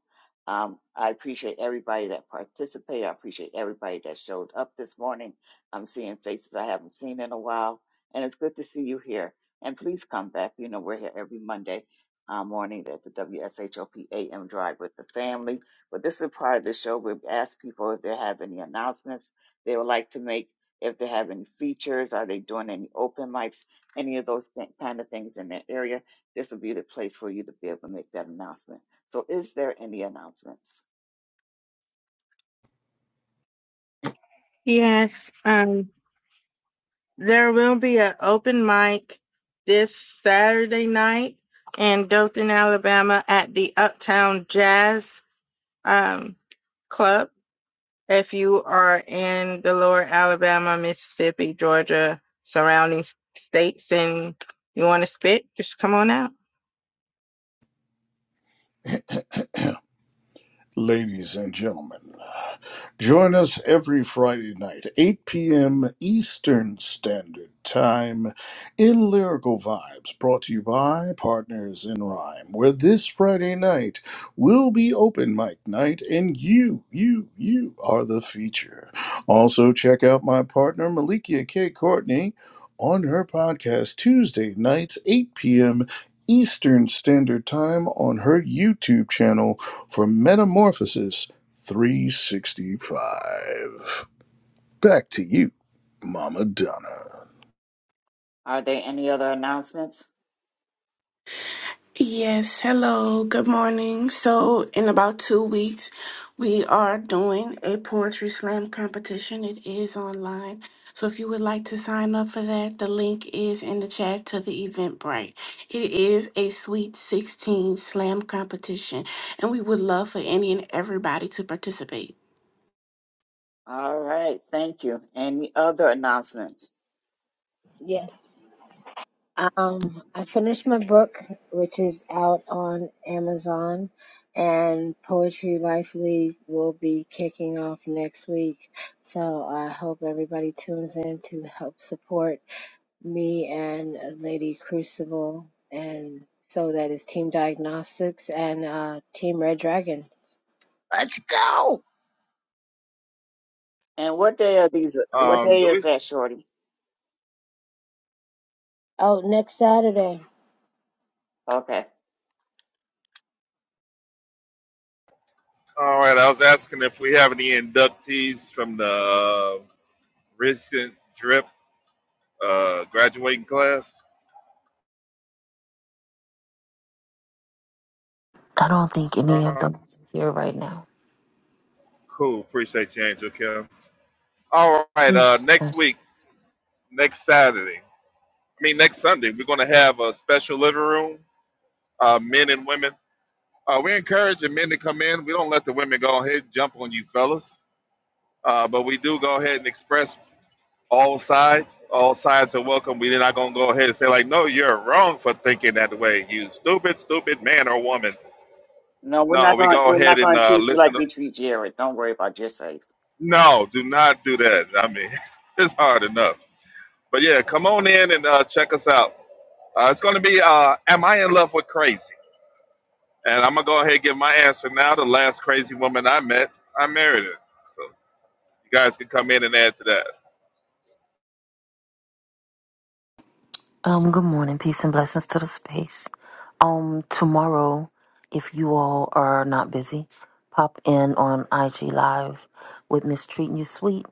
[SPEAKER 1] Um, I appreciate everybody that participated. I appreciate everybody that showed up this morning. I'm seeing faces I haven't seen in a while and it's good to see you here. And please come back. You know, we're here every Monday uh, morning at the W S H O P A M Drive with the family. But this is part of the show. We ask people if they have any announcements they would like to make, if they have any features, are they doing any open mics, any of those th- kind of things in their area. This will be the place for you to be able to make that announcement. So, is there any announcements?
[SPEAKER 10] Yes. Um, There will be an open mic this Saturday night in Dothan, Alabama at the Uptown Jazz um, Club. If you are in the lower Alabama, Mississippi, Georgia, surrounding s- states and you want to spit, just come on out.
[SPEAKER 2] Ladies and gentlemen. Join us every Friday night, 8 p.m. Eastern Standard Time, in Lyrical Vibes, brought to you by Partners in Rhyme, where this Friday night will be open mic night, and you, you, you are the feature. Also, check out my partner, Malikia K. Courtney, on her podcast Tuesday nights, 8 p.m. Eastern Standard Time on her YouTube channel for Metamorphosis 365. Back to you, Mama Donna.
[SPEAKER 1] All right.
[SPEAKER 14] Yes, hello, good morning. So, in about two weeks, we are doing a poetry slam competition. It is online. So, if you would like to sign up for that, the link is in the chat to the Eventbrite. It is a Sweet 16 slam competition, and we would love for any and everybody to participate.
[SPEAKER 1] All right, Thank you. Any other announcements?
[SPEAKER 13] you. Yes. Um, I finished my book, which is out on Amazon, and Poetry Life League will be kicking off next week. So I hope everybody tunes in to help support me and Lady Crucible. And so that is Team Diagnostics and uh, Team Red Dragon. Let's go!
[SPEAKER 1] And what day are these? What
[SPEAKER 4] Um,
[SPEAKER 1] day
[SPEAKER 4] do
[SPEAKER 1] is
[SPEAKER 4] we?
[SPEAKER 1] that, Shorty?
[SPEAKER 13] Out next Saturday.
[SPEAKER 1] Okay.
[SPEAKER 4] All right. I was asking if we have any inductees from the uh, recent drip uh, graduating class.
[SPEAKER 15] I don't think any of
[SPEAKER 4] Uh,
[SPEAKER 15] them is here right now.
[SPEAKER 4] cool. Appreciate you, Angel Kim. All right. Uh,
[SPEAKER 15] Yes.
[SPEAKER 4] next
[SPEAKER 15] yes.
[SPEAKER 4] week, next Saturday. I mean, next Sunday, we're going to have a special living room, uh, men and women. Uh, we are encouraging men to come in. We don't let the women go ahead and jump on you fellas, uh, but we do go ahead and express all sides. All sides are welcome. We're not going to go ahead and say, like, no, you're wrong for thinking that way, you stupid, stupid man or woman.
[SPEAKER 1] No, we're
[SPEAKER 4] No,
[SPEAKER 1] not
[SPEAKER 4] we
[SPEAKER 1] going.
[SPEAKER 4] go
[SPEAKER 1] We're
[SPEAKER 4] ahead
[SPEAKER 1] not
[SPEAKER 4] and
[SPEAKER 1] going to
[SPEAKER 4] uh,
[SPEAKER 1] treat you
[SPEAKER 4] listen.
[SPEAKER 1] like
[SPEAKER 4] To,
[SPEAKER 1] we treat Jared. Don't worry about yourself.
[SPEAKER 4] no, do not do that. I mean, [laughs] it's hard enough. But yeah, come on in and uh, check us out. Uh, it's going to be uh, Am I in Love with Crazy? And I'm gonna go ahead and give my answer now. The last crazy woman I met, I married her. So you guys can come in and add to that.
[SPEAKER 15] Um. Good morning. Peace and blessings to the space. Um. Tomorrow, if you all are not busy, pop in on IG Live with Miss Treating You Sweet,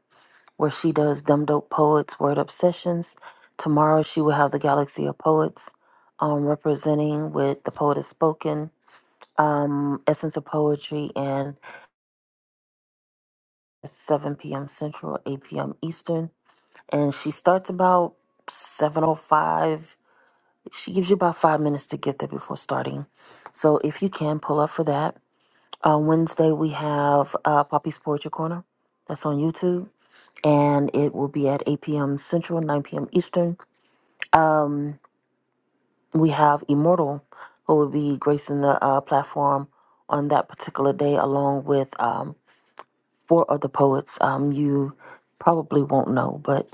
[SPEAKER 15] where she does Dumb Dope Poets Word Up Sessions. Tomorrow, she will have the Galaxy of Poets, um, representing with the Poet Has Spoken, um, Essence of Poetry, and 7 p.m. Central, 8 p.m. Eastern. and she starts about 7.05 she gives you about five minutes to get there before starting so if you can pull up for that uh, wednesday we have uh, poppy's poetry corner that's on youtube and it will be at 8 p.m central 9 p.m eastern um, we have immortal who will be gracing the uh, platform on that particular day along with um, four other poets um, you probably won't know but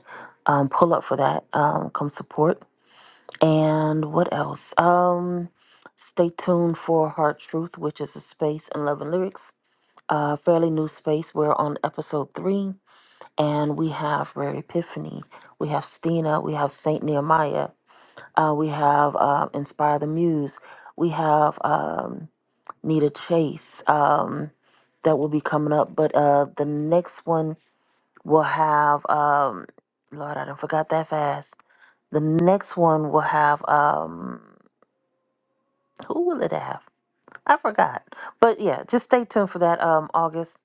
[SPEAKER 15] um, pull up for that um, come support And what else? Um, stay tuned for Heart Truth, which is a space in Love and Lyrics, a fairly new space. We're on episode three, and we have Rare Epiphany, we have Stina, we have Saint Nehemiah, uh, we have uh, Inspire the Muse, we have um, Nita Chase. Um, that will be coming up, but uh, the next one will have um, Lord, I don't forgot that fast. The next one will have um. Who will it have? I forgot. But yeah, just stay tuned for that. Um, August.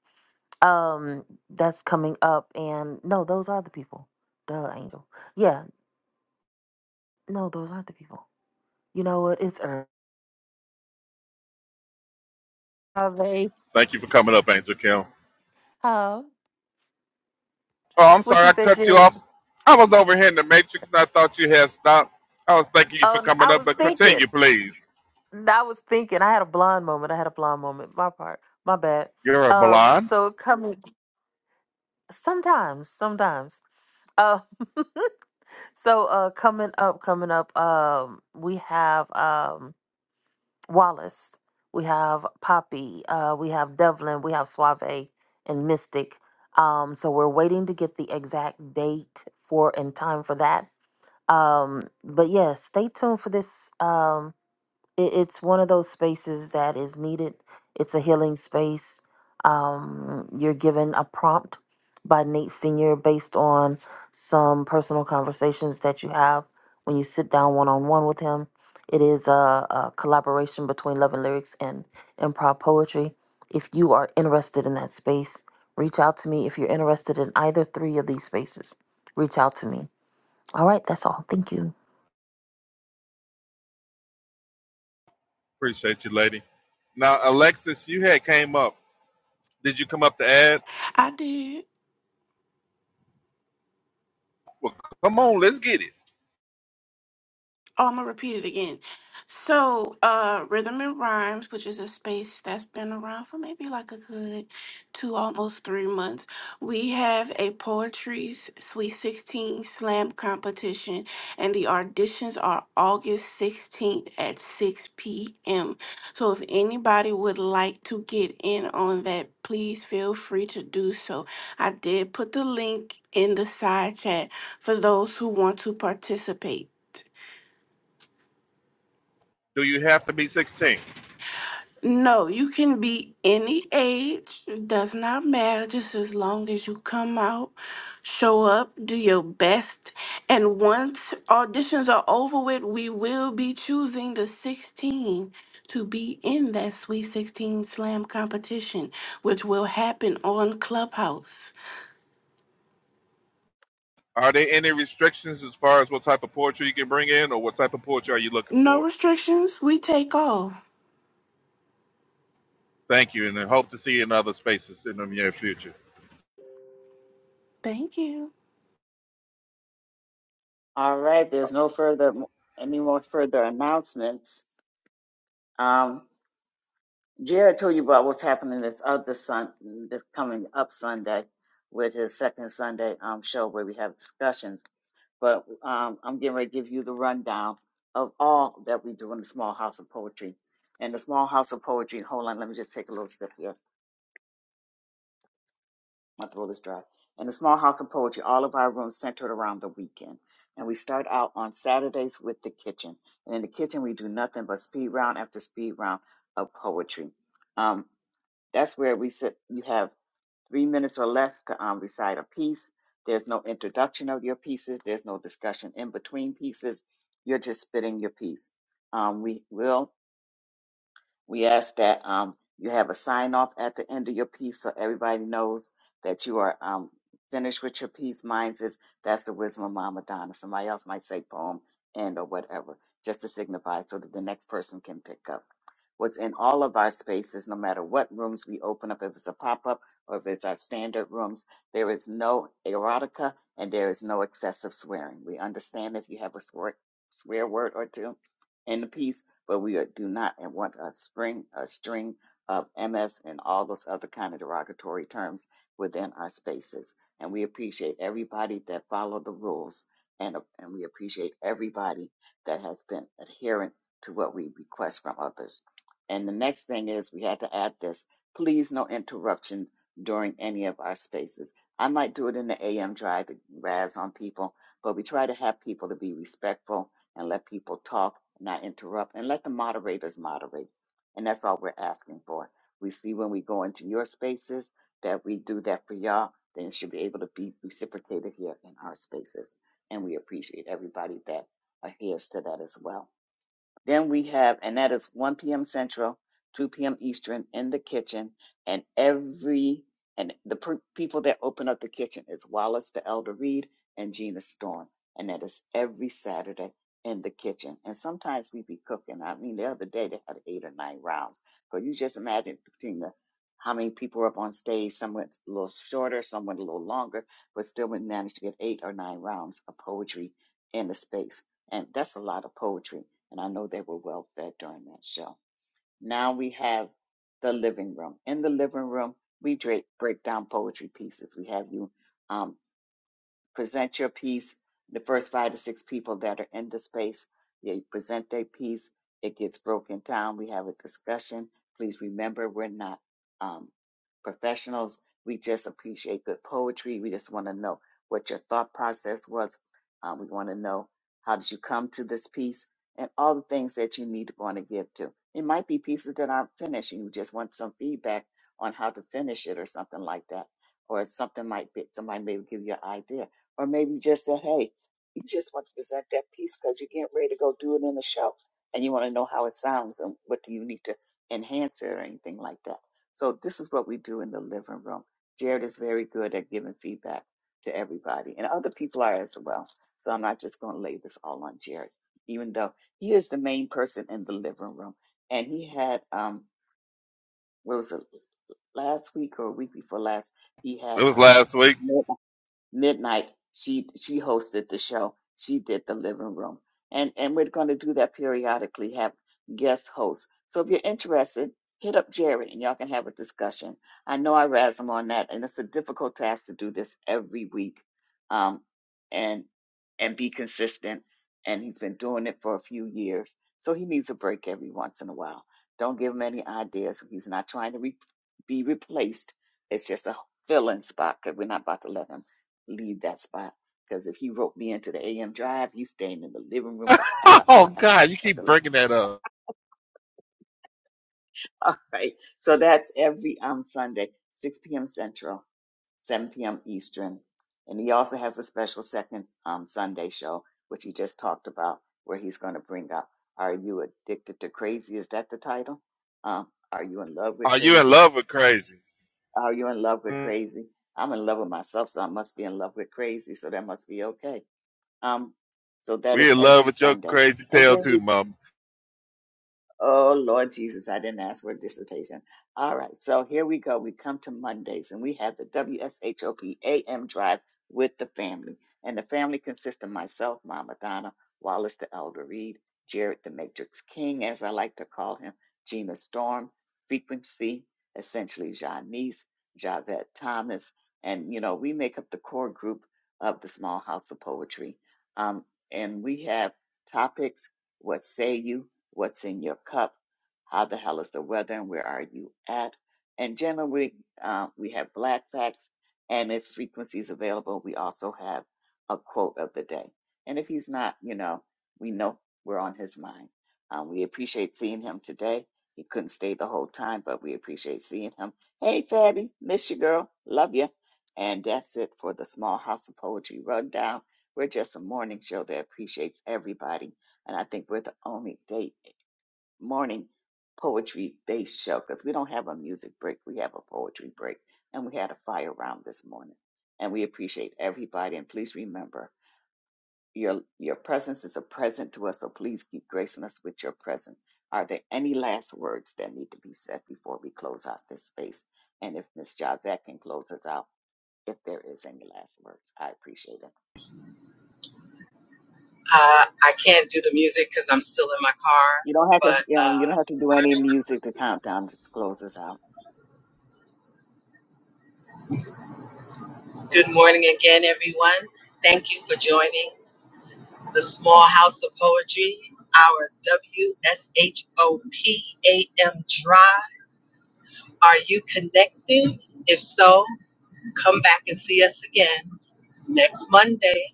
[SPEAKER 15] Um, that's coming up. And no, those are the people. Duh, Angel. Yeah, no, those aren't the people. You know what? It's Earth. Are they?
[SPEAKER 4] Thank you for coming up, Angel Kim.
[SPEAKER 15] Huh?
[SPEAKER 4] Oh, I'm
[SPEAKER 15] What
[SPEAKER 4] sorry
[SPEAKER 15] you
[SPEAKER 4] I
[SPEAKER 15] say,
[SPEAKER 4] cut you
[SPEAKER 15] Jerry?
[SPEAKER 4] off. I was over here in the Matrix and I thought you had stopped. I was thanking you for
[SPEAKER 15] Oh, no,
[SPEAKER 4] coming
[SPEAKER 15] I
[SPEAKER 4] up,
[SPEAKER 15] was
[SPEAKER 4] but
[SPEAKER 15] thinking.
[SPEAKER 4] continue, please.
[SPEAKER 15] N- I was thinking. I had a blonde moment. I had a blonde moment. My part. My bad.
[SPEAKER 4] You're a
[SPEAKER 15] Um,
[SPEAKER 4] blonde.
[SPEAKER 15] so coming sometimes, sometimes. Uh, so uh, coming up, coming up. Um, we have um Wallace, we have Poppy, uh, we have Devlin, we have Suave and Mystic. Um, so we're waiting to get the exact date for and time for that. Um, but yeah, stay tuned for this. Um, it, it's one of those spaces that is needed. It's a healing space. Um, you're given a prompt by Nate Sr. based on some personal conversations that you have when you sit down one on one with him. It is a, a collaboration between Love and Lyrics and Improv Poetry. If you are interested in that space, reach out to me. If you're interested in either three of these spaces, reach out to me. All right, that's all. Thank you.
[SPEAKER 4] Appreciate you, lady. Now, Alexis, you had came up. Did you come up to add?
[SPEAKER 14] I did.
[SPEAKER 4] Well, come on, let's get it.
[SPEAKER 14] Oh, I'm gonna repeat it again. So, uh, Rhythm and Rhymes, which is a space that's been around for maybe like a good two, almost three months, we have a poetry's Sweet 16 slam competition, and the auditions are August 16th at 6 p.m. So, if anybody would like to get in on that, please feel free to do so. I did put the link in the side chat for those who want to participate.
[SPEAKER 4] Do you have to be 16?
[SPEAKER 14] No, you can be any age. It does not matter. Just as long as you come out, show up, do your best. And once auditions are over with, we will be choosing the 16 to be in that Sweet 16 Slam competition, which will happen on Clubhouse.
[SPEAKER 4] Are there any restrictions as far as what type of poetry you can bring in, or what type of poetry are you looking
[SPEAKER 14] No
[SPEAKER 4] for?
[SPEAKER 14] restrictions. We take all.
[SPEAKER 4] Thank you, and I hope to see you in other spaces in the near future.
[SPEAKER 14] Thank you.
[SPEAKER 1] All right. There's no further, any more further announcements. Um, Jared told you about what's happening this other Sun, this coming up Sunday, with his second Sunday um show where we have discussions. But um, I'm getting ready to give you the rundown of all that we do in the Small House of Poetry. And the Small House of Poetry. Hold on. Let me just take a little sip here. my throat is dry. In the small house of poetry, all of our rooms centered around the weekend. And we start out on Saturdays with the kitchen. And in the kitchen, we do nothing but speed round after speed round of poetry. Um, that's where we sit. You have three minutes or less to um, recite a piece. There's no introduction of your pieces. There's no discussion in between pieces. You're just spitting your piece. Um, we will we ask that um, you have a sign off at the end of your piece so everybody knows that you are um, finished with your piece. Mine is that's the wisdom of Mama Donna. Somebody else might say poem and or whatever, just to signify so that the next person can pick up. What's in all of our spaces, no matter what rooms we open up, if it's a pop up or if it's our standard rooms, there is no erotica and there is no excessive swearing. We understand if you have a swear, swear word or two in the piece but we are, do not want a spring a string of MS and all those other kind of derogatory terms within our spaces. And we appreciate everybody that followed the rules, and and we appreciate everybody that has been adherent to what we request from others. And the next thing is we had to add this: please, no interruption during any of our spaces. I might do it in the AM drive to razz on people, but we try to have people to be respectful and let people talk, not interrupt, and let the moderators moderate. And that's all we're asking for. We see when we go into your spaces that we do that for y'all, then it should be able to be reciprocated here in our spaces. And we appreciate everybody that adheres to that as well. Then we have, and that is 1 p.m. Central, 2 p.m. Eastern in the kitchen. And every, and the per, people that open up the kitchen is Wallace the Elder Reed and Gina Storm. And that is every Saturday in the kitchen. And sometimes we be cooking. I mean, the other day they had eight or nine rounds. So you just imagine between the, how many people are up on stage. Some went a little shorter, some went a little longer, but still we managed to get eight or nine rounds of poetry in the space. And that's a lot of poetry and I know they were well fed during that show. Now we have the living room. In the living room, we dra- break down poetry pieces. We have you. um, present your piece. The first five to six people that are in the space, they present their piece. It gets broken down. We have a discussion. Please remember, we're not um, professionals. We just appreciate good poetry. We just want to know what your thought process was. Um, we want to know how did you come to this piece and all the things that you need to want to give to. It might be pieces that aren't finished and you just want some feedback on how to finish it or something like that. Or something might be somebody may give you an idea or maybe just that hey you just want to present that piece because you're getting ready to go do it in the show and you want to know how it sounds and what do you need to enhance it or anything like that so this is what we do in the living room jared is very good at giving feedback to everybody and other people are as well so i'm not just going to lay this all on jared even though he is the main person in the living room and he had um what was it last week or a week before last he had
[SPEAKER 4] It was
[SPEAKER 1] um
[SPEAKER 4] last week. [laughs]
[SPEAKER 1] midnight she she hosted the show she did the living room and and we're going to do that periodically have guest hosts so if you're interested hit up Jerry, and y'all can have a discussion i know i razz him on that and it's a difficult task to do this every week um and and be consistent and he's been doing it for a few years so he needs a break every once in a while don't give him any ideas he's not trying to re- be replaced it's just a filling spot because we're not about to let him leave that spot. Because if he roped me into the AM drive, he's staying in the living room forever,
[SPEAKER 4] Oh
[SPEAKER 1] ever, ever.
[SPEAKER 4] God, you
[SPEAKER 1] I
[SPEAKER 4] keep
[SPEAKER 1] said, "Let
[SPEAKER 4] bringing
[SPEAKER 1] me-
[SPEAKER 4] that up.
[SPEAKER 1] [laughs] All right. So that's every um Sunday, 6 p.m. Central, 7 p.m. Eastern. And he also has a special second um Sunday show, which he just talked about, where he's going to bring up Are You Addicted to Crazy? Is that the title? Um, Are You in Love with
[SPEAKER 4] Are you in
[SPEAKER 1] Crazy?
[SPEAKER 4] love with crazy?
[SPEAKER 1] Are You in Love with
[SPEAKER 4] Mm,
[SPEAKER 1] Crazy? I'm in love with myself, so I must be in love with crazy, so that must be okay Um, so that
[SPEAKER 4] We
[SPEAKER 1] is
[SPEAKER 4] in
[SPEAKER 1] every
[SPEAKER 4] love with your
[SPEAKER 1] Sunday.
[SPEAKER 4] crazy
[SPEAKER 1] And
[SPEAKER 4] tail
[SPEAKER 1] then we
[SPEAKER 4] too, Mom.
[SPEAKER 1] Oh, Lord Jesus, I didn't ask for a dissertation. All right, so here we go. We come to Mondays and we have the WSHOP AM drive with the family. And the family consists of myself, Mama Donna, Wallace the Elder Reed, Jared the Matrix King, as I like to call him, Gina Storm, Frequency, essentially Janice, Javette Thomas. And, you know, we make up the core group of the Small House of Poetry. Um, and we have topics what say you? What's in your cup? How the hell is the weather? And where are you at? And generally, uh, we have black facts, and if frequency is available, we also have a quote of the day. And if he's not, you know, we know we're on his mind. Um, we appreciate seeing him today. He couldn't stay the whole time, but we appreciate seeing him. Hey, Fatty, miss you, girl. Love you. And that's it for the Small House of Poetry Rundown. We're just a morning show that appreciates everybody and I think we're the only day morning poetry based show because we don't have a music break. We have a poetry break. And we had a fire round this morning. And we appreciate everybody. And please remember your your presence is a present to us. So please keep gracing us with your presence. Are there any last words that need to be said before we close out this space? And if Miss Javette can close us out, if there is any last words, I appreciate it.
[SPEAKER 12] Uh, I can't do the music because I'm still in my car,
[SPEAKER 1] You don't have to, you know, you don't
[SPEAKER 12] but
[SPEAKER 1] have to do any music to count down. Just close us out.
[SPEAKER 12] uh, good morning again, everyone. Thank you for joining the Small House of Poetry, our WSHOPAM Drive. Are you connected? If so, come back and see us again next Monday.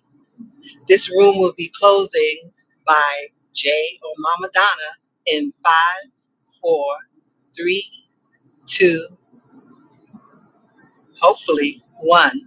[SPEAKER 12] This room will be closing by Jay or Mama Donna in five, four, three, two, hopefully one.